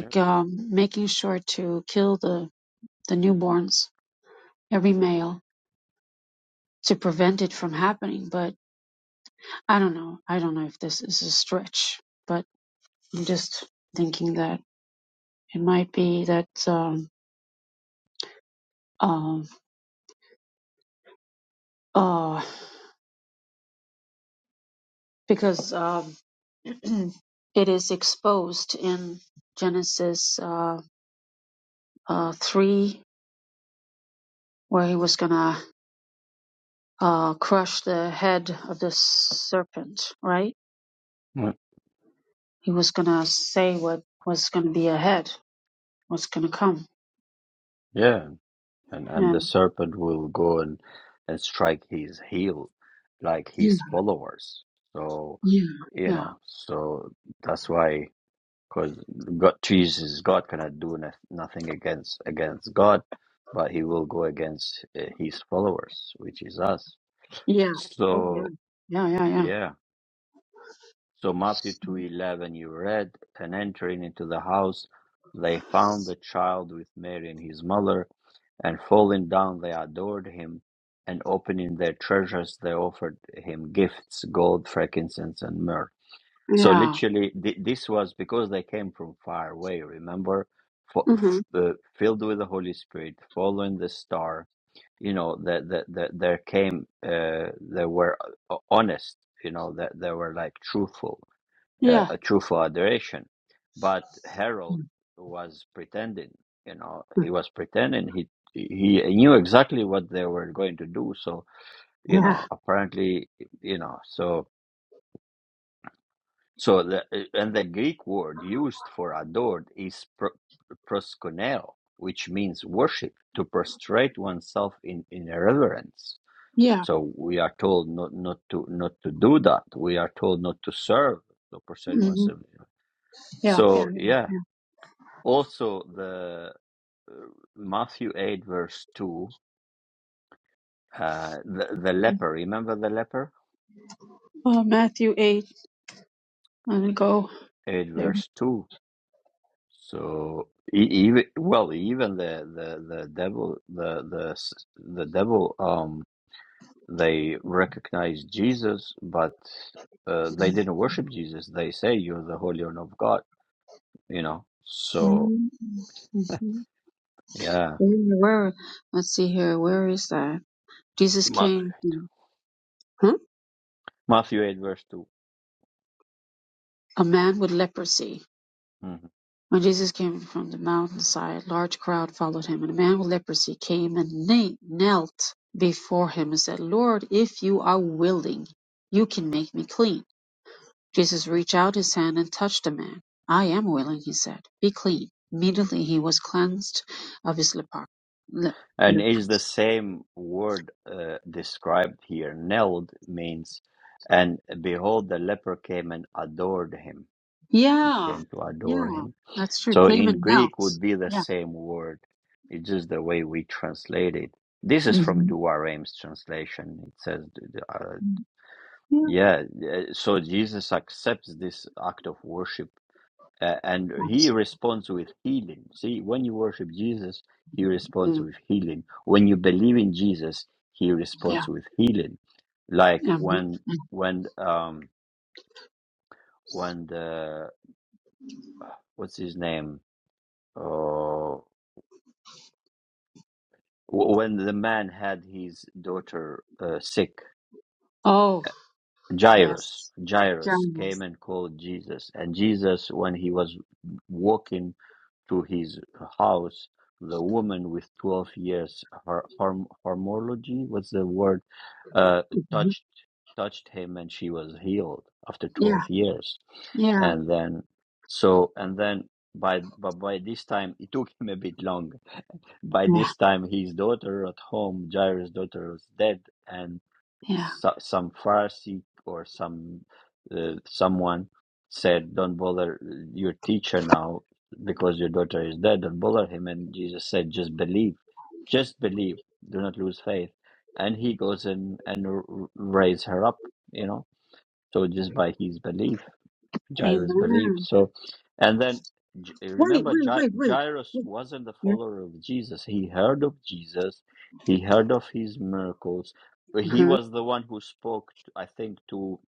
[SPEAKER 1] Yeah.
[SPEAKER 2] um, making sure to kill the the newborns, every male to prevent it from happening. But I don't know. I don't know if this is a stretch, but I'm just thinking that it might be that um, um, uh, because um, (clears throat) it is exposed in Genesis uh, uh, 3, where he was going to uh, crush the head of the serpent, right?
[SPEAKER 1] Yeah.
[SPEAKER 2] He was going to say what was going to be ahead, what's going to come.
[SPEAKER 1] Yeah. And and the
[SPEAKER 2] And
[SPEAKER 1] serpent will go and and strike his heel, like
[SPEAKER 2] yeah,
[SPEAKER 1] his followers. So
[SPEAKER 2] yeah,
[SPEAKER 1] you
[SPEAKER 2] yeah.
[SPEAKER 1] know. So that's why, because God, Jesus, God cannot do no, nothing against against God, but He will go against uh, His followers, which is us.
[SPEAKER 2] Yeah. Oh, yeah.
[SPEAKER 1] So
[SPEAKER 2] Yeah, yeah, yeah.
[SPEAKER 1] yeah. So Matthew 2:11 you read, and entering into the house, they found the child with Mary and his mother, and falling down they adored him, and opening their treasures they offered him gifts, gold, frankincense, and myrrh. So
[SPEAKER 2] Yeah.
[SPEAKER 1] literally, th- this was because they came from far away. Remember, F-
[SPEAKER 2] Mm-hmm.
[SPEAKER 1] f- uh, filled with the Holy Spirit, following the star. You know that that that there came. Uh, they were uh, honest. You know that they were like truthful a,
[SPEAKER 2] Yeah.
[SPEAKER 1] a truthful adoration. But Harold was pretending, you know, he
[SPEAKER 2] (laughs)
[SPEAKER 1] was pretending. He he knew exactly what they were going to do. So you
[SPEAKER 2] Yeah.
[SPEAKER 1] know, apparently, you know, so so the and the Greek word used for adored is pro, proskuneo, which means worship, to prostrate oneself in in reverence.
[SPEAKER 2] Yeah.
[SPEAKER 1] So we are told not not to not to do that. We are told not to serve, to prostrate
[SPEAKER 2] Mm-hmm.
[SPEAKER 1] oneself.
[SPEAKER 2] Yeah. Yeah.
[SPEAKER 1] So yeah, Also, the uh, Matthew 8, verse 2, uh, the, the leper, remember the leper?
[SPEAKER 2] Uh, Matthew 8. Let me go
[SPEAKER 1] 8,
[SPEAKER 2] there.
[SPEAKER 1] verse 2. So, e- even, well, even the, the, the devil, the, the, s- the devil, um, they recognized Jesus, but uh, they didn't worship Jesus. They say, You're the Holy One of God, you know? So,
[SPEAKER 2] Mm-hmm.
[SPEAKER 1] yeah.
[SPEAKER 2] Where? Let's see here. Where is that? Jesus
[SPEAKER 1] Matthew,
[SPEAKER 2] came. Huh?
[SPEAKER 1] Matthew 8, verse 2.
[SPEAKER 2] A man with leprosy.
[SPEAKER 1] Hmm.
[SPEAKER 2] When Jesus came from the mountainside, a large crowd followed him, and a man with leprosy came and na- knelt before him and said, Lord, if you are willing, you can make me clean. Jesus reached out his hand and touched the man. I am willing, he said. Be clean. Immediately he was cleansed of his lepar- le-
[SPEAKER 1] And is the
[SPEAKER 2] leprosy.
[SPEAKER 1] same word uh, described here. Knelt means, and behold, the leper came and adored him. He
[SPEAKER 2] Yeah,
[SPEAKER 1] came to
[SPEAKER 2] yeah,
[SPEAKER 1] adore him.
[SPEAKER 2] that's true.
[SPEAKER 1] So
[SPEAKER 2] Came
[SPEAKER 1] in
[SPEAKER 2] and knelt.
[SPEAKER 1] Greek would be the
[SPEAKER 2] Yeah.
[SPEAKER 1] same word. It's just the way we translate it. This is from
[SPEAKER 2] hmm
[SPEAKER 1] Duareim's translation. It says, uh,
[SPEAKER 2] Yeah.
[SPEAKER 1] yeah, uh, so Jesus accepts this act of worship uh, and he
[SPEAKER 2] absolutely.
[SPEAKER 1] responds with healing. See, when you worship Jesus, he responds with healing. When you believe in Jesus, he responds
[SPEAKER 2] Yeah.
[SPEAKER 1] with healing. Like
[SPEAKER 2] Mhm.
[SPEAKER 1] when when um when the what's his name? Oh, w- when the man had his daughter uh, sick,
[SPEAKER 2] Oh,
[SPEAKER 1] Jairus.
[SPEAKER 2] yes.
[SPEAKER 1] Jairus came
[SPEAKER 2] Giants.
[SPEAKER 1] and called Jesus, and Jesus, when he was walking To his house the woman with 12 years her horm- hormology what's the word uh
[SPEAKER 2] Mhm.
[SPEAKER 1] touched touched him and she was healed after
[SPEAKER 2] Yeah,
[SPEAKER 1] 12 years
[SPEAKER 2] yeah,
[SPEAKER 1] and then so and then by but by this time (laughs) it took him a bit long by
[SPEAKER 2] yeah,
[SPEAKER 1] this time his daughter at home jairus daughter was dead and
[SPEAKER 2] yeah.
[SPEAKER 1] so, some Pharisee or some uh, someone said, "Don't bother your teacher now because your daughter is dead. Don't bother him." And Jesus said, "Just believe, just believe. Do not lose faith." And he goes in and r- raise her up, you know. So just by his belief. Jairus
[SPEAKER 2] Amen.
[SPEAKER 1] believed. So, and then J-
[SPEAKER 2] Wait,
[SPEAKER 1] remember,
[SPEAKER 2] wait,
[SPEAKER 1] Ja-
[SPEAKER 2] wait, wait.
[SPEAKER 1] Jairus
[SPEAKER 2] wait.
[SPEAKER 1] wasn't the
[SPEAKER 2] Yeah.
[SPEAKER 1] follower of Jesus. He heard of Jesus, he heard of his miracles. But He
[SPEAKER 2] Uh-huh.
[SPEAKER 1] was the one who spoke, I think, to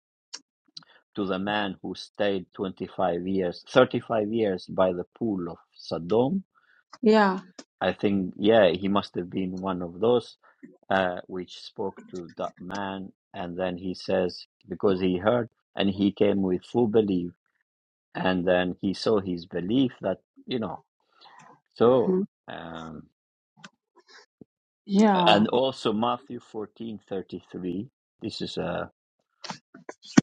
[SPEAKER 1] to the man who stayed 25 years, 35 years by the pool of Sodom.
[SPEAKER 2] Yeah.
[SPEAKER 1] I think, yeah, he must have been one of those uh, which spoke to that man. And then he says, because he heard and he came with full belief and then he saw his belief that you know so
[SPEAKER 2] Mhm.
[SPEAKER 1] um,
[SPEAKER 2] Yeah.
[SPEAKER 1] and also matthew fourteen thirty three. this is a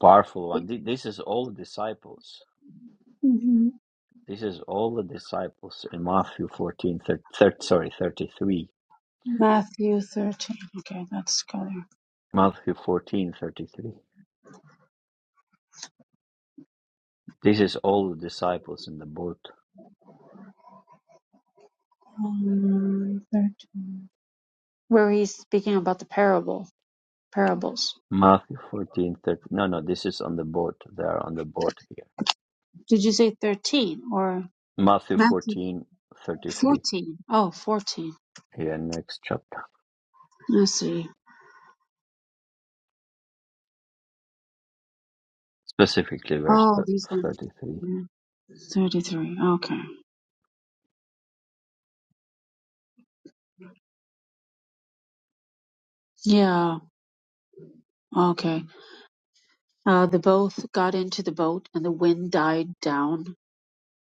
[SPEAKER 1] powerful one Th- this is all the disciples
[SPEAKER 2] Mm-hmm.
[SPEAKER 1] this is all the disciples in matthew fourteen thir- thir- sorry 33
[SPEAKER 2] Matthew 13. Okay, let's go there.
[SPEAKER 1] matthew fourteen thirty three. this is all the disciples in the boat
[SPEAKER 2] Um, 13. Where he's speaking about the parable, parables.
[SPEAKER 1] matthew fourteen thirty. no no this is on the boat they are on the boat here
[SPEAKER 2] Did you say 13 or
[SPEAKER 1] matthew
[SPEAKER 2] Matthew
[SPEAKER 1] fourteen thirty three.
[SPEAKER 2] 14? Oh, 14.
[SPEAKER 1] here next chapter
[SPEAKER 2] I see.
[SPEAKER 1] specifically verse
[SPEAKER 2] Oh,
[SPEAKER 1] th-
[SPEAKER 2] these ones.
[SPEAKER 1] 33
[SPEAKER 2] Yeah, 33. Okay. Yeah. Okay. Uh, they both got into the boat and the wind died down.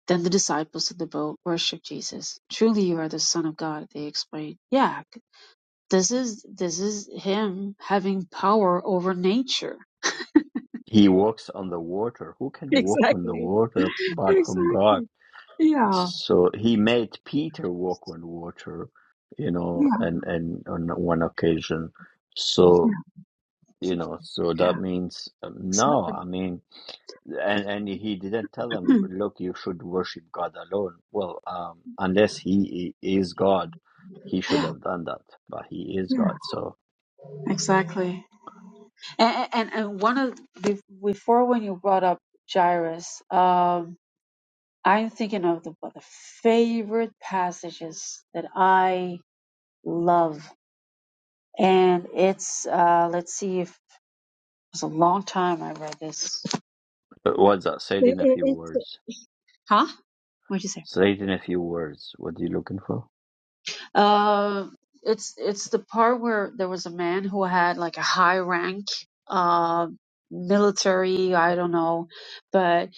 [SPEAKER 2] Then the disciples of the boat worshipped Jesus. Truly you are the Son of God, they exclaimed. Yeah, This is this is him having power over nature. (laughs)
[SPEAKER 1] he walks on the water who can walk on the
[SPEAKER 2] Exactly.
[SPEAKER 1] water
[SPEAKER 2] (laughs)
[SPEAKER 1] apart from god
[SPEAKER 2] Exactly. Yeah.
[SPEAKER 1] so he made peter walk on water you know
[SPEAKER 2] Yeah.
[SPEAKER 1] and and on one occasion so
[SPEAKER 2] Yeah.
[SPEAKER 1] you know so that
[SPEAKER 2] Yeah.
[SPEAKER 1] means um, no
[SPEAKER 2] Exactly.
[SPEAKER 1] i mean and and he didn't tell them look you should worship god alone well um unless he i- is god he should
[SPEAKER 2] (clears throat)
[SPEAKER 1] have done that but he is
[SPEAKER 2] Yeah.
[SPEAKER 1] god so
[SPEAKER 2] Exactly. And and and one of be- before when you brought up Jairus, um, I'm thinking of the, one of the favorite passages that I love, and it's uh, let's see if it was a long time I read this.
[SPEAKER 1] but what's that said
[SPEAKER 2] It,
[SPEAKER 1] in a
[SPEAKER 2] it,
[SPEAKER 1] few
[SPEAKER 2] it's
[SPEAKER 1] words
[SPEAKER 2] huh? What'd you say?
[SPEAKER 1] Say it in a few words. What are you looking for?
[SPEAKER 2] Uh, it's it's the part where there was a man who had like a high rank, uh, military, I don't know, but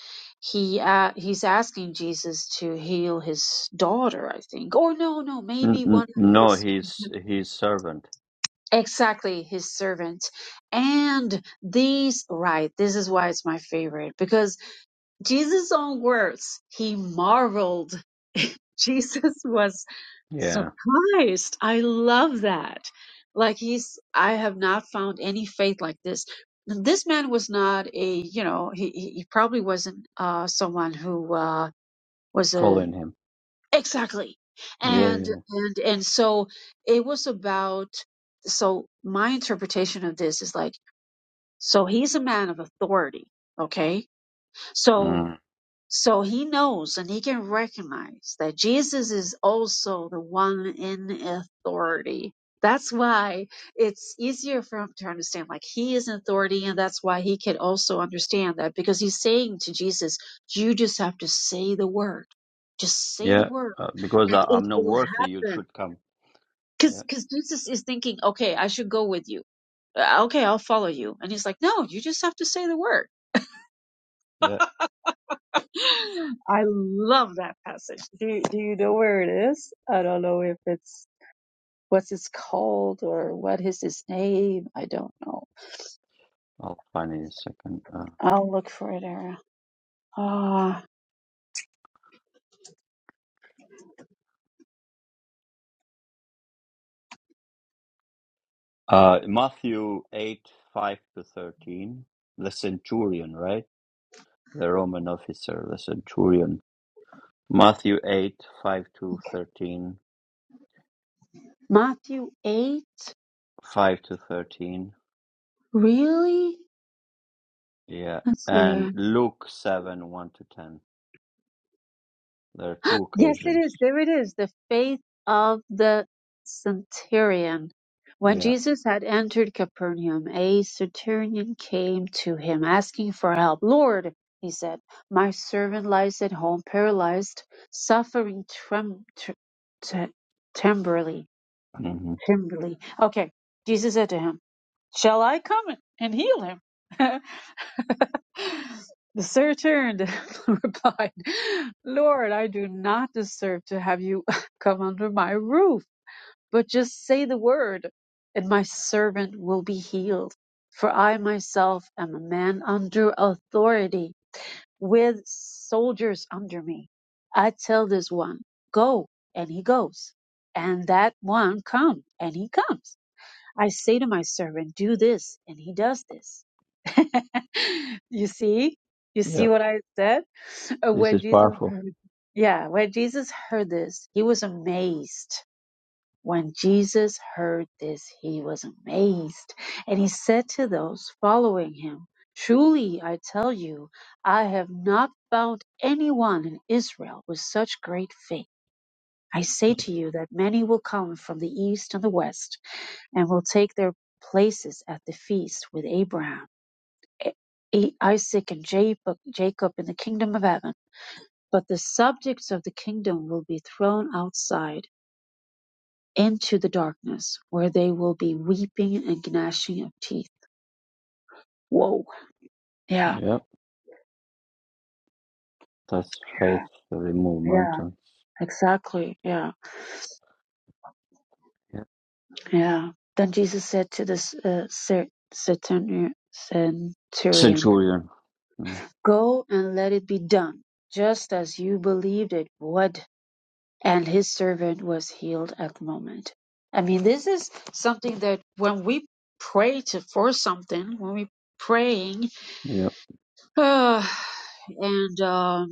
[SPEAKER 2] he uh, he's asking Jesus to heal his daughter, I think. Or no, no,
[SPEAKER 1] N-
[SPEAKER 2] maybe one
[SPEAKER 1] n-
[SPEAKER 2] of
[SPEAKER 1] no,
[SPEAKER 2] his
[SPEAKER 1] he's his servant.
[SPEAKER 2] exactly his servant. And these right, this is why it's my favorite because Jesus' own words, he marveled. (laughs) Jesus was
[SPEAKER 1] Yeah,
[SPEAKER 2] surprised. I love that. Like he's, I have not found any faith like this. And This man was not a, you know, he he he probably wasn't uh someone who uh was a
[SPEAKER 1] following him.
[SPEAKER 2] exactly.
[SPEAKER 1] Yeah,
[SPEAKER 2] And
[SPEAKER 1] yeah,
[SPEAKER 2] and and so it was about so my interpretation of this is like so he's a man of authority, okay?
[SPEAKER 1] yeah.
[SPEAKER 2] So
[SPEAKER 1] mm,
[SPEAKER 2] so he knows and he can recognize that Jesus is also the one in authority. That's why it's easier for him to understand, like he is in authority, and that's why he can also understand that because he's saying to Jesus, You just have to say the word. Just say the
[SPEAKER 1] yeah.
[SPEAKER 2] word
[SPEAKER 1] Uh, because
[SPEAKER 2] and
[SPEAKER 1] I,
[SPEAKER 2] it
[SPEAKER 1] I'm not
[SPEAKER 2] will
[SPEAKER 1] worthy, you
[SPEAKER 2] happen.
[SPEAKER 1] should come. Yeah,
[SPEAKER 2] Because because Jesus is thinking, Okay, I should go with you. Uh, Okay, I'll follow you. And he's like, No, you just have to say the word
[SPEAKER 1] yeah.
[SPEAKER 2] I love that passage. Do you, do you know where it is? I don't know if it's what's it's called or what is his name. I don't know.
[SPEAKER 1] I'll find it in a second. Uh,
[SPEAKER 2] I'll look for it. There. Ah,
[SPEAKER 1] uh, Matthew eight five to thirteen. The centurion, right? The Roman officer, the centurion. Matthew eight five to thirteen.
[SPEAKER 2] Matthew eight.
[SPEAKER 1] Five to thirteen.
[SPEAKER 2] Really?
[SPEAKER 1] Yeah,
[SPEAKER 2] Let's see.
[SPEAKER 1] and Luke seven one to ten. There are two
[SPEAKER 2] Yes, it
[SPEAKER 1] occasions.
[SPEAKER 2] is. There it is. The faith of the centurion. When
[SPEAKER 1] Yeah.
[SPEAKER 2] Jesus had entered Capernaum, a centurion came to him asking for help. Lord, he said, my servant lies at home paralyzed, suffering trem- tr- t- temporally.
[SPEAKER 1] hmm
[SPEAKER 2] Temporally. Okay. Jesus said to him, Shall I come and heal him? (laughs) The sir turned and (laughs) replied, Lord, I do not deserve to have you (laughs) come under my roof, but just say the word, and my servant will be healed. For I myself am a man under authority, with soldiers under me. I tell this one, Go, and he goes, and that one, Come, and he comes I say to my servant, do this, and he does this. (laughs) you see? You
[SPEAKER 1] Yeah.
[SPEAKER 2] see what I said? Uh,
[SPEAKER 1] This
[SPEAKER 2] When
[SPEAKER 1] is
[SPEAKER 2] Jesus
[SPEAKER 1] powerful.
[SPEAKER 2] heard, yeah, when Jesus heard this, he was amazed. When Jesus heard this, he was amazed. And he said to those following him, Truly, I tell you, I have not found anyone in Israel with such great faith. I say to you that many will come from the east and the west and will take their places at the feast with Abraham, Isaac, and Jacob in the kingdom of heaven. But the subjects of the kingdom will be thrown outside into the darkness, where they will be weeping and gnashing of teeth. Whoa. Yeah.
[SPEAKER 1] Yeah. That's faith
[SPEAKER 2] Yeah.
[SPEAKER 1] to remove
[SPEAKER 2] Yeah.
[SPEAKER 1] mountains.
[SPEAKER 2] Exactly. Yeah.
[SPEAKER 1] Yeah.
[SPEAKER 2] Yeah. Then Jesus said to this uh, centurion,
[SPEAKER 1] Centurion. Yeah.
[SPEAKER 2] Go and let it be done, just as you believed it would and his servant was healed at the moment. I mean, this is something that when we pray to for something, when we praying,
[SPEAKER 1] Yeah.
[SPEAKER 2] (sighs) uh, and um,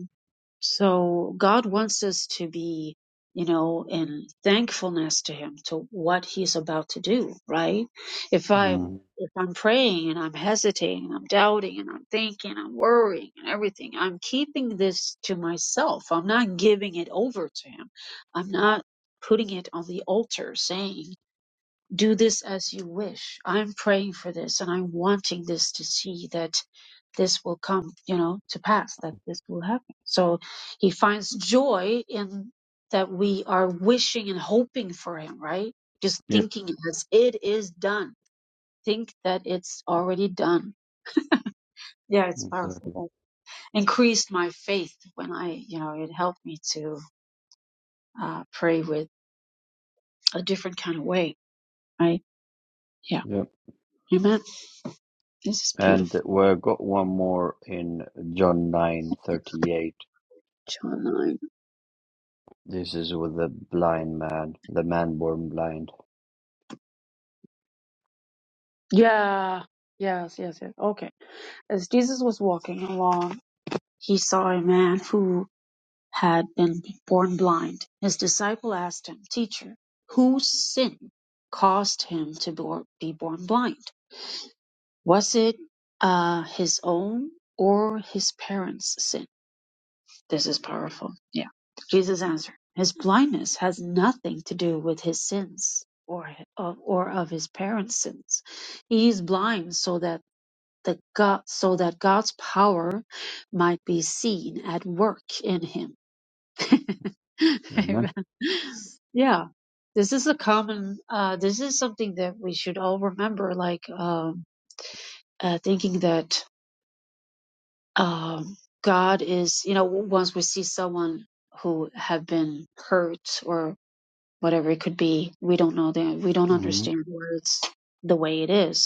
[SPEAKER 2] so God wants us to be, you know, in thankfulness to Him to what He's about to do, right? If I'm
[SPEAKER 1] Mm.
[SPEAKER 2] if I'm praying and I'm hesitating and I'm doubting and I'm thinking, I'm worrying and everything, I'm keeping this to myself. I'm not giving it over to Him. I'm not putting it on the altar saying, do this as you wish. I'm praying for this and I'm wanting this to see that this will come, you know, to pass, that this will happen. So he finds joy in that we are wishing and hoping for him, right? Just
[SPEAKER 1] Yep.
[SPEAKER 2] thinking it as it is done. Think that it's already done. Yeah, it's powerful.
[SPEAKER 1] Exactly.
[SPEAKER 2] That increased my faith when I, you know, it helped me to uh, pray with a different kind of way, right? Yeah.
[SPEAKER 1] Yep.
[SPEAKER 2] Amen. This is
[SPEAKER 1] And
[SPEAKER 2] beautiful.
[SPEAKER 1] we got one more in John nine thirty eight.
[SPEAKER 2] John 9.
[SPEAKER 1] This is with the blind man, the man born blind.
[SPEAKER 2] Yeah. Yes, yes, yes. Okay. As Jesus was walking along, he saw a man who had been born blind. His disciple asked him, Teacher, whose sin caused him to bor- be born blind? Was it uh, his own or his parents' sin? This is powerful. Yeah. Jesus answered, His blindness has nothing to do with his sins or, or of his parents' sins. He is blind so that that God, so that God's power might be seen at work in him. (laughs)
[SPEAKER 1] Amen.
[SPEAKER 2] Amen. Yeah, this is a common. Uh, this is something that we should all remember. Like um, uh, thinking that um, God is, you know, once we see someone who have been hurt or whatever it could be, we don't know them. We don't
[SPEAKER 1] hmm
[SPEAKER 2] understand words the way it is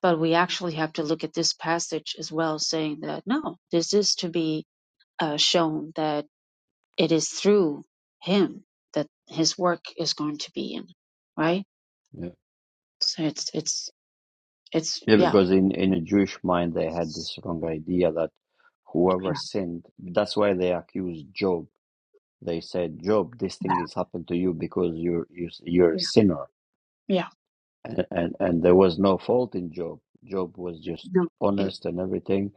[SPEAKER 2] But we actually have to look at this passage as well, saying that no, this is to be uh, shown that it is through him that his work is going to be in, right?
[SPEAKER 1] Yeah.
[SPEAKER 2] So it's it's it's
[SPEAKER 1] Yeah,
[SPEAKER 2] yeah
[SPEAKER 1] because in, in a Jewish mind they had this wrong idea that whoever
[SPEAKER 2] yeah
[SPEAKER 1] sinned, that's why they accused Job They said, Job, this
[SPEAKER 2] yeah
[SPEAKER 1] thing has happened to you because you're you're, you're a
[SPEAKER 2] yeah,
[SPEAKER 1] sinner,
[SPEAKER 2] yeah.
[SPEAKER 1] and, and and there was no fault in Job. Job was just
[SPEAKER 2] no it,
[SPEAKER 1] honest and everything,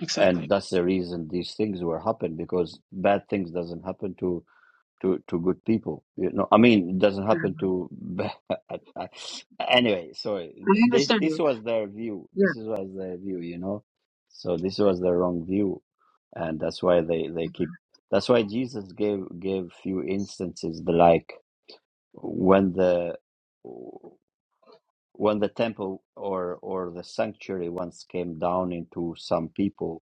[SPEAKER 2] exactly.
[SPEAKER 1] and that's the reason these things were happened because bad things doesn't happen to to to good people you know i mean it doesn't
[SPEAKER 2] Mm.
[SPEAKER 1] happen to (laughs) anyway sorry
[SPEAKER 2] I
[SPEAKER 1] this
[SPEAKER 2] understand
[SPEAKER 1] this
[SPEAKER 2] you.
[SPEAKER 1] was their view
[SPEAKER 2] Yeah,
[SPEAKER 1] this is was their view you know so this was the wrong view and that's why they they keep that's why jesus gave gave few instances the like when the when the temple or or the sanctuary once came down into some people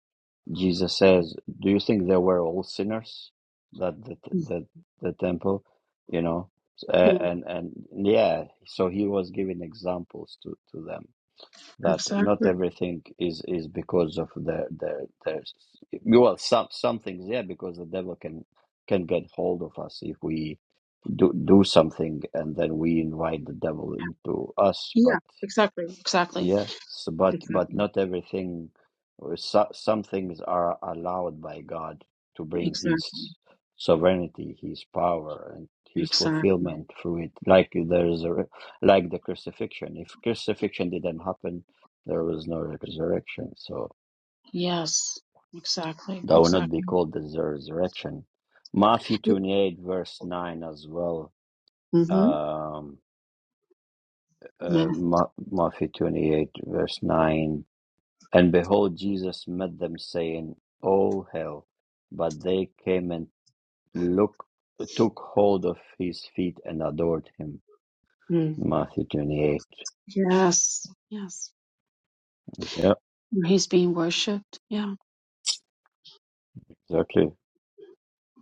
[SPEAKER 1] jesus says do you think they were all sinners that the the, the temple you know uh,
[SPEAKER 2] Mm,
[SPEAKER 1] and and yeah so he was giving examples to to them that not
[SPEAKER 2] exactly.
[SPEAKER 1] everything is is because of their their their well some some things yeah because the devil can can get hold of us if we do do something and then we invite the devil into us
[SPEAKER 2] Yeah,
[SPEAKER 1] but
[SPEAKER 2] exactly, exactly,
[SPEAKER 1] yeah, so, but but
[SPEAKER 2] exactly,
[SPEAKER 1] not everything. or So, some things are allowed by God to bring His
[SPEAKER 2] exactly,
[SPEAKER 1] sovereignty, His power, and His
[SPEAKER 2] exactly.
[SPEAKER 1] fulfillment through it. Like there's a, re- like the crucifixion. If crucifixion didn't happen, there was no resurrection. So
[SPEAKER 2] Yes, exactly,
[SPEAKER 1] that would not be
[SPEAKER 2] exactly.
[SPEAKER 1] called the resurrection. Matthew twenty-eight verse nine as well.
[SPEAKER 2] Mm-hmm.
[SPEAKER 1] Um, uh,
[SPEAKER 2] Yeah.
[SPEAKER 1] Ma- Matthew twenty-eight verse nine. And behold, Jesus met them, saying, All hail. But they came and look, took hold of his feet and adored him. Matthew 28.
[SPEAKER 2] Yes. Yes.
[SPEAKER 1] Yeah,
[SPEAKER 2] Where He's being worshipped. Yeah.
[SPEAKER 1] exactly.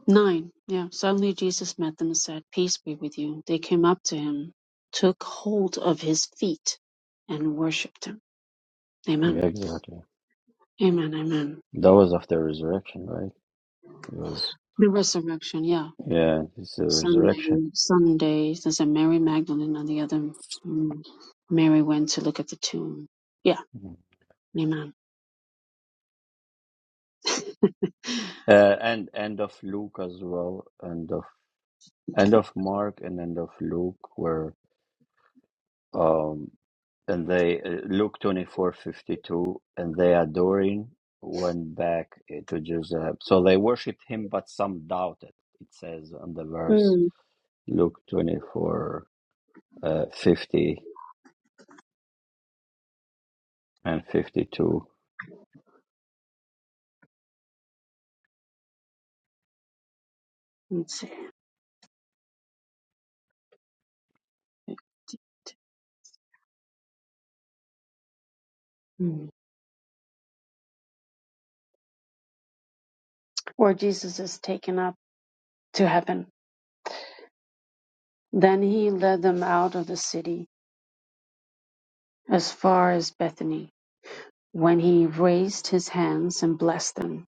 [SPEAKER 2] Nine. Yeah. Suddenly Jesus met them and said, Peace be with you. They came up to him, took hold of his feet, and worshipped him. Amen.
[SPEAKER 1] Yeah, exactly.
[SPEAKER 2] Amen. Amen.
[SPEAKER 1] That was after resurrection, right? It was,
[SPEAKER 2] The resurrection. Yeah.
[SPEAKER 1] yeah, it's the
[SPEAKER 2] Sunday.
[SPEAKER 1] resurrection.
[SPEAKER 2] Sunday. There's a Mary Magdalene and the other mm, Mary went to look at the tomb. Yeah.
[SPEAKER 1] Mhm.
[SPEAKER 2] Amen.
[SPEAKER 1] Uh, and end of Luke as well, end of end of Mark and end of Luke were. um, and they uh, Luke twenty four fifty two, and they adoring went back uh, to Jerusalem. So they worshipped him, but some doubted. It says on the verse
[SPEAKER 2] Mm.
[SPEAKER 1] Luke twenty four uh, fifty and fifty two.
[SPEAKER 2] Let's see. Mm. Where Jesus is taken up to heaven. Then he led them out of the city as far as Bethany, when he raised his hands and blessed them.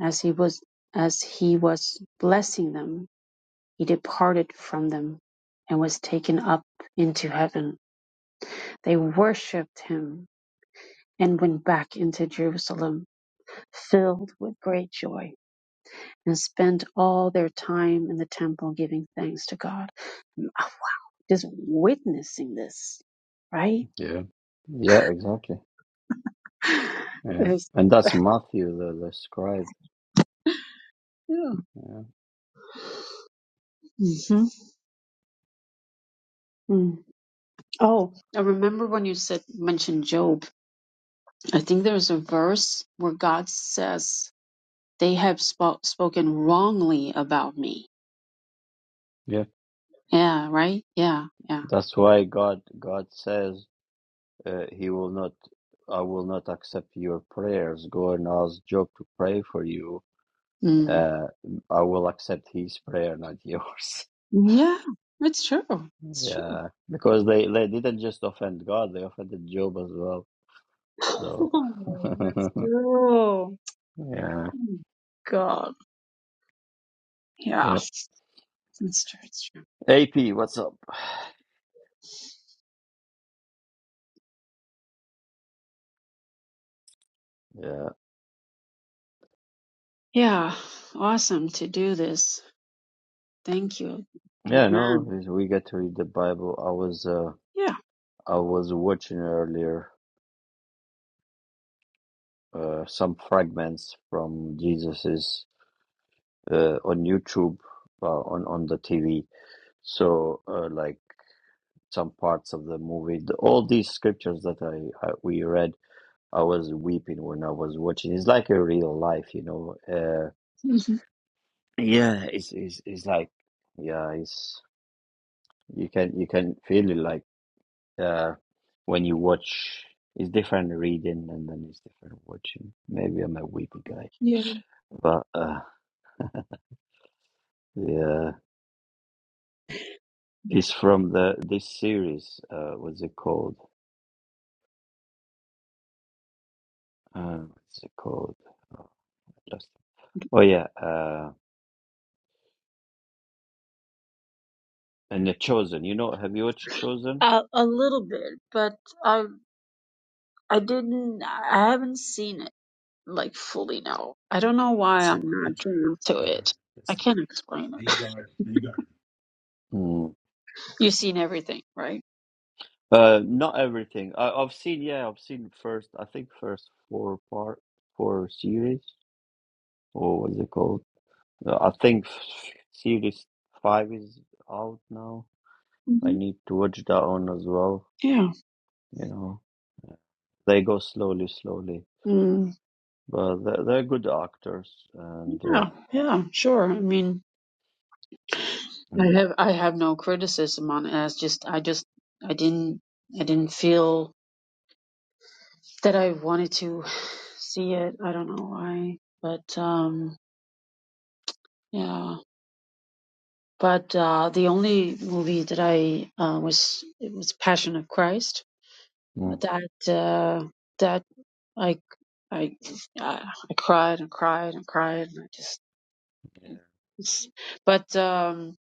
[SPEAKER 2] As he was as he was blessing them, he departed from them and was taken up into heaven. They worshipped him and went back into Jerusalem, filled with great joy, and spent all their time in the temple giving thanks to God. Ah, Just witnessing this, right?
[SPEAKER 1] Yeah, yeah, exactly.
[SPEAKER 2] (sighs)
[SPEAKER 1] Yeah,
[SPEAKER 2] It was-
[SPEAKER 1] and that's Matthew, the the scribe.
[SPEAKER 2] yeah.
[SPEAKER 1] Yeah,
[SPEAKER 2] Mhm. Oh, I remember when you said mentioned Job. I think there's a verse where God says they have spo- spoken wrongly about me.
[SPEAKER 1] yeah.
[SPEAKER 2] Yeah, right. Yeah, yeah.
[SPEAKER 1] That's why God God says uh, he will not i will not accept your prayers go and ask job to pray for you
[SPEAKER 2] Mm.
[SPEAKER 1] uh, i will accept his prayer not (laughs) yours
[SPEAKER 2] Yeah, it's true. It's true.
[SPEAKER 1] yeah because they they didn't just offend god they offended job as well
[SPEAKER 2] (laughs)
[SPEAKER 1] so
[SPEAKER 2] Oh, That's
[SPEAKER 1] (laughs)
[SPEAKER 2] true.
[SPEAKER 1] yeah
[SPEAKER 2] Mm, God. Yeah,
[SPEAKER 1] yeah
[SPEAKER 2] it's true. It's true.
[SPEAKER 1] ap what's up yeah
[SPEAKER 2] Yeah, awesome to do this. Thank you.
[SPEAKER 1] yeah no
[SPEAKER 2] Amen.
[SPEAKER 1] we we get to read the bible i was uh
[SPEAKER 2] Yeah.
[SPEAKER 1] i was watching earlier uh some fragments from jesus's uh on youtube uh, on on the tv So, uh, like some parts of the movie, the, all these scriptures that I, I we read, I was weeping when I was watching. It's like a real life, you know. Uh,
[SPEAKER 2] hmm (laughs)
[SPEAKER 1] yeah, it's, it's it's like yeah, it's you can you can feel it like uh, when you watch. It's different reading and then it's different watching. Maybe I'm a weepy guy,
[SPEAKER 2] Yeah.
[SPEAKER 1] but uh, yeah, it's from the this series. Uh, what's it called? Uh, what's it called? Oh, I lost Oh yeah, uh, and the Chosen. You know, have you watched Chosen?
[SPEAKER 2] A a little bit, but I I didn't, I haven't seen it like fully now. I don't know why I'm not drawn to it. I can't explain it.
[SPEAKER 1] Mm.
[SPEAKER 2] (laughs) You've seen everything, right?
[SPEAKER 1] Uh, not everything. I, I've seen. Yeah, I've seen first. I think first four part, four series, or what's it called? Uh, I think f- series five is out now. I
[SPEAKER 2] hmm
[SPEAKER 1] need to watch that one as well.
[SPEAKER 2] Yeah.
[SPEAKER 1] You know, they go slowly, slowly,
[SPEAKER 2] Mm,
[SPEAKER 1] but they're, they're good actors and. Uh,
[SPEAKER 2] yeah. Yeah. Sure. I mean, I
[SPEAKER 1] mm,
[SPEAKER 2] have, I have no criticism on it. I just, I just, I didn't, I didn't feel that I wanted to (sighs) see it. I don't know why, but, um, yeah. But uh, the only movie that I uh, was it was Passion of Christ,
[SPEAKER 1] mm,
[SPEAKER 2] that uh, that I I I I cried and cried and cried and I just
[SPEAKER 1] yeah.
[SPEAKER 2] it's, but um,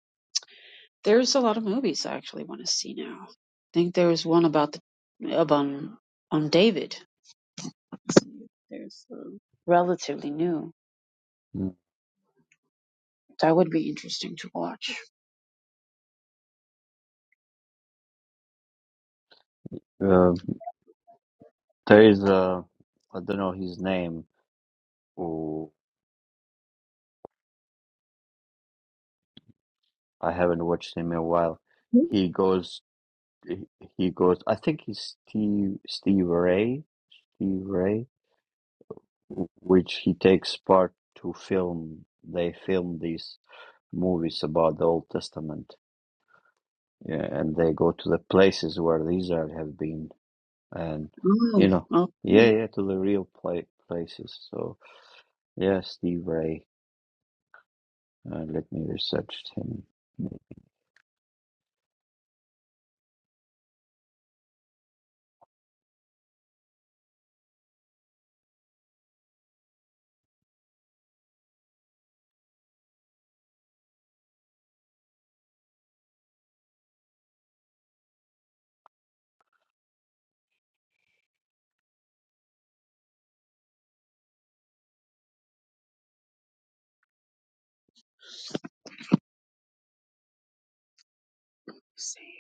[SPEAKER 2] there's a lot of movies I actually want to see now. I think there was one about the about on David. There's uh, relatively new. That would be interesting to watch.
[SPEAKER 1] Uh, there is a, I don't know his name. Oh, I haven't watched him in a while. He goes, he he goes. I think he's Steve Steve Ray, Steve Ray, w- which he takes part to film. They film these movies about the Old Testament, yeah, and they go to the places where the Israel have been, and you
[SPEAKER 2] Oh,
[SPEAKER 1] know,
[SPEAKER 2] okay.
[SPEAKER 1] yeah,
[SPEAKER 2] Let's
[SPEAKER 1] yeah, to the real pla places. So yeah, Steve Ray. Uh, let me research him.
[SPEAKER 2] see.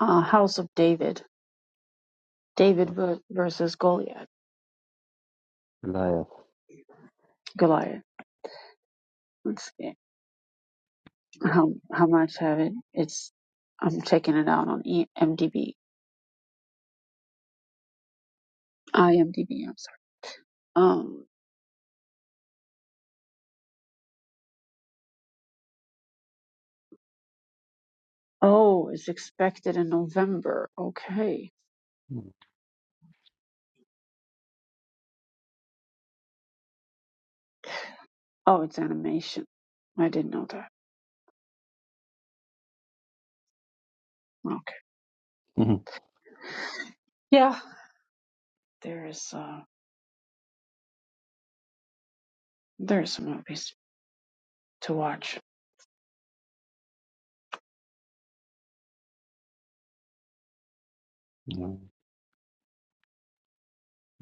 [SPEAKER 2] uh, House of David, David ver- versus Goliath.
[SPEAKER 1] Goliath.
[SPEAKER 2] Goliath. Let's see how how much have it. It's I'm checking it out on E- MDB, IMDb. I'm sorry. Um. Oh, it's expected in November. Okay. Oh, it's animation. I didn't know that. Okay.
[SPEAKER 1] (laughs)
[SPEAKER 2] Yeah. There is uh there are some movies to watch.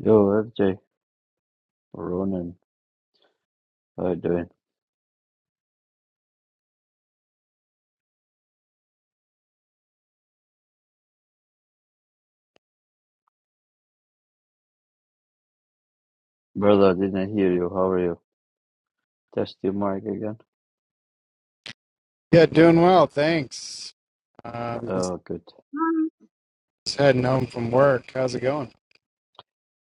[SPEAKER 1] Yo, FJ, Ronan, how you doing? Brother, I didn't hear you. How are you? Test your mic again.
[SPEAKER 5] Yeah, doing well, thanks. Uh,
[SPEAKER 1] Oh,
[SPEAKER 5] just
[SPEAKER 1] good.
[SPEAKER 2] Mm,
[SPEAKER 5] heading home from work. How's it going?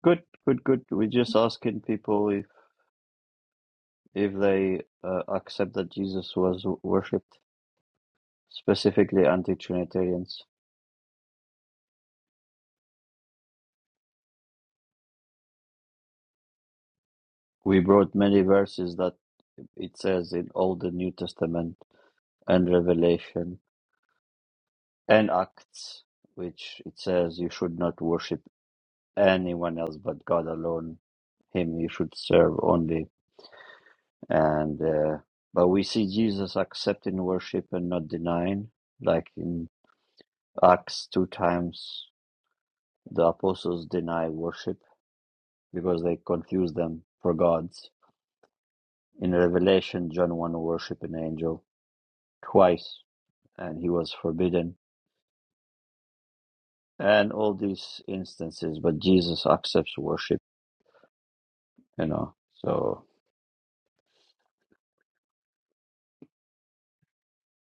[SPEAKER 1] Good, good, good. We're just asking people if if they uh, accept that Jesus was w- worshipped, specifically anti-Trinitarians. We brought many verses that it says in all the New Testament and Revelation and Acts, which it says you should not worship anyone else but God alone him you should serve only and uh, but we see jesus accepting worship and not denying like in acts two times the apostles deny worship because they confuse them for gods in revelation john wanted to worship an angel twice and he was forbidden and all these instances but jesus accepts worship you know so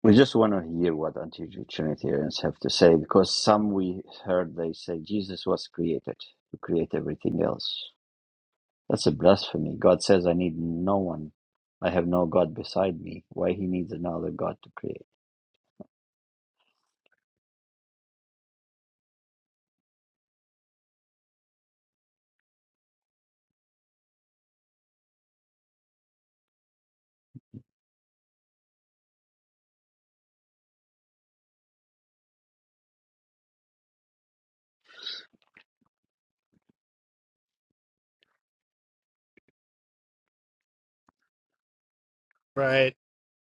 [SPEAKER 1] We just want to hear what anti-Trinitarians have to say because some we heard they say Jesus was created to create everything else. That's a blasphemy. God says, I need no one. I have no God beside me. Why he needs another God to create?
[SPEAKER 5] Right.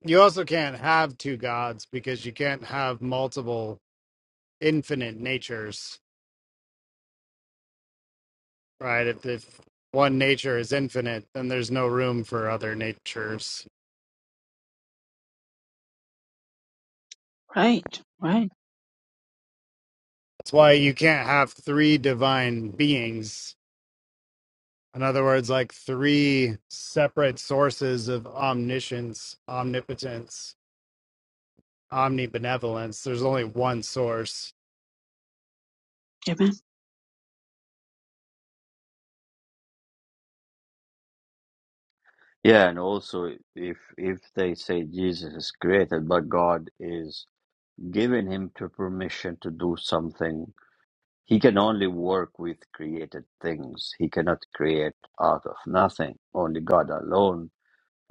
[SPEAKER 5] You also can't have two gods because you can't have multiple infinite natures, right? If, if one nature is infinite, then there's no room for other natures.
[SPEAKER 2] Right. Right.
[SPEAKER 5] That's why you can't have three divine beings. In other words, like three separate sources of omniscience, omnipotence, omnibenevolence. There's only one source
[SPEAKER 2] Amen.
[SPEAKER 1] Yeah, and also if if they say Jesus is created, but God is giving him to permission to do something, he can only work with created things. He cannot create out of nothing. Only God alone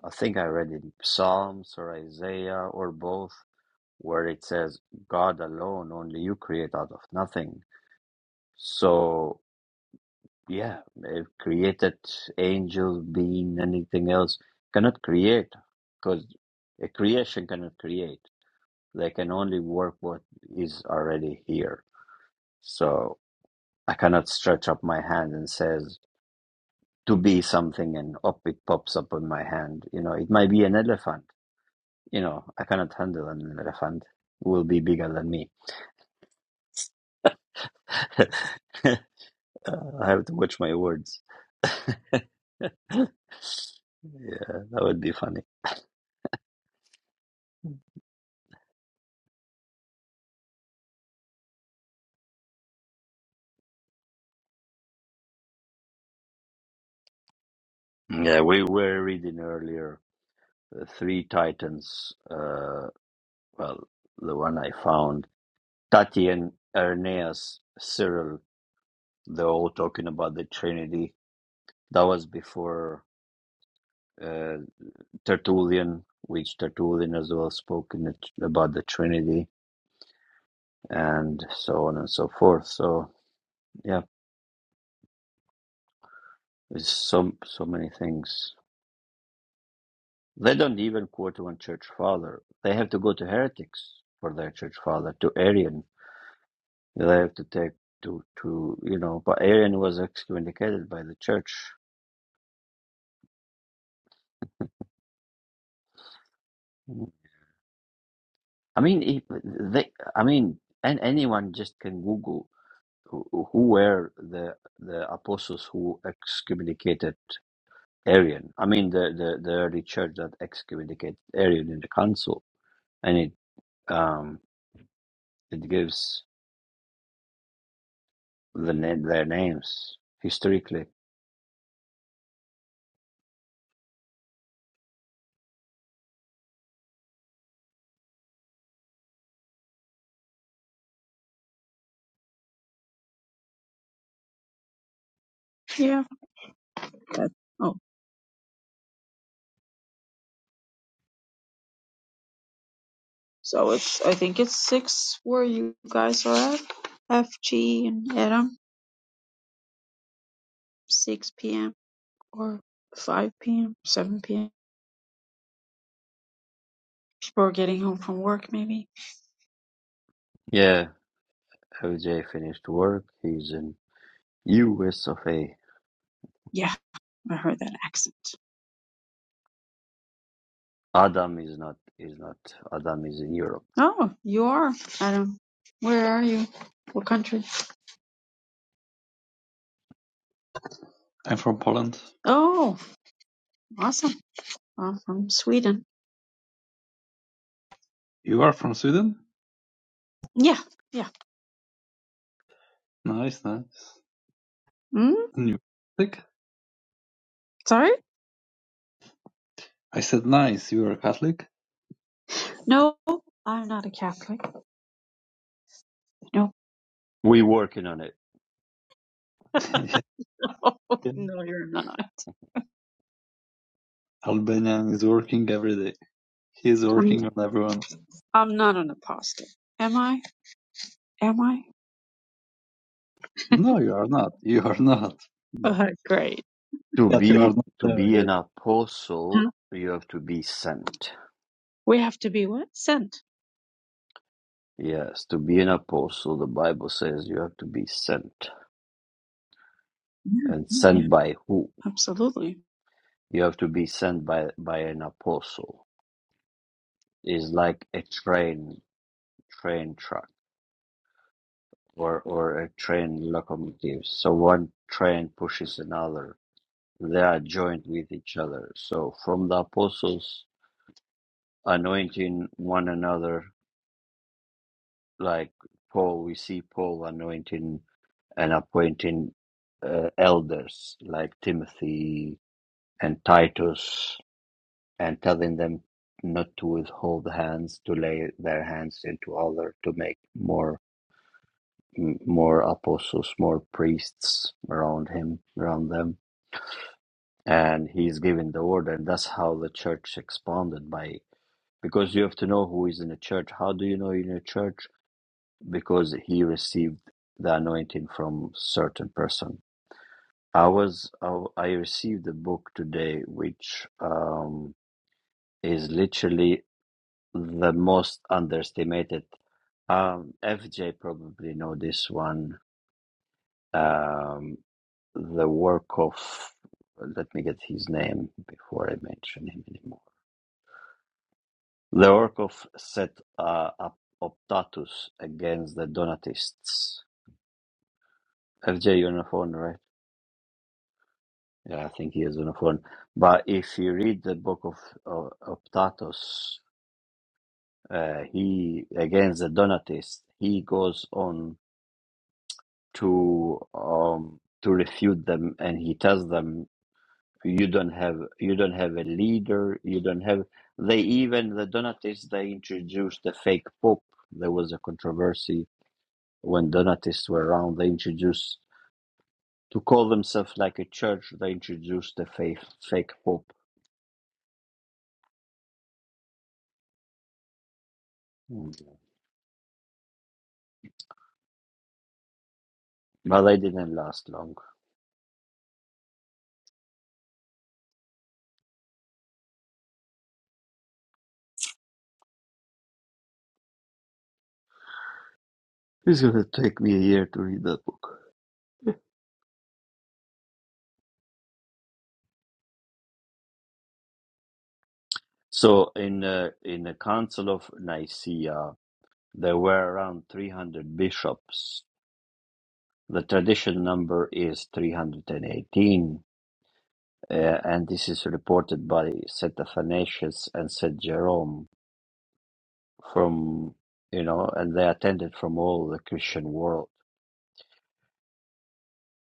[SPEAKER 1] I think I read in Psalms or Isaiah or both where it says, God alone, only you create out of nothing. So, yeah, if created angels, being, anything else, cannot create because a creation cannot create. They can only work what is already here. So I cannot stretch up my hand and says, to be something and up it pops up on my hand. You know, it might be an elephant you know, I cannot handle an elephant will be bigger than me. (laughs) Uh, I have to watch my words. (laughs) Yeah, that would be funny. Yeah, we were reading earlier the three titans. Uh, well, the one I found, Tatian, Irenaeus, Cyril. They're all talking about the Trinity. That was before uh, Tertullian, which Tertullian as well spoke in the, about the Trinity. and so on and so forth. So yeah, there's so so many things. They don't even quote one church father. They have to go to heretics for their church father, to Arian. They have to take to to you know. But Arian was excommunicated by the church. I mean, he, they. I mean, and anyone just can Google who, who were the the apostles who excommunicated Arian. I mean, the, the the early church that excommunicated Arian in the council and it. um, it gives the name their names historically.
[SPEAKER 2] Yeah. That, Oh. So it's I think it's six where you guys are at. FG and Adam, six PM or five PM, seven PM. People are getting home from work maybe.
[SPEAKER 1] Yeah, OJ finished work. He's in US of A.
[SPEAKER 2] Yeah, I heard that accent.
[SPEAKER 1] Adam is not is not Adam is in Europe.
[SPEAKER 2] Oh, you are, Adam. Where are you? What country?
[SPEAKER 3] I'm from Poland.
[SPEAKER 2] Oh, awesome. I'm from Sweden.
[SPEAKER 3] You are from Sweden?
[SPEAKER 2] Yeah, yeah.
[SPEAKER 3] Nice, nice.
[SPEAKER 2] Mm?
[SPEAKER 3] New. music?
[SPEAKER 2] Sorry?
[SPEAKER 3] I said, nice, you are Catholic?
[SPEAKER 2] No, I'm not a Catholic. No.
[SPEAKER 1] We're working on it.
[SPEAKER 3] (laughs)
[SPEAKER 2] (laughs) no, you're not.
[SPEAKER 3] Albanian is working every day. He is
[SPEAKER 2] I'm
[SPEAKER 3] working on everyone.
[SPEAKER 2] I'm not an apostle. Am I? Am I?
[SPEAKER 3] No, you are not. You are not. But,
[SPEAKER 2] Uh, great.
[SPEAKER 1] To
[SPEAKER 3] but you are
[SPEAKER 1] be
[SPEAKER 3] not
[SPEAKER 1] to
[SPEAKER 3] there
[SPEAKER 1] be
[SPEAKER 3] yet.
[SPEAKER 1] an apostle,
[SPEAKER 2] Huh?
[SPEAKER 1] you have to be sent.
[SPEAKER 2] We have to be what? Sent.
[SPEAKER 1] Yes, to be an apostle, the Bible says you have to be sent.
[SPEAKER 2] Yeah,
[SPEAKER 1] And
[SPEAKER 2] yeah,
[SPEAKER 1] sent by who?
[SPEAKER 2] yeah, absolutely.
[SPEAKER 1] You have to be sent by by an apostle. It's like a train train track or or a train locomotive. So one train pushes another. They are joined with each other. So from the apostles anointing one another, like Paul, we see Paul anointing and appointing uh, elders like Timothy and Titus and telling them not to withhold hands, to lay their hands into other, to make more m- more apostles, more priests around him, around them and he's giving the order and that's how the church expanded by because you have to know who is in a church how do you know you're in a church because he received the anointing from certain person i was i, I received a book today which um, is literally the most underestimated um, fj probably know this one um, the work of let me get his name before i mention him anymore The work of set uh, up Optatus against the Donatists. FJ Uniform, right? Yeah, I think he is Uniform. But if you read the book of uh, Optatus, uh, he against the Donatists, he goes on to um, to refute them, and he tells them, "You don't have you don't have a leader. You don't have." They even the Donatists they introduced the fake pope. There was a controversy when Donatists were around, they introduced to call themselves like a church. They introduced the fake fake pope, Mm. but they didn't last long. It's gonna take me a year to read that book. So in uh, in the Council of Nicaea, there were around three hundred bishops. The traditional number is three hundred and eighteen. Uh, and this is reported by St. Athanasius and St. Jerome from, you know, and they attended from all the Christian world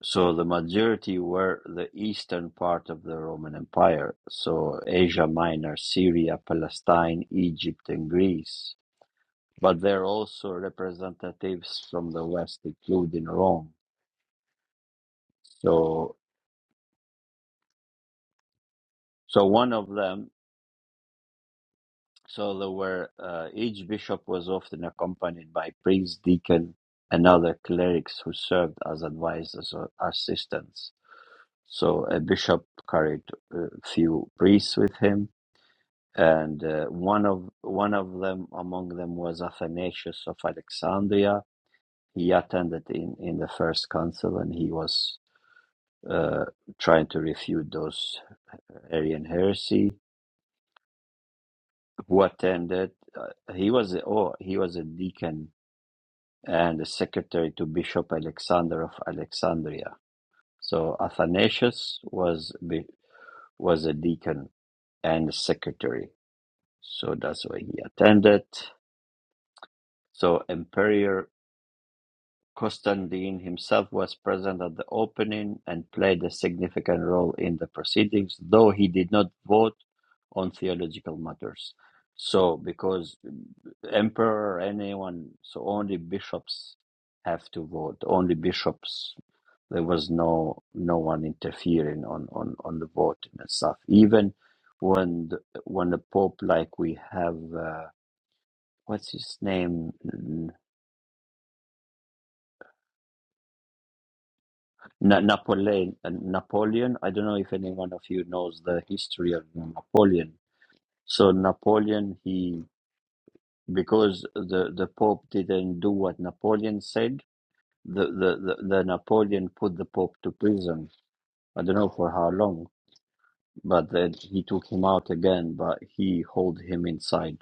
[SPEAKER 1] So the majority were the eastern part of the Roman Empire, so Asia Minor, Syria, Palestine, Egypt, and Greece. But there are also representatives from the west, including Rome. So, so one of them. So there were uh, each bishop was often accompanied by priest, deacon, and other clerics who served as advisors or assistants. So a bishop carried a few priests with him and uh, one of one of them among them was Athanasius of Alexandria. He attended in in the first council, and he was uh, trying to refute those Arian heresy. Who attended? Uh, he was a, oh he was a deacon and a secretary to Bishop Alexander of Alexandria. So Athanasius was be- was a deacon and a secretary. So that's why he attended. So Emperor Constantine himself was present at the opening and played a significant role in the proceedings, though he did not vote on theological matters. So, because emperor, anyone, so only bishops have to vote. Only bishops. There was no no one interfering on on on the voting and stuff. Even when the, when the pope, like we have, uh, what's his name? Na Napoleon, uh, Napoleon. I don't know if any one of you knows the history of Napoleon. So Napoleon, he because the the Pope didn't do what Napoleon said, the the the, the Napoleon put the Pope to prison. I don't know for how long, but then he took him out again, but he hold him inside.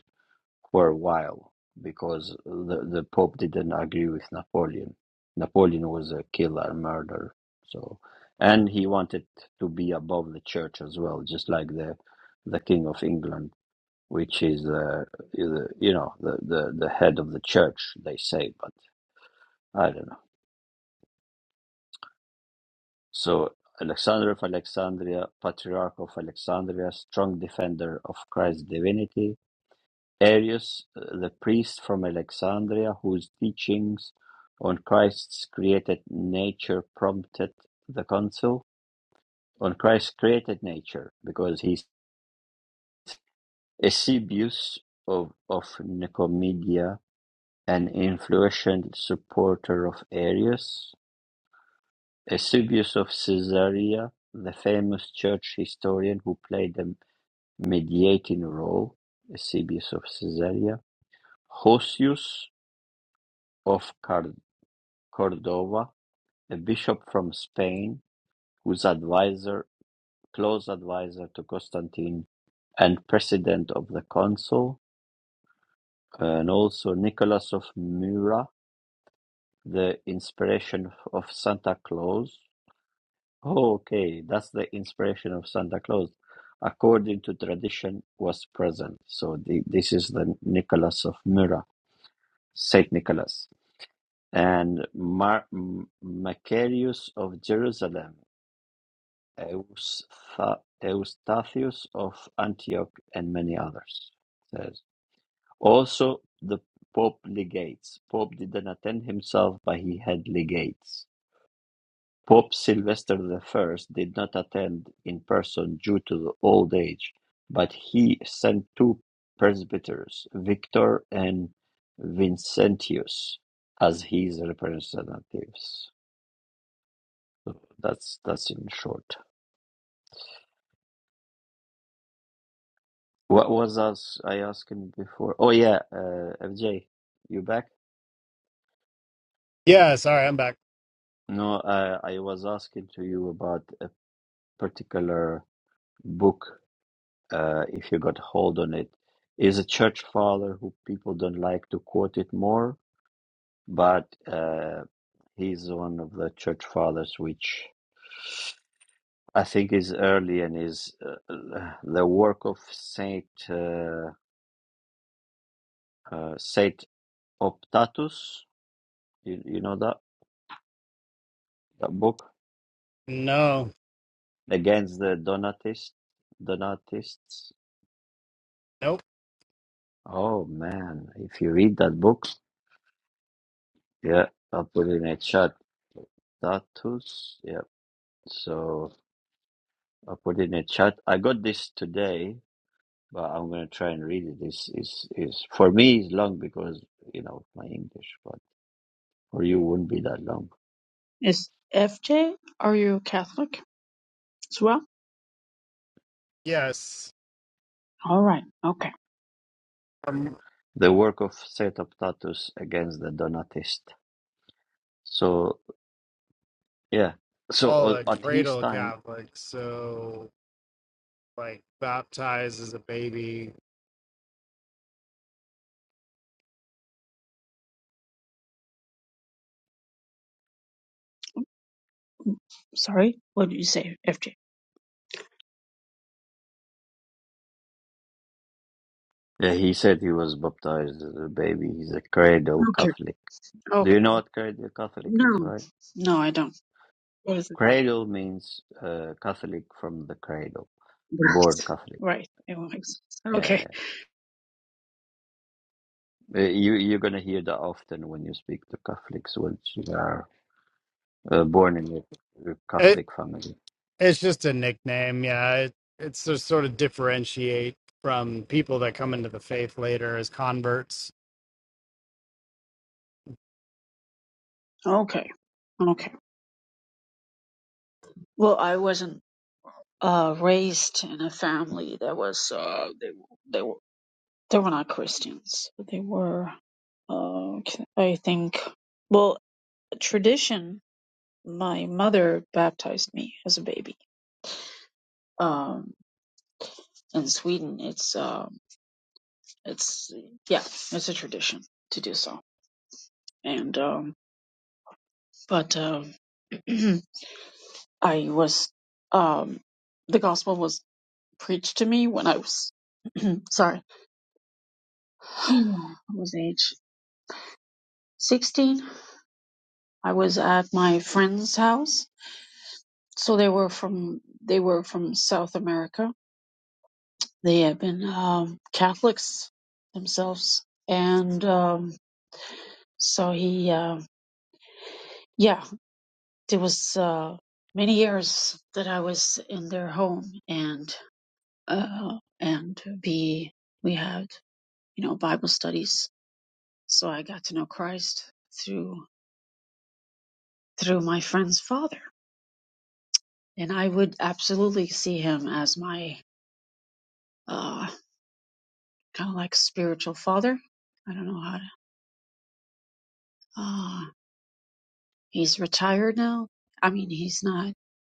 [SPEAKER 1] for a while because the the Pope didn't agree with Napoleon. Napoleon was a killer, murderer. So, and he wanted to be above the church as well, just like the the King of England, which is uh, the- you know the, the the head of the church, they say. But I don't know. So. Alexander of Alexandria, Patriarch of Alexandria, strong defender of Christ's divinity, Arius, uh, the priest from Alexandria whose teachings on Christ's created nature prompted the council on Christ's created nature because he's Eusebius of, of Nicomedia, an influential supporter of Arius, Eusebius of Caesarea, the famous church historian who played a mediating role, Eusebius of Caesarea, Hosius of Car- Cordova, a bishop from Spain, was advisor, close advisor to Constantine and president of the council, and also Nicholas of Myra, the inspiration of Santa Claus. Oh, okay, that's the inspiration of Santa Claus. According to tradition, was present. So the, this is the Nicholas of Myra, Saint Nicholas, and Mar- Macarius of Jerusalem. Eustha- Eustathius of Antioch, and many others. Says also the Pope legates. Pope didn't attend himself, but he had legates. Pope Sylvester I did not attend in person due to the old age, but he sent two presbyters, Victor and Vincentius, as his representatives. That's that's in short. What was us I asking before? Oh yeah, uh, FJ, you back?
[SPEAKER 5] Yeah, sorry, I'm back.
[SPEAKER 1] No, uh, I was asking to you about a particular book. Uh, if you got hold on it, is a church father who people don't like to quote it more, but uh, he's one of the church fathers which I think is early and is uh, uh, the work of Saint uh, uh, Saint Optatus. You, you know that that book?
[SPEAKER 5] No,
[SPEAKER 1] against the Donatists. Donatists.
[SPEAKER 5] nope.
[SPEAKER 1] Oh man, if you read that book, yeah, I'll put it in a chat. Datus, yeah. So I put it in a chat. I got this today, but I'm gonna try and read it. This is is for me is long because you know my English, but for you wouldn't be that long.
[SPEAKER 2] Is FJ, are you a Catholic as well?
[SPEAKER 5] Yes,
[SPEAKER 2] All right, okay.
[SPEAKER 5] I'm
[SPEAKER 1] The work of Setoptatus against the Donatist. So yeah, so
[SPEAKER 5] all
[SPEAKER 1] uh,
[SPEAKER 5] a
[SPEAKER 1] at his
[SPEAKER 5] cradle
[SPEAKER 1] time.
[SPEAKER 5] Catholic, so like baptized as a baby.
[SPEAKER 2] Sorry, what did you say, FJ?
[SPEAKER 1] Yeah, he said he was baptized as a baby. He's a cradle
[SPEAKER 2] Okay,
[SPEAKER 1] Catholic. Do
[SPEAKER 2] okay.
[SPEAKER 1] you know what cradle Catholic is,
[SPEAKER 2] No,
[SPEAKER 1] right?
[SPEAKER 2] no, I don't. What is it?
[SPEAKER 1] Cradle means uh, Catholic from the cradle, born
[SPEAKER 2] Right,
[SPEAKER 1] Catholic.
[SPEAKER 2] right. It was.
[SPEAKER 1] Yeah,
[SPEAKER 2] Okay,
[SPEAKER 1] yeah. yeah. Uh, you you're gonna hear that often when you speak to Catholics, which are uh, born in a a
[SPEAKER 5] It
[SPEAKER 1] Catholic family.
[SPEAKER 5] it's just a nickname. Yeah, it, it's to sort of differentiate from people that come into the faith later as converts.
[SPEAKER 2] okay, okay. Well, I wasn't uh, raised in a family that was, uh, they, they were, they were not Christians. They were, uh, I think, well, tradition my mother baptized me as a baby. Um, in Sweden, it's um, it's yeah, it's a tradition to do so. And um, but um, (clears throat) I was um, the gospel was preached to me when I was (clears throat) sorry, (sighs) I was age sixteen. I was at my friend's house, so they were from they were from South America. They had been um, Catholics themselves, and. Um, So he, uh, yeah, there was uh, many years that I was in their home, and uh, and we we had you know Bible studies. So I got to know Christ through through my friend's father, and I would absolutely see him as my uh, kind of like spiritual father. I don't know how. To, uh, he's retired now. I mean, he's not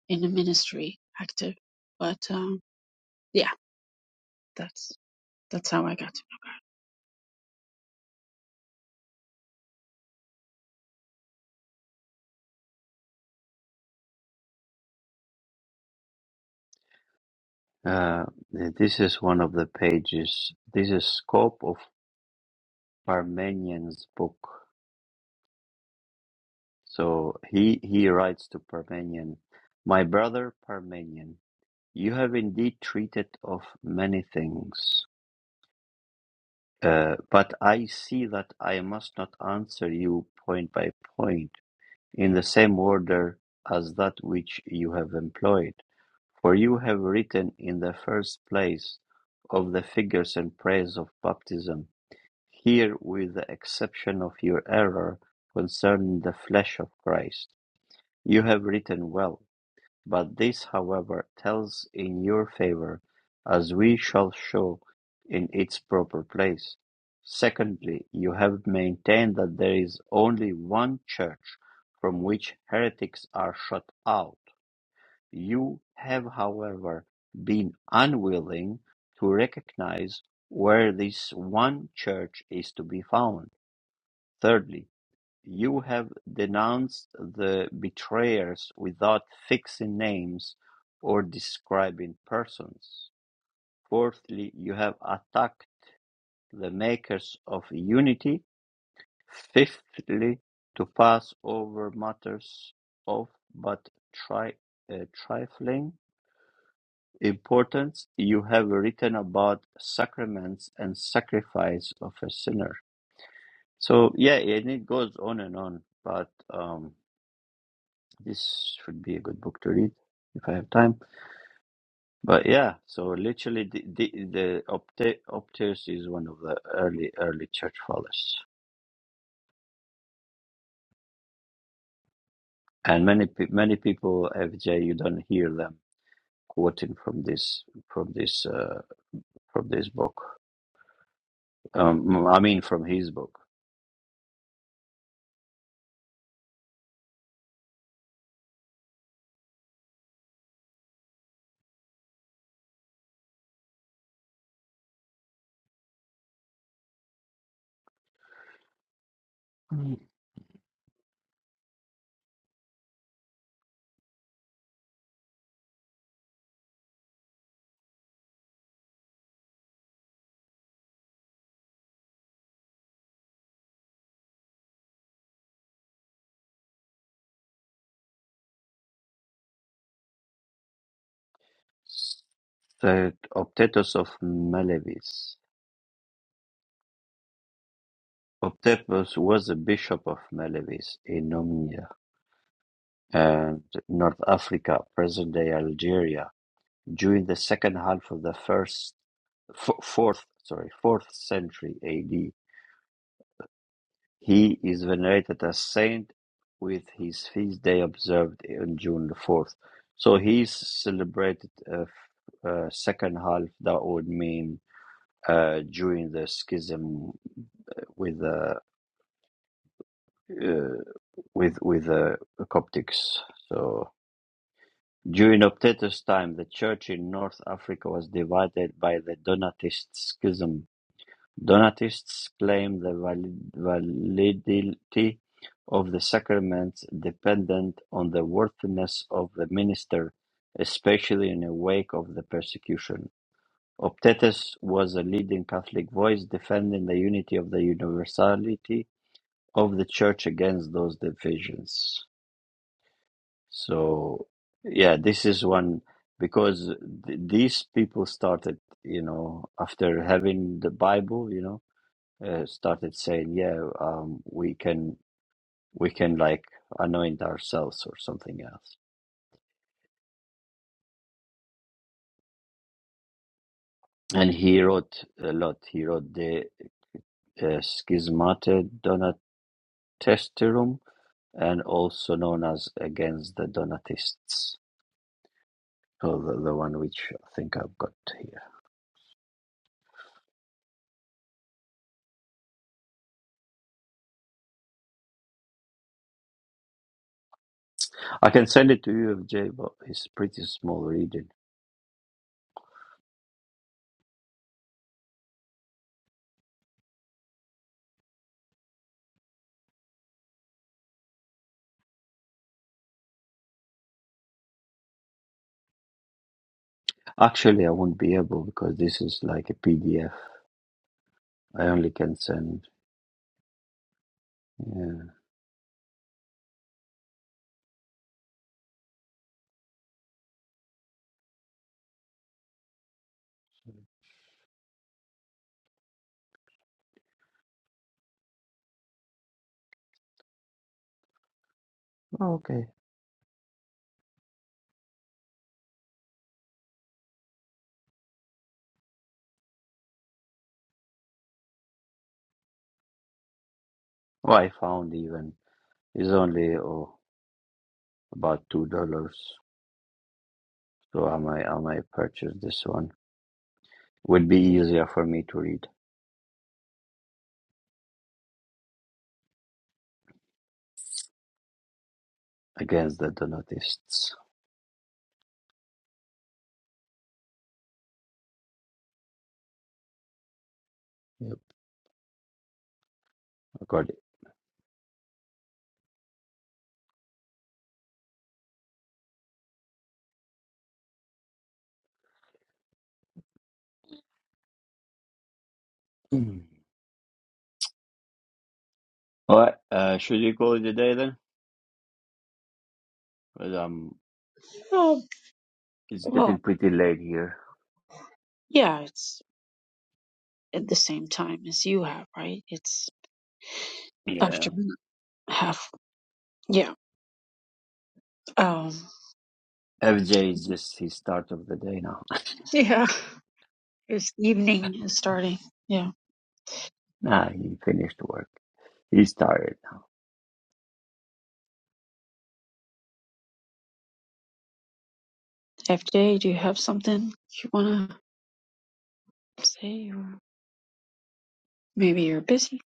[SPEAKER 2] in the ministry active, but um, yeah, that's that's how I got to.
[SPEAKER 1] Uh, this is one of the pages. This is scope of Parmenian's book. So he he writes to Parmenian, my brother Parmenian. You have indeed treated of many things, uh, but I see that I must not answer you point by point, in the same order as that which you have employed. For you have written in the first place of the figures and praise of baptism, here with the exception of your error concerning the flesh of Christ. You have written well. But this however tells in your favour, as we shall show in its proper place. Secondly, you have maintained that there is only one Church, from which heretics are shut out. You have however been unwilling to recognise where this one Church is to be found. Thirdly, you have denounced the betrayers without fixing names or describing persons. Fourthly, you have attacked the makers of unity. Fifthly, to pass over matters of but tri- uh, trifling importance, you have written about sacraments and sacrifice of a sinner. So yeah, and it goes on and on, but um, This should be a good book to read if I have time. But yeah, so literally, the, the, the Opta- Optius is one of the early early church fathers, and many pe- many people, FJ, you don't hear them quoting from this from this uh, from this book. Um, I mean, from his book. Mm. The Optetus of Melevis. Optetus was a bishop of Melevis in Nomia and North Africa, present-day Algeria During the second half of the first fo- fourth sorry fourth century AD, he is venerated as saint, with his feast day observed on June the fourth. So he's celebrated uh, uh, second half. That would mean uh, during the schism with the uh, with with uh, the Coptics. So during Optatus' time, the church in North Africa was divided by the Donatist schism Donatists claim the valid- validity of the sacraments dependent on the worthiness of the minister, especially in the wake of the persecution. Optetus was a leading Catholic voice defending the unity of the universality of the Church against those divisions. So, yeah, this is one because th- these people started, you know, after having the Bible, you know uh, started saying, "Yeah, um, we can we can like anoint ourselves or something else." And he wrote a lot. He wrote the uh, Schismate Donatestarum, and also known as Against the Donatists. So the, the one which I think I've got here. I can send it to you, Jay, but it's pretty small reading. Actually, I won't be able because this is like a PDF. I only can send. Yeah. Okay. Well, I found even It's only oh, about two dollars. So I might I might purchase this one. Would be easier for me to read against the Donatists. Yep, I got it. Mm. (clears throat) All right, uh, should we call it a day then? Because um,
[SPEAKER 2] Oh,
[SPEAKER 1] it's getting
[SPEAKER 2] well,
[SPEAKER 1] pretty late here.
[SPEAKER 2] yeah, it's at the same time as you have, right? It's
[SPEAKER 1] Yeah,
[SPEAKER 2] afternoon, half. Yeah. Um,
[SPEAKER 1] FJ is just his start of the day now.
[SPEAKER 2] yeah, (laughs) it's evening is starting. Yeah.
[SPEAKER 1] (laughs) nah, he finished work. He's tired.
[SPEAKER 2] FJ, do you have something you want to say? Or maybe you're busy.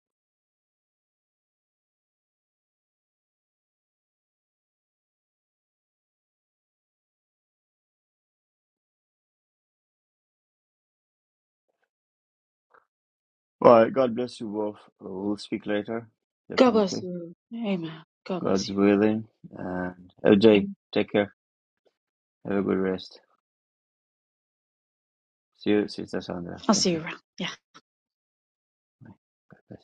[SPEAKER 1] All right, God bless you both. We'll speak later,
[SPEAKER 2] God bless
[SPEAKER 1] definitely.
[SPEAKER 2] you. Amen. God bless
[SPEAKER 1] God's
[SPEAKER 2] you.
[SPEAKER 1] willing. And FJ,
[SPEAKER 2] Amen.
[SPEAKER 1] take care. Have a good rest. See you, Sister Sandra.
[SPEAKER 2] I'll see
[SPEAKER 1] Thank
[SPEAKER 2] you
[SPEAKER 1] you.
[SPEAKER 2] around. Yeah.
[SPEAKER 1] Bye. God bless.